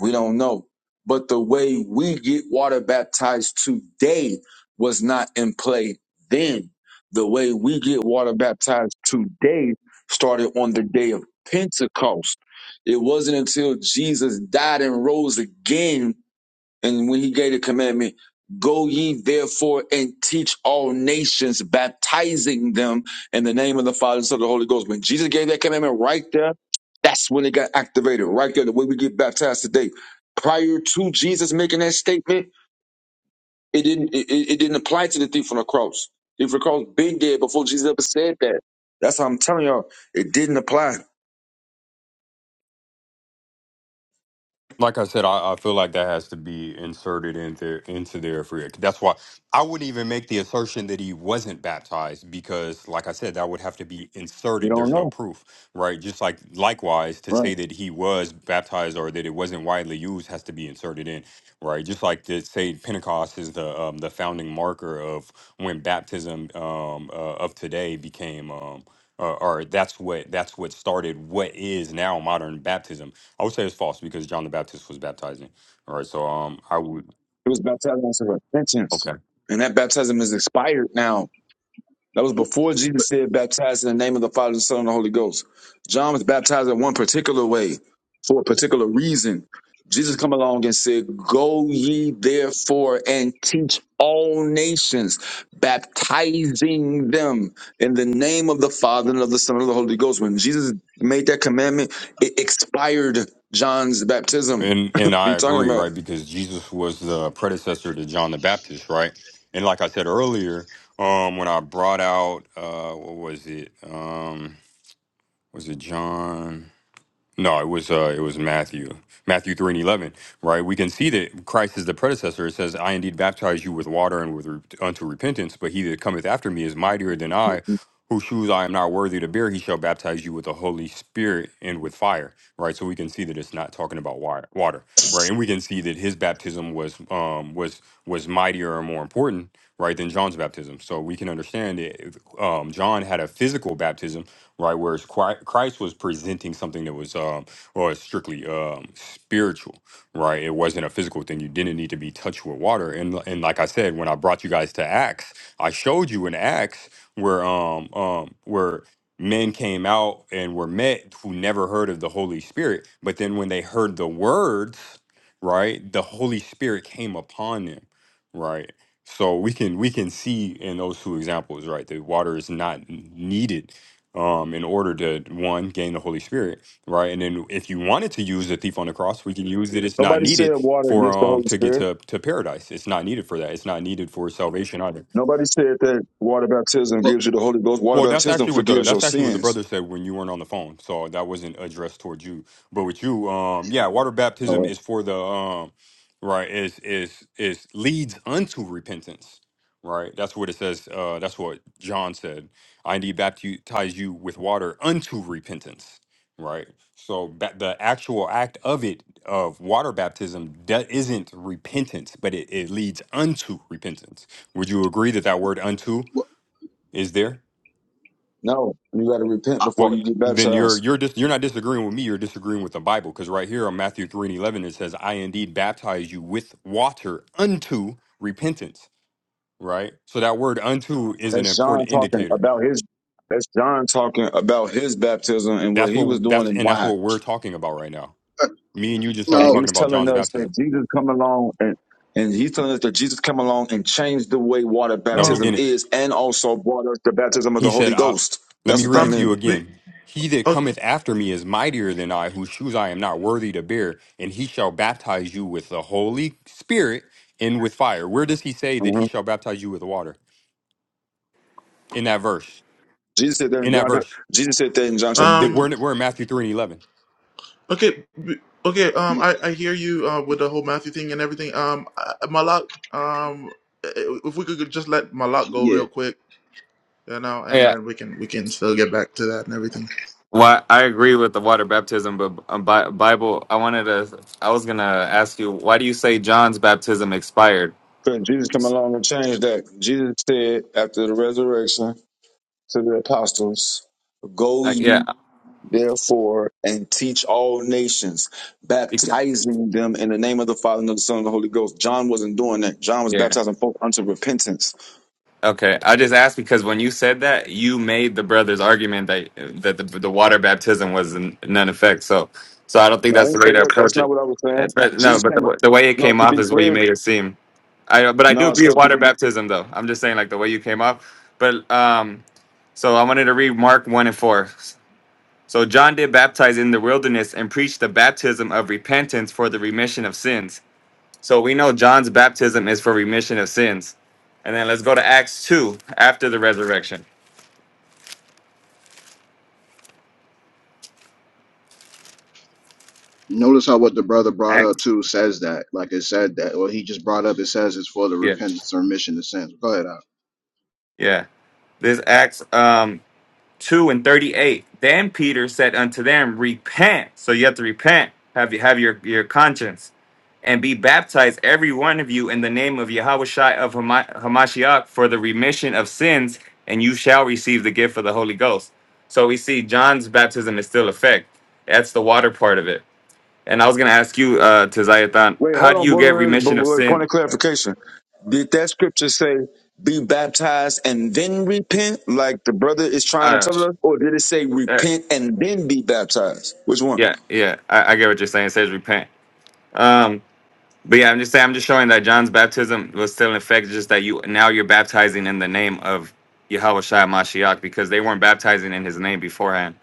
We don't know. But the way we get water baptized today was not in play then. The way we get water baptized today started on the day of Pentecost. It wasn't until Jesus died and rose again and when he gave the commandment, go ye therefore and teach all nations, baptizing them in the name of the Father, and Son, and the Holy Ghost. When Jesus gave that commandment right there, that's when it got activated, right there, the way we get baptized today. Prior to Jesus making that statement, it didn't it, it it didn't apply to the thief on the cross. Thief on the cross been dead before Jesus ever said that. That's how I'm telling y'all, it didn't apply.
like I said, I, I feel like that has to be inserted into into there for it. That's why I wouldn't even make the assertion that he wasn't baptized because, like I said, that would have to be
We
inserted.
don't
There's no
know.
proof, right? Just like likewise, to
Right.
say that he was baptized or that it wasn't widely used has to be inserted in, right? Just like to say Pentecost is the um, the founding marker of when baptism um, uh, of today became. Um, uh, or that's what that's what started what is now modern baptism I would say it's false because John the Baptist was baptizing. All right, so um, I would
It was baptized in repentance.
okay,
And that baptism is expired now. That was before Jesus said, baptize in the name of the Father, the Son, and the Holy Ghost. John was baptized in one particular way for a particular reason. Jesus come along and said, Go ye therefore and teach all nations, baptizing them in the name of the Father and of the Son and of the Holy Ghost. When Jesus made that commandment, it expired John's baptism.
and
<laughs> what
and
are
I
you talking
agree,
about?
right? Because Jesus was the predecessor to John the Baptist, right? And like I said earlier, um, when I brought out uh, what was it? Um, was it John? No, it was uh, it was Matthew, Matthew three and eleven, right? We can see that Christ is the predecessor. It says, "I indeed baptize you with water and with re- unto repentance, but he that cometh after me is mightier than I, whose shoes I am not worthy to bear. He shall baptize you with the Holy Spirit and with fire." Right, so we can see that it's not talking about water, water, right? And we can see that his baptism was um was was mightier and more important, right, than John's baptism. So we can understand that um, John had a physical baptism right? Whereas Chri- Christ was presenting something that was um or strictly um spiritual, right? It wasn't a physical thing. You didn't need to be touched with water. And and like I said, when I brought you guys to Acts, I showed you in Acts where um um where men came out and were met who never heard of the Holy Spirit, but then when they heard the words, right, the Holy Spirit came upon them, right? So we can we can see in those two examples, right, that water is not n- needed um, in order to one gain the Holy Spirit, right? And then if you wanted to use the thief on the cross, we can use it. It's not
Nobody
needed
said water
for
against the
um
Holy
to get
Spirit.
to to paradise. It's not needed for that. It's not needed for salvation either.
Nobody said that water baptism
But,
gives you the Holy Ghost. Water
Well, that's
baptism
actually what the
forgives your
that's actually what the
sins.
brother said when you weren't on the phone. So that wasn't addressed towards you. But with you, um, yeah, water baptism
All right.
is for the um, right is is is leads unto repentance. Right, that's what it says. Uh, that's what John said. I need baptize you with water unto repentance. Right. So ba- the actual act of it of water baptism that isn't repentance, but it, it leads unto repentance. Would you agree that that word unto
but
is there?
No, you got to repent before
Well,
you get
then you're
baptized.
you're dis- you're not disagreeing with me. You're disagreeing with the Bible because right here on Matthew three and eleven it says, "I indeed baptize you with water unto repentance." Right. So that word "unto" is an
That's John
important
talking
indicator.
about his. That's John talking about his baptism and what
That's
he was
what
doing
that's
and
and that's
why.
what we're talking about right now.
uh,
Me and you just started
And
no,
talking
he's
about
telling
John's
us
baptism.
that Jesus come along and and he's telling us that Jesus come along and changed the way water
No, he
Um,
baptism
didn't.
is, and also brought us the baptism of
He
the Holy
said, I,
Ghost.
Let
That's
me
what
read
that
it to
um,
meant.
you
the,
again. He that
uh,
cometh after me is mightier than I, whose shoes I am not worthy to bear, and he shall baptize you with the Holy Spirit and with fire. Where does he say that he
Mhm.
shall baptize you with water? In that verse.
Jesus said that in
In that
John.
verse.
Jesus said that in John chapter
But th-
three.
um.
We're in, we're in Matthew 3 and 11.
Okay, b- okay. Um,
yeah,
I I hear you uh, with the whole Matthew thing and everything. Um, I- I- Malak. Um, i- if we could just let Malak go
yeah.
real quick, you know, and
Yeah.
then we can we can still get back to that and everything.
Well, I agree with the water baptism, but um, Bi- Bible. I wanted to. I was gonna ask you, why do you say John's baptism expired?
Because Jesus come along and changed that. Jesus said after the resurrection to the apostles, Go
Uh, yeah.
ye therefore and teach all nations, baptizing them in the name of the Father and of the Son and the Holy Ghost. John wasn't doing that. John was
Yeah.
baptizing folk unto repentance.
Okay, I just asked because when you said that, you made the brother's argument that that the, the water baptism was in none effect. So, so I don't think
No, I
that's the
didn't
way
say
to
that. That's
approach
not
it.
what I was saying.
That's right. No,
Jesus
but
came.
the, the way it
No,
came
to
off
be
is what you
clear.
made it seem. I but I do
No,
agree with
so to be
water baptism though. I'm just saying like the way you came off. But um, so I wanted to read Mark one and four. So John did baptize in the wilderness and preached the baptism of repentance for the remission of sins. So we know John's baptism is for remission of sins. And then let's go to Acts 2 after the resurrection.
Notice how what the brother brought up
Acts.
too says that, like it said that, or he just brought up. It says it's for the
Yeah.
repentance or remission of sins. Go ahead, Al.
Yeah. This Acts um 2 and 38. Then Peter said unto them, Repent. So you have to repent. Have you have your, your conscience. And be baptized, every one of you, in the name of Yahushua of Hama- Hamashiach for the remission of sins, and you shall receive the gift of the Holy Ghost. So we see John's baptism is still effect. That's the water part of it. And I was gonna ask you, uh, Tizayathon,
Wait,
how
hold
do
on,
you get
but, but,
remission of
but point
sin?
of clarification. Did that scripture say be baptized and then repent, like the brother is trying to
Uh,
tell us? Or did it say
uh,
repent and then be baptized? Which one?
yeah, yeah, I, I get what you're saying. It says repent. Um, but yeah, I'm just saying, I'm just showing that John's baptism was still in effect. Just that you now you're baptizing in the name of Yahweh Shai Mashiach because they weren't baptizing in His name beforehand.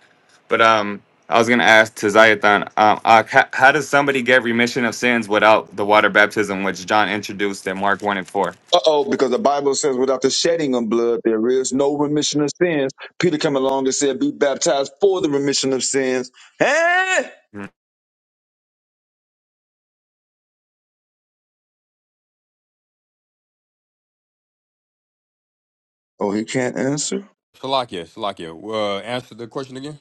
But um, I was gonna ask Tizayathon, um, uh, how, how does somebody get remission of sins without the water baptism, which John introduced in Mark one and 4
Uh oh, because the Bible says without the shedding of blood, there is no remission of sins. Peter came along and said, Be baptized for the remission of sins. Eh? Oh, he can't answer?
Salakia, Salakia, uh, answer the question again.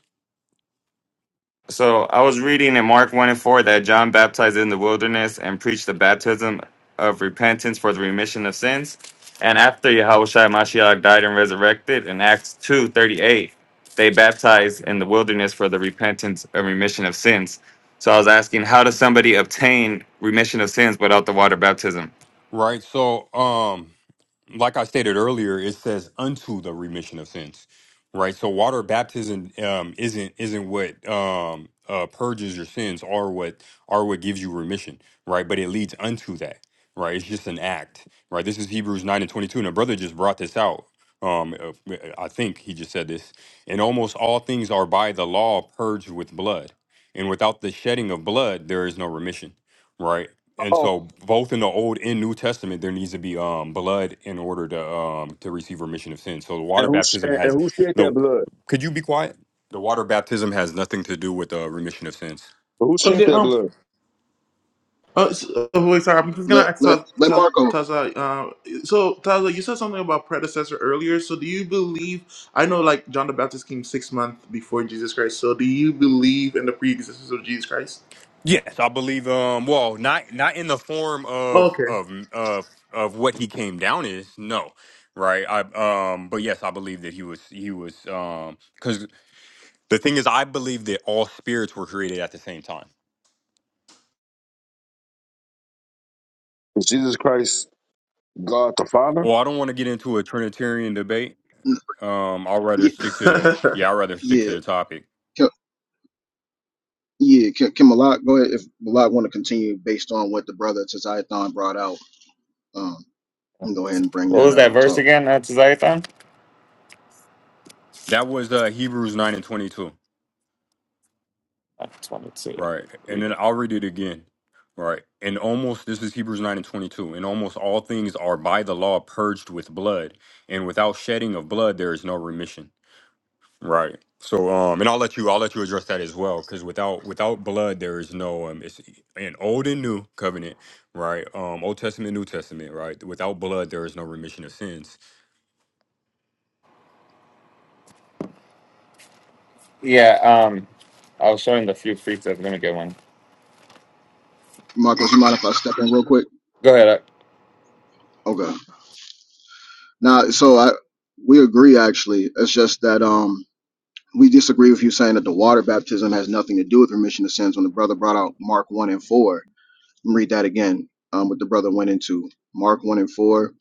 So I was reading in Mark 1 and 4 that John baptized in the wilderness and preached the baptism of repentance for the remission of sins. And after Yahushua Mashiach died and resurrected in Acts two thirty eight, they baptized in the wilderness for the repentance and remission of sins. So I was asking, how does somebody obtain remission of sins without the water baptism?
Right. So, um, like I stated earlier, it says unto the remission of sins, right? So water baptism um, isn't isn't what um, uh, purges your sins, or what or what gives you remission, right? But it leads unto that, right? It's just an act, right? This is Hebrews nine and twenty two, and a brother just brought this out. Um, uh, uh, I think he just said this. And almost all things are by the law purged with blood, and without the shedding of blood, there is no remission, right? and
Oh.
so both in the old and new testament there needs to be um blood in order to um to receive remission of sin so the
And
water
who,
baptism
and
has
who shed that
no
blood?
could you be quiet the water baptism has nothing to do with the remission of sins
Who shed
Okay.
that
Um.
blood?
Uh, so, oh, wait, sorry. I'm just
let
gonna ask
let
Ta-
let
Ta-
Marco.
Taza. Uh, so Taza, you said something about predecessor earlier. So do you believe? I know, like John the Baptist came six months before Jesus Christ. So do you believe in the pre-existence of Jesus Christ?
yes i believe um well not not in the form of
Okay.
of of of what he came down is no right i um but yes i believe that he was he was um because the thing is i believe that all spirits were created at the same time
Is Jesus Christ God the Father?
well i don't want to get into a trinitarian debate
n-
Um, I'll rather
Yeah,
stick
<laughs>
to the
okay.
yeah, I'd rather stick to
yeah,
the topic.
Can- yeah. Can, can Malak go ahead if Malak want to continue based on what the brother Tazayathan brought out? Um, go ahead and bring
What
that
was that
out.
verse
Talk,
again, uh, Tizayathan?
That was uh Hebrews nine and twenty two.
I just wanted to
Right. And
read
then
it.
I'll read it again. Right. And almost this is Hebrews nine and twenty two. And almost all things are by the law purged with blood, and without shedding of blood there is no remission. Right. So um and I'll let you I'll let you address that as well, because without without blood there is no um it's an old and new covenant, right? Um Old Testament, New Testament, right? Without blood there is no remission of sins.
Yeah, um, I was showing the few freaks I was going to get one.
Marcos. You mind if I step in real quick?
Go ahead. uh,
Okay. Now, so I we agree actually. It's just that um we disagree with you saying that the water baptism has nothing to do with remission of sins. When the brother brought out Mark one and four, let me read that again. Um, what the brother went into Mark one and four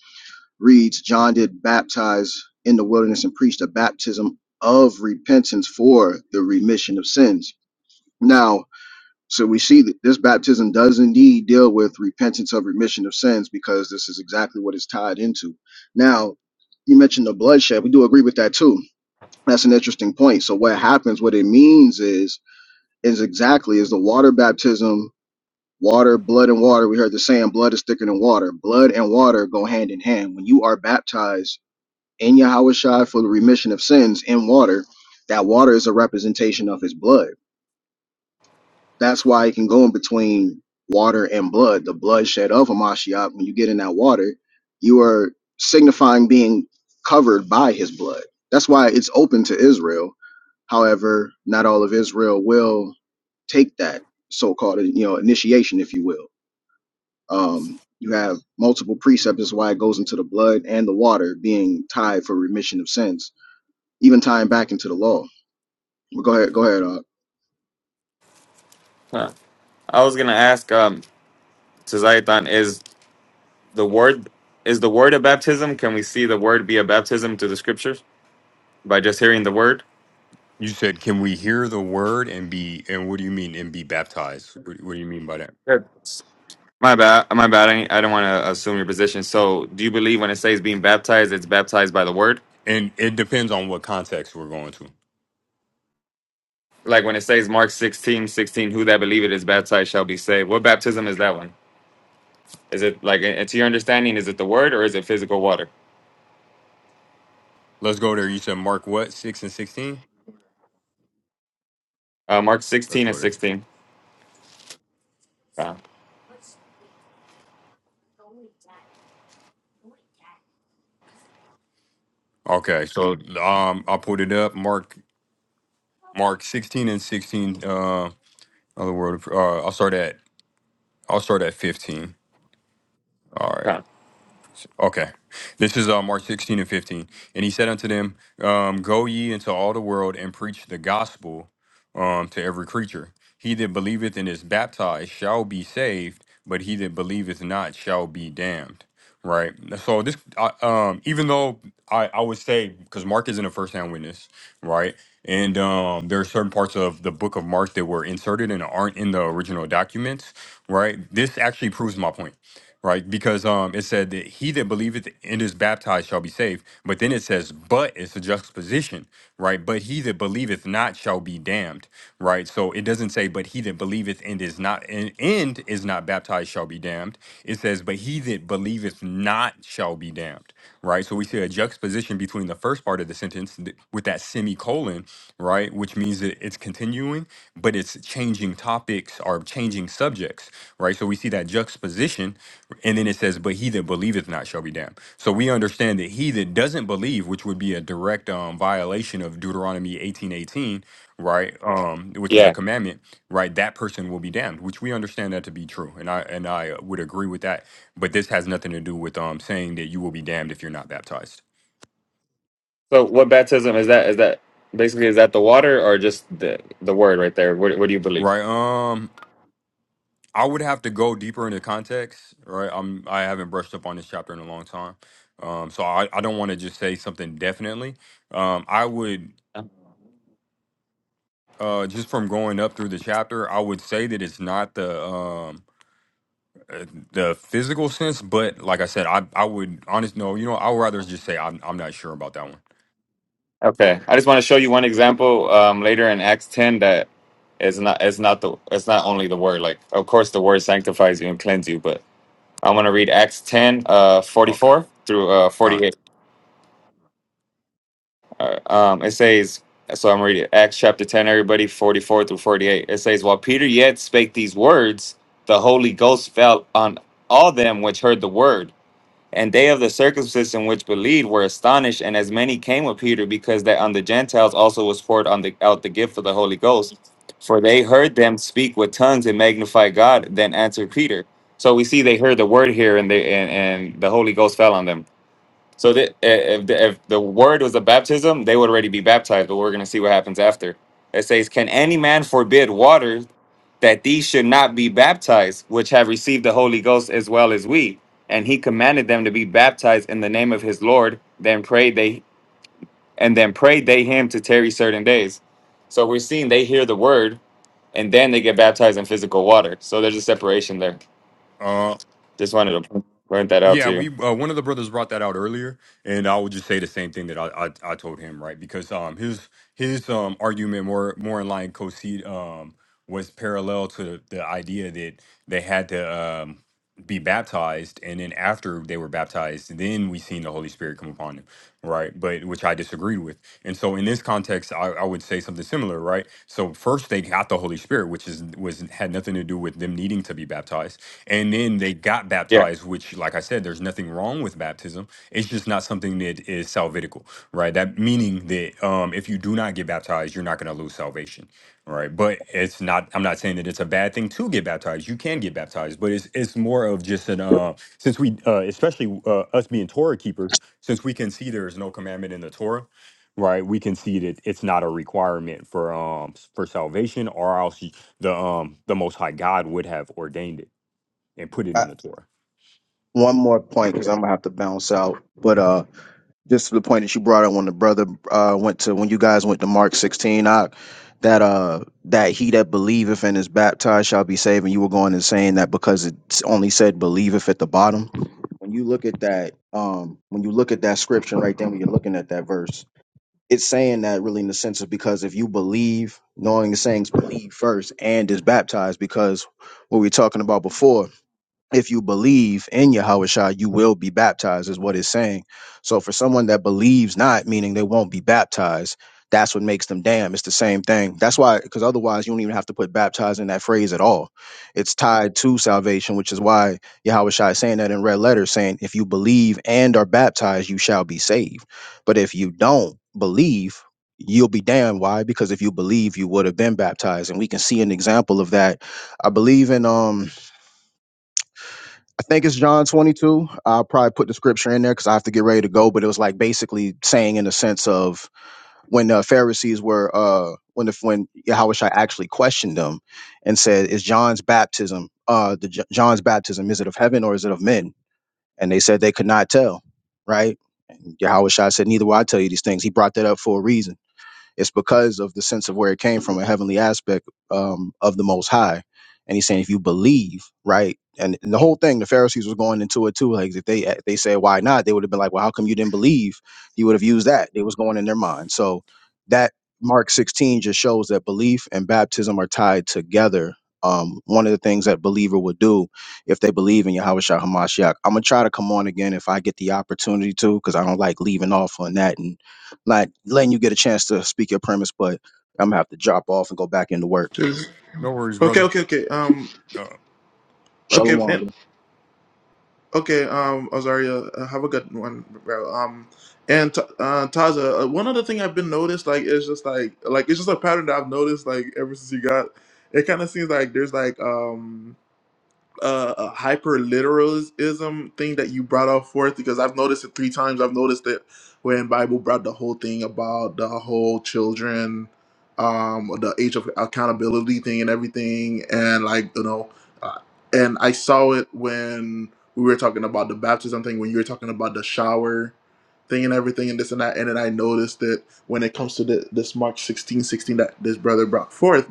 reads John did baptize in the wilderness and preached a baptism of repentance for the remission of sins. Now so we see that this baptism does indeed deal with repentance of remission of sins because this is exactly what it's tied into. Now, you mentioned the bloodshed. We do agree with that too. That's an interesting point. So what happens, what it means is is exactly is the water baptism, water, blood and water. We heard the saying blood is thicker than water. Blood and water go hand in hand. When you are baptized in Yahweh Shai for the remission of sins in water, that water is a representation of his blood That's why it can go in between water and blood, the bloodshed of Hamashiach. When you get in that water, you are signifying being covered by his blood. That's why it's open to Israel. However, not all of Israel will take that so-called you know initiation, if you will. Um, you have multiple precepts is why it goes into the blood and the water being tied for remission of sins, even tying back into the law. But go ahead, go ahead. Uh,
Huh. I was gonna ask, um, to Zayatan, is the word is the word a baptism? Can we see the word be a baptism to the scriptures by just hearing the word?
You said, "Can we hear the word and be?" And what do you mean and be baptized? What, what do you mean by that?
Yes. My bad. My bad. I, I don't want to assume your position. So, do you believe when it says being baptized, it's baptized by the word?
And it depends on what context we're going to.
Like when it says Mark 16 16, who that believeth is baptized shall be saved. What baptism is that one? Is it like, uh, to your understanding, is it the word or is it physical water?
Let's go there. You said Mark what six and sixteen.
Uh, Mark
Let's
16 and
go there.
16. Come,
Okay, so um, I put it up. Mark Mark sixteen and sixteen. Uh, other word. Uh, I'll start at I'll start at fifteen. All right.
come.
Okay. This is uh, Mark 16 and 15. And he said unto them, um, Go ye into all the world and preach the gospel um, to every creature. He that believeth and is baptized shall be saved, but he that believeth not shall be damned. Right. So this, I, um, even though I, I would say, because Mark isn't a first-hand witness, right? And um, there are certain parts of the book of Mark that were inserted and aren't in the original documents, right? This actually proves my point right? Because um, it said that he that believeth and is baptized shall be saved, but then it says, but it's a juxtaposition, right? But he that believeth not shall be damned, right? So it doesn't say, but he that believeth and is not and, and is not baptized shall be damned. It says, but he that believeth not shall be damned, right? So we see a juxtaposition between the first part of the sentence th- with that semicolon, right, which means that it's continuing, but it's changing topics or changing subjects, right? So we see that juxtaposition and then it says, "But he that believeth not shall be damned." So we understand that he that doesn't believe, which would be a direct um, violation of Deuteronomy eighteen eighteen, right, um, which is a commandment, right, that person will be damned, which we understand that to be true, and I and I would agree with that. But this has nothing to do with um, saying that you will be damned if you're not baptized,
So what baptism is that? Is that basically is that the water or just the the word right there? What, what do you believe?
right? Um, I would have to go deeper into context, right? I'm I haven't brushed up on this chapter in a long time, um, so I I don't want to just say something definitely. Um, I would. uh just from going up through the chapter i would say that it's not the um uh, the physical sense but like i said i i would honest no you know i would rather just say i'm, I'm not sure about that one
Okay, I just want to show you one example um, later in Acts ten that it's not it's not the it's not only the word. Like of course the word sanctifies you and cleanse you, but I want to read Acts ten uh, forty
okay
four through uh, forty
fine
eight. Uh, um, it says so. I'm reading Acts chapter ten, everybody forty four through forty eight. It says while Peter yet spake these words, the Holy Ghost fell on all them which heard the word And they of the circumcision which believed were astonished, and as many came with Peter, because that on the Gentiles also was poured on the, out the gift of the Holy Ghost. For they heard them speak with tongues and magnify God. Then answered Peter. So we see they heard the word here, and they and, and the Holy Ghost fell on them. So that eh, if the, if the word was a baptism, they would already be baptized. But we're gonna see what happens after. It says, "Can any man forbid water that these should not be baptized, which have received the Holy Ghost as well as we?" And he commanded them to be baptized in the name of his Lord. Then prayed they, and then prayed they him to tarry certain days. So we're seeing they hear the word, and then they get baptized in physical water. So there's a separation there. Just wanted to point that out
Yeah,
to you.
we uh, one of the brothers brought that out earlier, and I would just say the same thing that I I, I told him, right? Because um his his um argument more more in line concede um was parallel to the, the idea that they had to um be baptized, and then after they were baptized, then we seen the Holy Spirit come upon them, right? But which I disagreed with, and so in this context, I, I would say something similar, right? So first they got the Holy Spirit, which is was had nothing to do with them needing to be baptized and then they got
Yeah.
baptized which like i said there's nothing wrong with baptism it's just not something that is salvitical right that meaning that um if you do not get baptized you're not going to lose salvation right but it's not i'm not saying that it's a bad thing to get baptized you can get baptized but it's it's more of just an uh since we uh especially uh, us being torah keepers since we can see there is no commandment in the torah right we can see that it's not a requirement for um s- for salvation or else y- the um the most high god would have ordained it and put it in
Uh,
the Torah.
one more point because I'm gonna have to bounce out. But uh, just to the point that you brought up when the brother uh, went to when you guys went to Mark 16, I, that uh that he that believeth and is baptized shall be saved, and you were going and saying that because it's only said believeth at the bottom. When you look at that, um, when you look at that scripture right then, when you're looking at that verse, it's saying that really in the sense of because if you believe, knowing the sayings, believe first and is baptized, because what we were talking about before if you believe in Yahweh you will be baptized, is what it's saying. So for someone that believes not, meaning they won't be baptized, that's what makes them damn. It's the same thing. That's why, because otherwise you don't even have to put baptized in that phrase at all. It's tied to salvation, which is why Yahweh is saying that in red letters, saying, if you believe and are baptized, you shall be saved. But if you don't believe, you'll be damned. Why? Because if you believe, you would have been baptized. And we can see an example of that. I believe in um I think it's John 22. I'll probably put the scripture in there because I have to get ready to go. But it was like basically saying in the sense of when the Pharisees were, uh, when the, when Yahushua actually questioned them and said, "Is John's baptism, uh, the J- John's baptism, is it of heaven or is it of men?" And they said they could not tell. Right? Yahushua said, "Neither will I tell you these things." He brought that up for a reason it's because of the sense of where it came from, a heavenly aspect um, of the Most High. And he's saying, if you believe, right? And, and the whole thing, the Pharisees was going into it too. Like if they if they said why not, they would have been like, well, how come you didn't believe? He would have used that. It was going in their mind. So that Mark 16 just shows that belief and baptism are tied together. Um, one of the things that believer would do if they believe in Yahweh Shah Hamashiach. I'm gonna try to come on again if I get the opportunity to, because I don't like leaving off on that. and not letting you get a chance to speak your premise, but I'm gonna have to drop off and go back into work.
No worries, brother.
Okay. Okay. Um.
Uh,
Okay,
Shalom.
and, okay, um, Azaria, uh, have a good one, bro. Um, and t- uh, Taza, uh, one other thing I've been noticed, like, is just like, like it's just a pattern that I've noticed, like, ever since you got. It kind of seems like there's like, um, uh, uh, hyper literalism thing that you brought out forth because I've noticed it three times. I've noticed it when Bible brought the whole thing about the whole children, um, the age of accountability thing and everything, and like you know, uh, and I saw it when we were talking about the baptism thing when you were talking about the shower thing and everything and this and that and then i noticed it when it comes to the, this mark 16 16 that this brother brought forth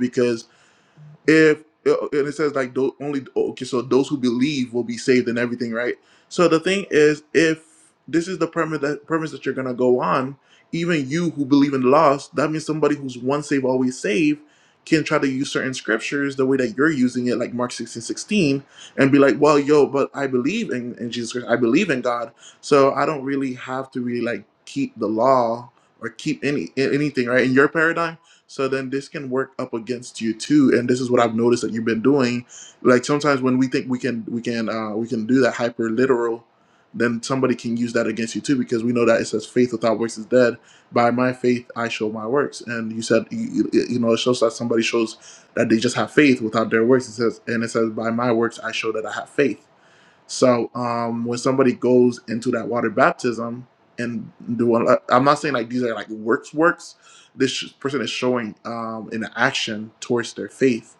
if uh, and it says like tho- only okay so those who believe will be saved and everything right so the thing is if this is the premise that premise that you're gonna go on even you who believe in the lost that means somebody who's once saved always saved can try to use certain scriptures the way that you're using it like mark 16 16, and be like well yo but i believe in, in jesus christ i believe in god so i don't really have to really like keep the law or keep any anything right in your paradigm so then this can work up against you too. And this is what I've noticed that you've been doing. Like sometimes when we think we can we can uh, we can do that hyper literal, then somebody can use that against you too because we know that it says faith without works is dead. By my faith I show my works. And you said you, you you know it shows that somebody shows that they just have faith without their works. It says and it says by my works I show that I have faith. So um, when somebody goes into that water baptism and do, a- I'm not saying like these are like works works. This sh- person is showing um, an action towards their faith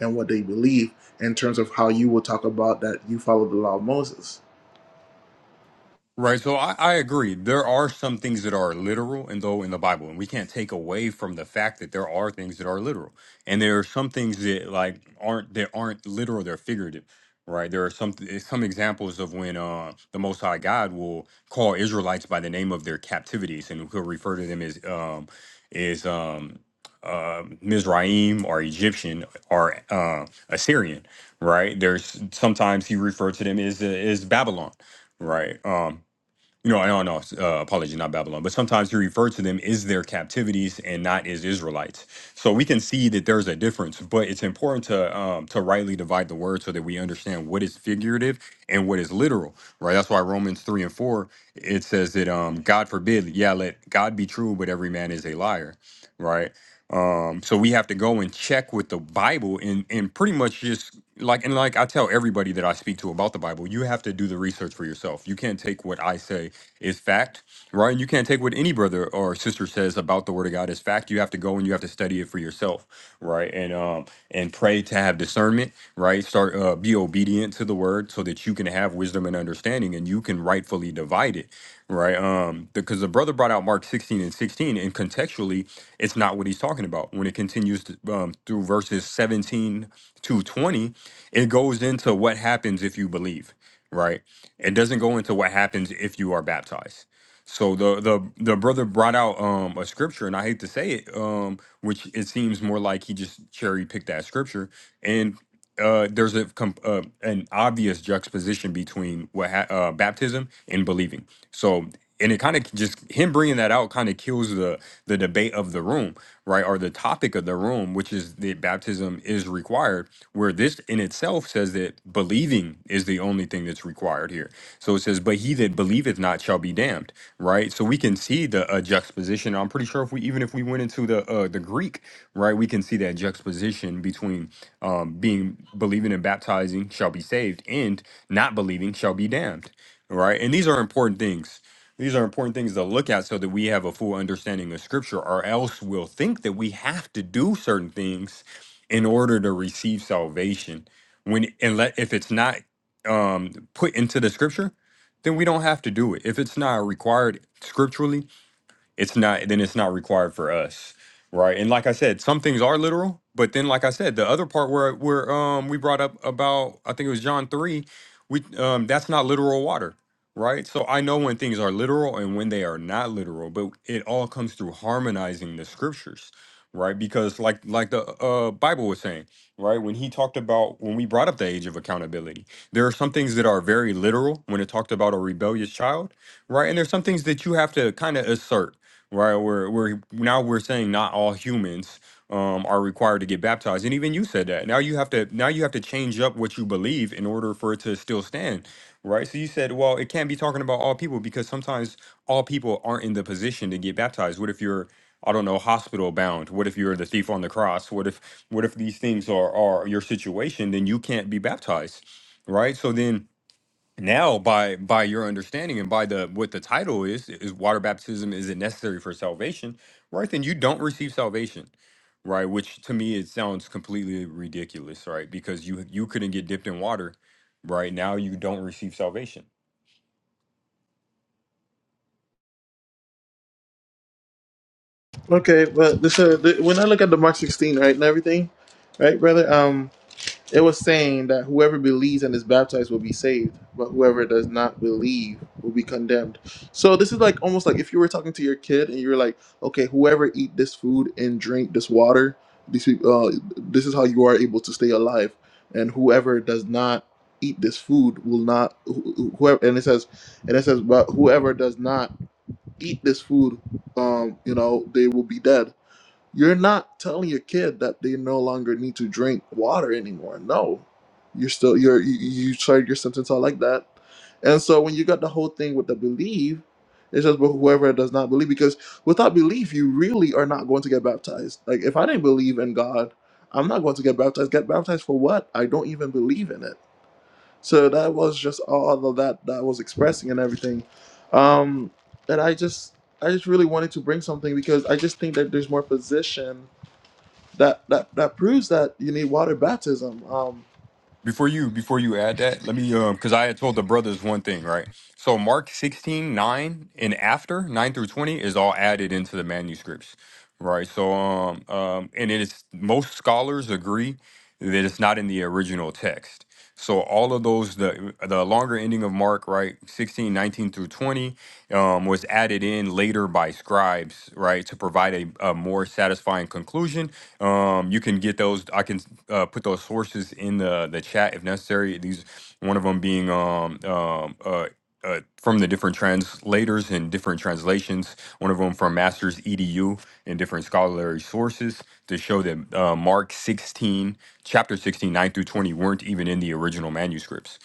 and what they believe in terms of how you will talk about that you follow the law of Moses.
Right. So I, I agree. There are some things that are literal and though in the Bible, and we can't take away from the fact that there are things that are literal. And there are some things that like aren't that aren't literal, they're figurative. Right. There are some eh, some examples of when uh the most high God will call Israelites by the name of their captivities and he'll refer to them as um is um uh, Mizraim or Egyptian or uh, Assyrian, right? There's sometimes he referred to them as eh, as Babylon, right? Um, no, no, no. Uh, apology, not Babylon. But sometimes he refers to them as their captivities and not as Israelites. So we can see that there's a difference. But it's important to um, to rightly divide the word so that we understand what is figurative and what is literal. Right. That's why Romans three and four it says that um, God forbid, yeah, let God be true, but every man is a liar. Right. Um, so we have to go and check with the Bible and and pretty much just like and like I tell everybody that I speak to about the Bible, you have to do the research for yourself. You can't take what I say is fact, right? And you can't take what any brother or sister says about the word of God as fact. You have to go and you have to study it for yourself, right? And um and pray to have discernment, right? Start uh, be obedient to the word so that you can have wisdom and understanding and you can rightfully divide it, right? Um because the brother brought out Mark 16 and 16 and contextually it's not what he's talking about. When it continues to, um, through verses 17 to 20, it goes into what happens if you believe, right? it doesn't go into what happens if you are baptized. So the the the brother brought out um a scripture, and I hate to say it, um, which it seems more like he just cherry picked that scripture. And uh, there's a com- uh, an obvious juxtaposition between what ha- uh, baptism and believing. So and it kind of just him bringing that out kind of kills the the debate of the room, right, or the topic of the room, which is that baptism is required where this in itself says that believing is the only thing that's required here. So it says, But he that believeth not shall be damned, right? So we can see the uh, juxtaposition. I'm pretty sure if we even if we went into the uh, the Greek, right, we can see that juxtaposition between um, being believing and baptizing shall be saved and not believing shall be damned, right? And these are important things. These are important things to look at so that we have a full understanding of scripture, or else we'll think that we have to do certain things in order to receive salvation when unless if it's not um put into the scripture then we don't have to do it if it's not required scripturally it's not then it's not required for us right and like i said some things are literal but then like i said the other part where where um we brought up about i think it was john 3 we um that's not literal water right so i know when things are literal and when they are not literal but it all comes through harmonizing the scriptures right because like like the uh bible was saying right when he talked about when we brought up the age of accountability there are some things that are very literal when it talked about a rebellious child right and there's some things that you have to kind of assert right? Where where now we're saying not all humans um, are required to get baptized, and even you said that. Now you have to now you have to change up what you believe in order for it to still stand, right? So you said, well, it can't be talking about all people because sometimes all people aren't in the position to get baptized. What if you're I don't know, hospital bound. What if you're the thief on the cross? What if what if these things are are your situation? Then you can't be baptized, right? So then now by by your understanding and by the what the title is is water baptism is it necessary for salvation right then you don't receive salvation right which to me it sounds completely ridiculous right because you you couldn't get dipped in water right now you don't receive salvation
Okay, but this uh, the, when I look at the Mark sixteen, right, and everything, right, brother. It was saying that whoever believes and is baptized will be saved, but whoever does not believe will be condemned. So this is like almost like if you were talking to your kid and you were like, okay, whoever eat this food and drink this water, these peop- uh, this is how you are able to stay alive, and whoever does not eat this food will not who- who- whoever and it says and it says but whoever does not eat this food um you know they will be dead you're not telling your kid that they no longer need to drink water anymore. No, you're still you're you, you started your sentence out like that, and so when you got the whole thing with the believe, it's just but whoever does not believe because without belief you really are not going to get baptized. Like if I didn't believe in God, I'm not going to get baptized. Get baptized for what? I don't even believe in it. So that was just all of that that I was expressing and everything, um, and I just I just really wanted to bring something because I just think that there's more position that that that proves that you need water baptism. Um,
before you before you add that let me um because i had told the brothers one thing right so mark 16 9 and after 9 through 20 is all added into the manuscripts right so um um and it is most scholars agree that it's not in the original text so all of those the the longer ending of mark right 16 19 through 20 um was added in later by scribes right to provide a, a more satisfying conclusion um, you can get those. I can uh, put those sources in the the chat if necessary. These one of them being um, um, uh, uh, from the different translators and different translations. One of them from Masters EDU and different scholarly sources to show that uh, Mark sixteen, chapter 16 9 through twenty weren't even in the original manuscripts.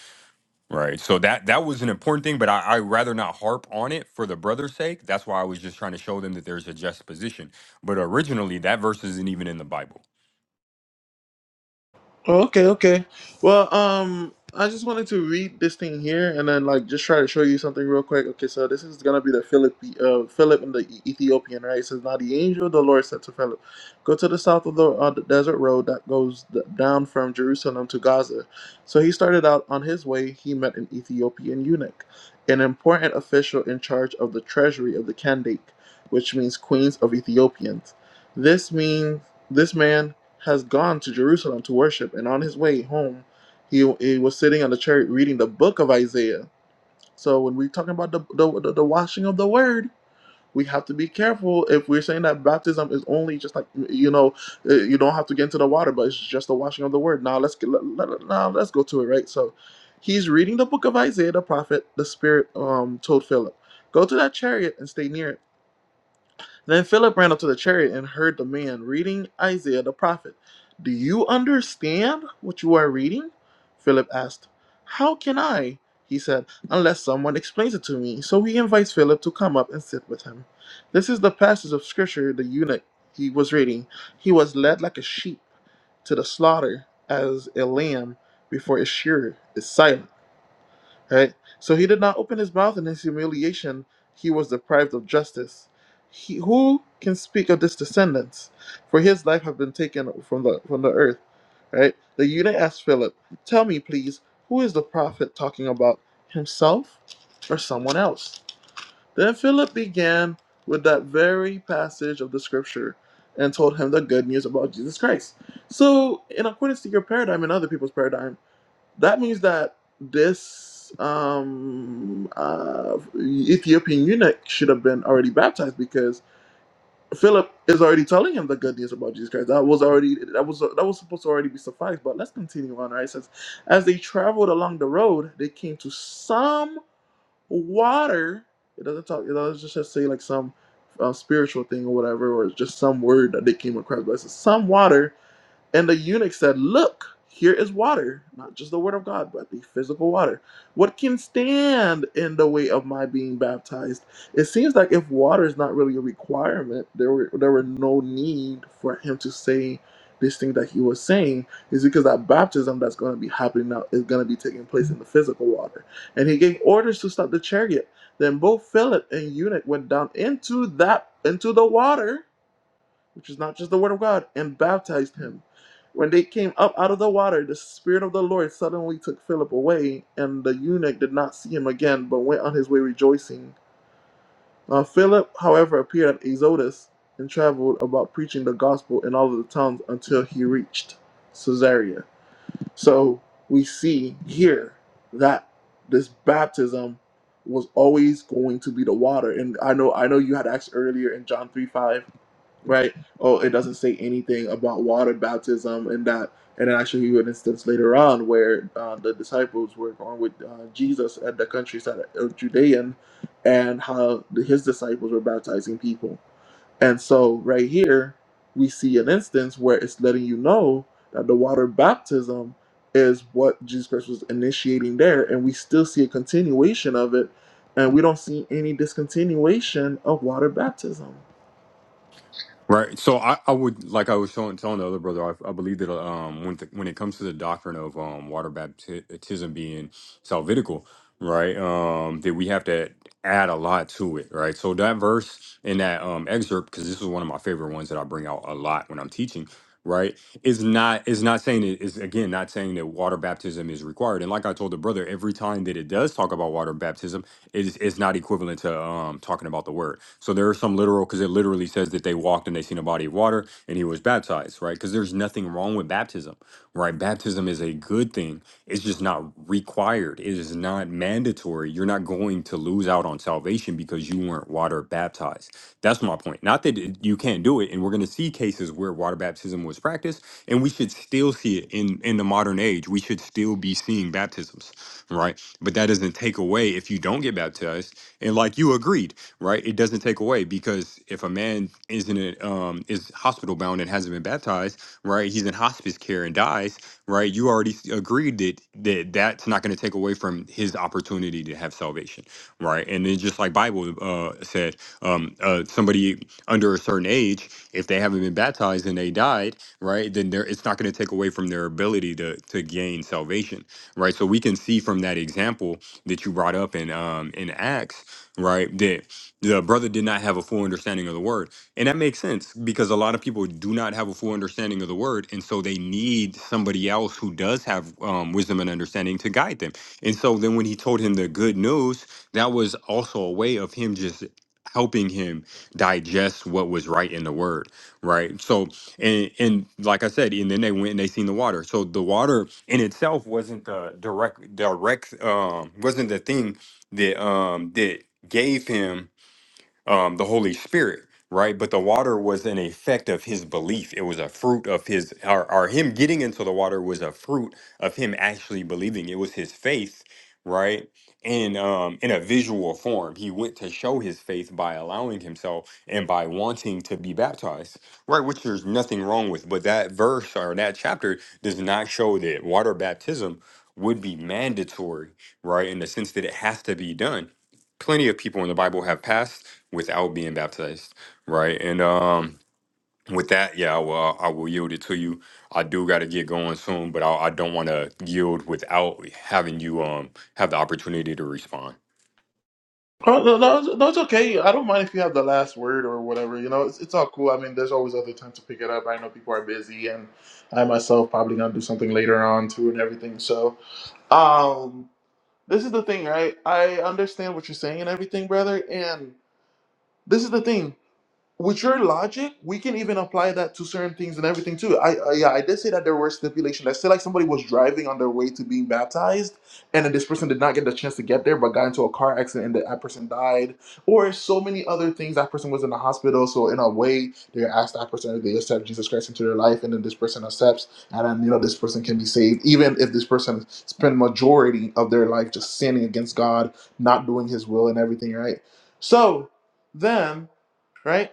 Right. So that that was an important thing, but I, I rather not harp on it for the brother's sake. That's why I was just trying to show them that there's a just position. But originally, that verse isn't even in the Bible
Oh, okay, okay. Well, um, I just wanted to read this thing here and then like just try to show you something real quick. Okay, so this is gonna be the Philip, uh, Philip and the E- Ethiopian, right? It says, "Now the angel of the Lord said to Philip, Go to the south of the, uh, the desert road that goes d- down from Jerusalem to Gaza." So he started out on his way. He met an Ethiopian eunuch, an important official in charge of the treasury of the Kandake, which means queens of Ethiopians. This means this man has gone to Jerusalem to worship, and on his way home, he, he was sitting on the chariot reading the book of Isaiah. So when we're talking about the, the, the, washing of the word, we have to be careful if we're saying that baptism is only just like you know uh, you don't have to get into the water, but it's just the washing of the word. Now let's get, let- now let's go to it right. So he's reading the book of Isaiah the prophet. The Spirit um, told Philip, "Go to that chariot and stay near it." Then Philip ran up to the chariot and heard the man reading Isaiah the prophet. Do you understand what you are reading? Philip asked. How can I? He said, unless someone explains it to me. So he invites Philip to come up and sit with him. This is the passage of scripture the eunuch he was reading. He was led like a sheep to the slaughter as a lamb before its shearer is silent Right? So he did not open his mouth in his humiliation, he was deprived of justice. He, who can speak of this descendants? For his life have been taken from the from the earth. Right? The eunuch asked Philip, Tell me please, who is the prophet talking about? Himself or someone else? Then Philip began with that very passage of the scripture and told him the good news about Jesus Christ. So in accordance to your paradigm and other people's paradigm. That means that this um, uh, Ethiopian eunuch should have been already baptized because Philip is already telling him the good news about Jesus Christ. That was already that was that was supposed to already be sufficed. But let's continue on. Right, it says, as they traveled along the road, they came to some water. It doesn't talk. It doesn't just say like some uh, spiritual thing or whatever, or it's just some word that they came across. But it says some water and the eunuch said, Look, here is water, not just the word of God, but the physical water. What can stand in the way of my being baptized? It seems like if water is not really a requirement, there were there were no need for him to say this thing that he was saying is because that baptism that's going to be happening now is going to be taking place in the physical water. And he gave orders to stop the chariot. Then both Philip and eunuch went down into that into the water which is not just the word of God, and baptized him. When they came up out of the water, the Spirit of the Lord suddenly took Philip away, and the eunuch did not see him again, but went on his way rejoicing. Uh, Philip, however, appeared at Azotus and traveled about preaching the gospel in all of the towns until he reached Caesarea. So we see here that this baptism was always going to be the water. And I know I know you had asked earlier in John three five right? Oh, it doesn't say anything about water baptism and that. And then I show you an instance later on where uh, the disciples were going with uh, Jesus at the countryside of Judean and how the, his disciples were baptizing people. And so right here, we see an instance where it's letting you know that the water baptism is what Jesus Christ was initiating there. And we still see a continuation of it. And we don't see any discontinuation of water baptism
Right. So I, I would like I was telling, telling the other brother, I, I believe that um when th- when it comes to the doctrine of um water baptism being salvitical, right? Um that we have to add a lot to it, right? So that verse in that um excerpt, because this is one of my favorite ones that I bring out a lot when I'm teaching, right? Is not is not saying it is again not saying that water baptism is required. And like I told the brother, every time that it does talk about water baptism, is is not equivalent to um talking about the word. So there are some literal because it literally says that they walked and they seen a body of water and he was baptized, right? Because there's nothing wrong with baptism, right? Baptism is a good thing. It's just not required. It is not mandatory. You're not going to lose out on salvation because you weren't water baptized. That's my point. Not that it- you can't do it, and we're going to see cases where water baptism was practiced, and we should still see it in in the modern age. We should still be seeing baptisms right? But that doesn't take away if you don't get baptized. And like you agreed, right? It doesn't take away because if a man isn't um is hospital bound and hasn't been baptized, right? He's in hospice care and dies, right? You already s- agreed that that that's not going to take away from his opportunity to have salvation, right? And it's just like Bible uh said, um uh somebody under a certain age, if they haven't been baptized and they died, right? Then there it's not going to take away from their ability to to gain salvation right? So we can see from that example that you brought up in um in Acts, right, that the brother did not have a full understanding of the word. And that makes sense because a lot of people do not have a full understanding of the word, and so they need somebody else who does have um, wisdom and understanding to guide them. And so then when he told him the good news, that was also a way of him just helping him digest what was right in the word, right? So and and like I said, and then they went and they seen the water. So the water in itself wasn't the direct direct um wasn't the thing that um that gave him um, the Holy Spirit, right? But the water was an effect of his belief. It was a fruit of his, or, or him getting into the water was a fruit of him actually believing. It was his faith, right? And um, in a visual form, he went to show his faith by allowing himself and by wanting to be baptized, right? Which there's nothing wrong with. But that verse or that chapter does not show that water baptism would be mandatory, right? In the sense that it has to be done plenty of people in the Bible have passed without being baptized, right? And um, with that, yeah, I will uh, I will yield it to you. I do got to get going soon, but I, I don't want to yield without having you um have the opportunity to respond.
Oh, no, no, it's no, it's okay. I don't mind if you have the last word or whatever. You know, it's, it's all cool. I mean, there's always other time to pick it up. I know people are busy, and I myself probably gonna do something later on too, and everything. So, um, this is the thing, right? I understand what you're saying and everything, brother. And this is the thing with your logic, we can even apply that to certain things and everything too. I, I yeah, I did say that there were stipulations. I said like somebody was driving on their way to being baptized, and then this person did not get the chance to get there, but got into a car accident, and that that person died, or so many other things. That person was in the hospital, so in a way, they asked that person if they accept Jesus Christ into their life, and then this person accepts, and then you know this person can be saved, even if this person spent majority of their life just sinning against God, not doing His will, and everything. Right. So then, right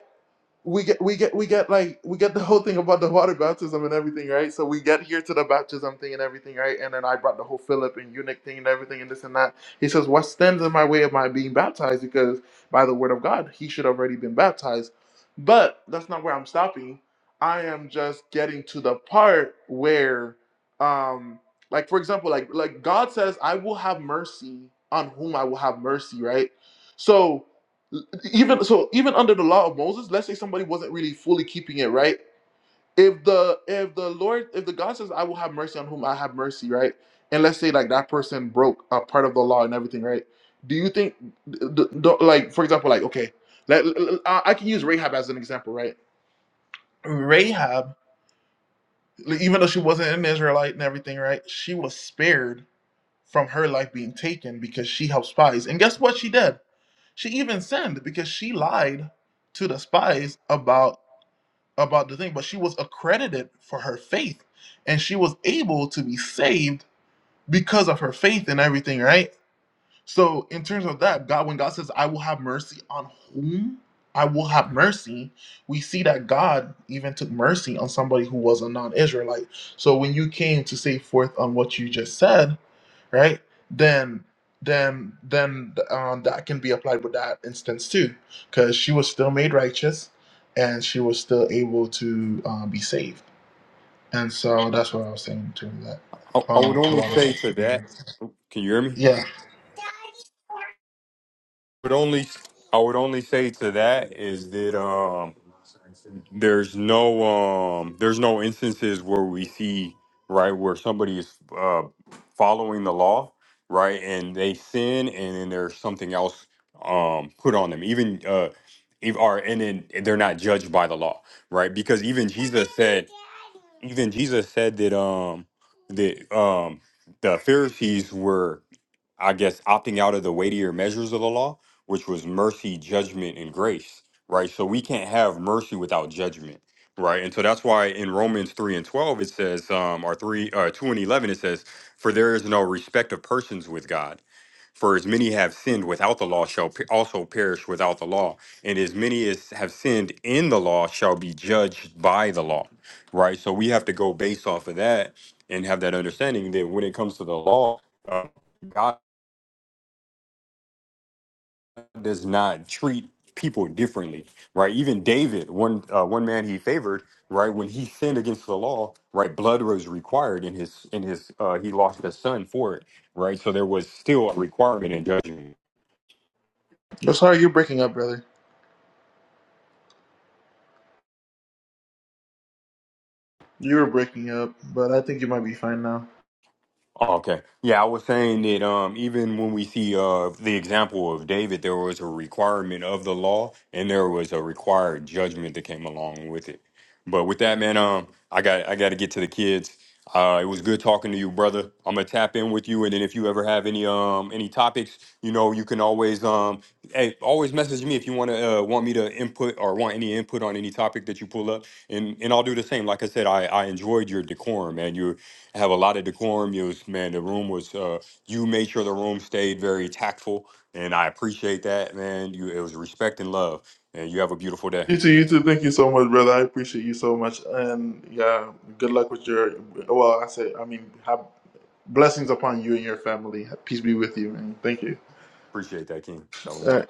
we get we get we get like we get the whole thing about the water baptism and everything, right? So we get here to the baptism thing and everything, right? And then I brought the whole Philip and eunuch thing and everything and this and that. He says, What stands in my way of my being baptized? Because by the word of God, he should have already been baptized. But that's not where I'm stopping. I am just getting to the part where um like for example, like like God says, I will have mercy on whom I will have mercy, right? So even so even under the law of moses let's say somebody wasn't really fully keeping it right if the if the lord if the god says i will have mercy on whom i have mercy right and let's say like that person broke a part of the law and everything right do you think d- d- d- like for example like okay let, l- l- i I can use rahab as an example right rahab like, even though she wasn't an israelite and everything right she was spared from her life being taken because she helped spies and guess what she did She even sinned because she lied to the spies about about the thing, but she was accredited for her faith, and she was able to be saved because of her faith and everything, right? So in terms of that, God, when God says, "I will have mercy on whom I will have mercy," we see that God even took mercy on somebody who was a non-Israelite. So when you came to say forth on what you just said, right? Then then then um, that can be applied with that instance too, because she was still made righteous, and she was still able to um, be saved. And so that's what I was saying to that.
I, I
Um,
would
a
only
lot of
say to that.
that.
Can you hear me?
Yeah.
Would only I would only say to that is that um there's no um there's no instances where we see right where somebody is uh following the law right and they sin and then there's something else um put on them even uh if are and then they're not judged by the law right because even jesus said even jesus said that um that um the pharisees were I guess, opting out of the weightier measures of the law, which was mercy, judgment, and grace, right? So we can't have mercy without judgment, right? And so that's why in Romans 3 and 12, it says, um, or 3, uh, 2 and 11, it says, For there is no respect of persons with God. For as many have sinned without the law shall pe- also perish without the law. And as many as have sinned in the law shall be judged by the law, right? So we have to go based off of that and have that understanding that when it comes to the law, uh, God does not treat people differently, right? Even David, one uh, one man he favored, right? When he sinned against the law, right? Blood was required in his in his uh, he lost a son for it, right? So there was still a requirement in judgment.
i sorry you're breaking up, brother. You were breaking up, but I think you might be fine now.
Oh, okay. Yeah, I was saying that um, even when we see uh, the example of David, there was a requirement of the law, and there was a required judgment that came along with it. But with that, man, um, I got I got to get to the kids. Uh, it was good talking to you, brother. I'm gonna tap in with you, and then if you ever have any um any topics, you know, you can always um hey always message me if you want to uh, want me to input or want any input on any topic that you pull up, and and I'll do the same. Like I said, I I enjoyed your decorum, man have a lot of decorum. You was man, the room was uh, you made sure the room stayed very tactful, and I appreciate that, man. You it was respect and love, and you have a beautiful day.
You too, you too. Thank you so much, brother. I appreciate you so much. And yeah, good luck with your. Well, I say, I mean, have blessings upon you and your family. Peace be with you, man. Thank you.
Appreciate that, King.
All
Shalom.
right.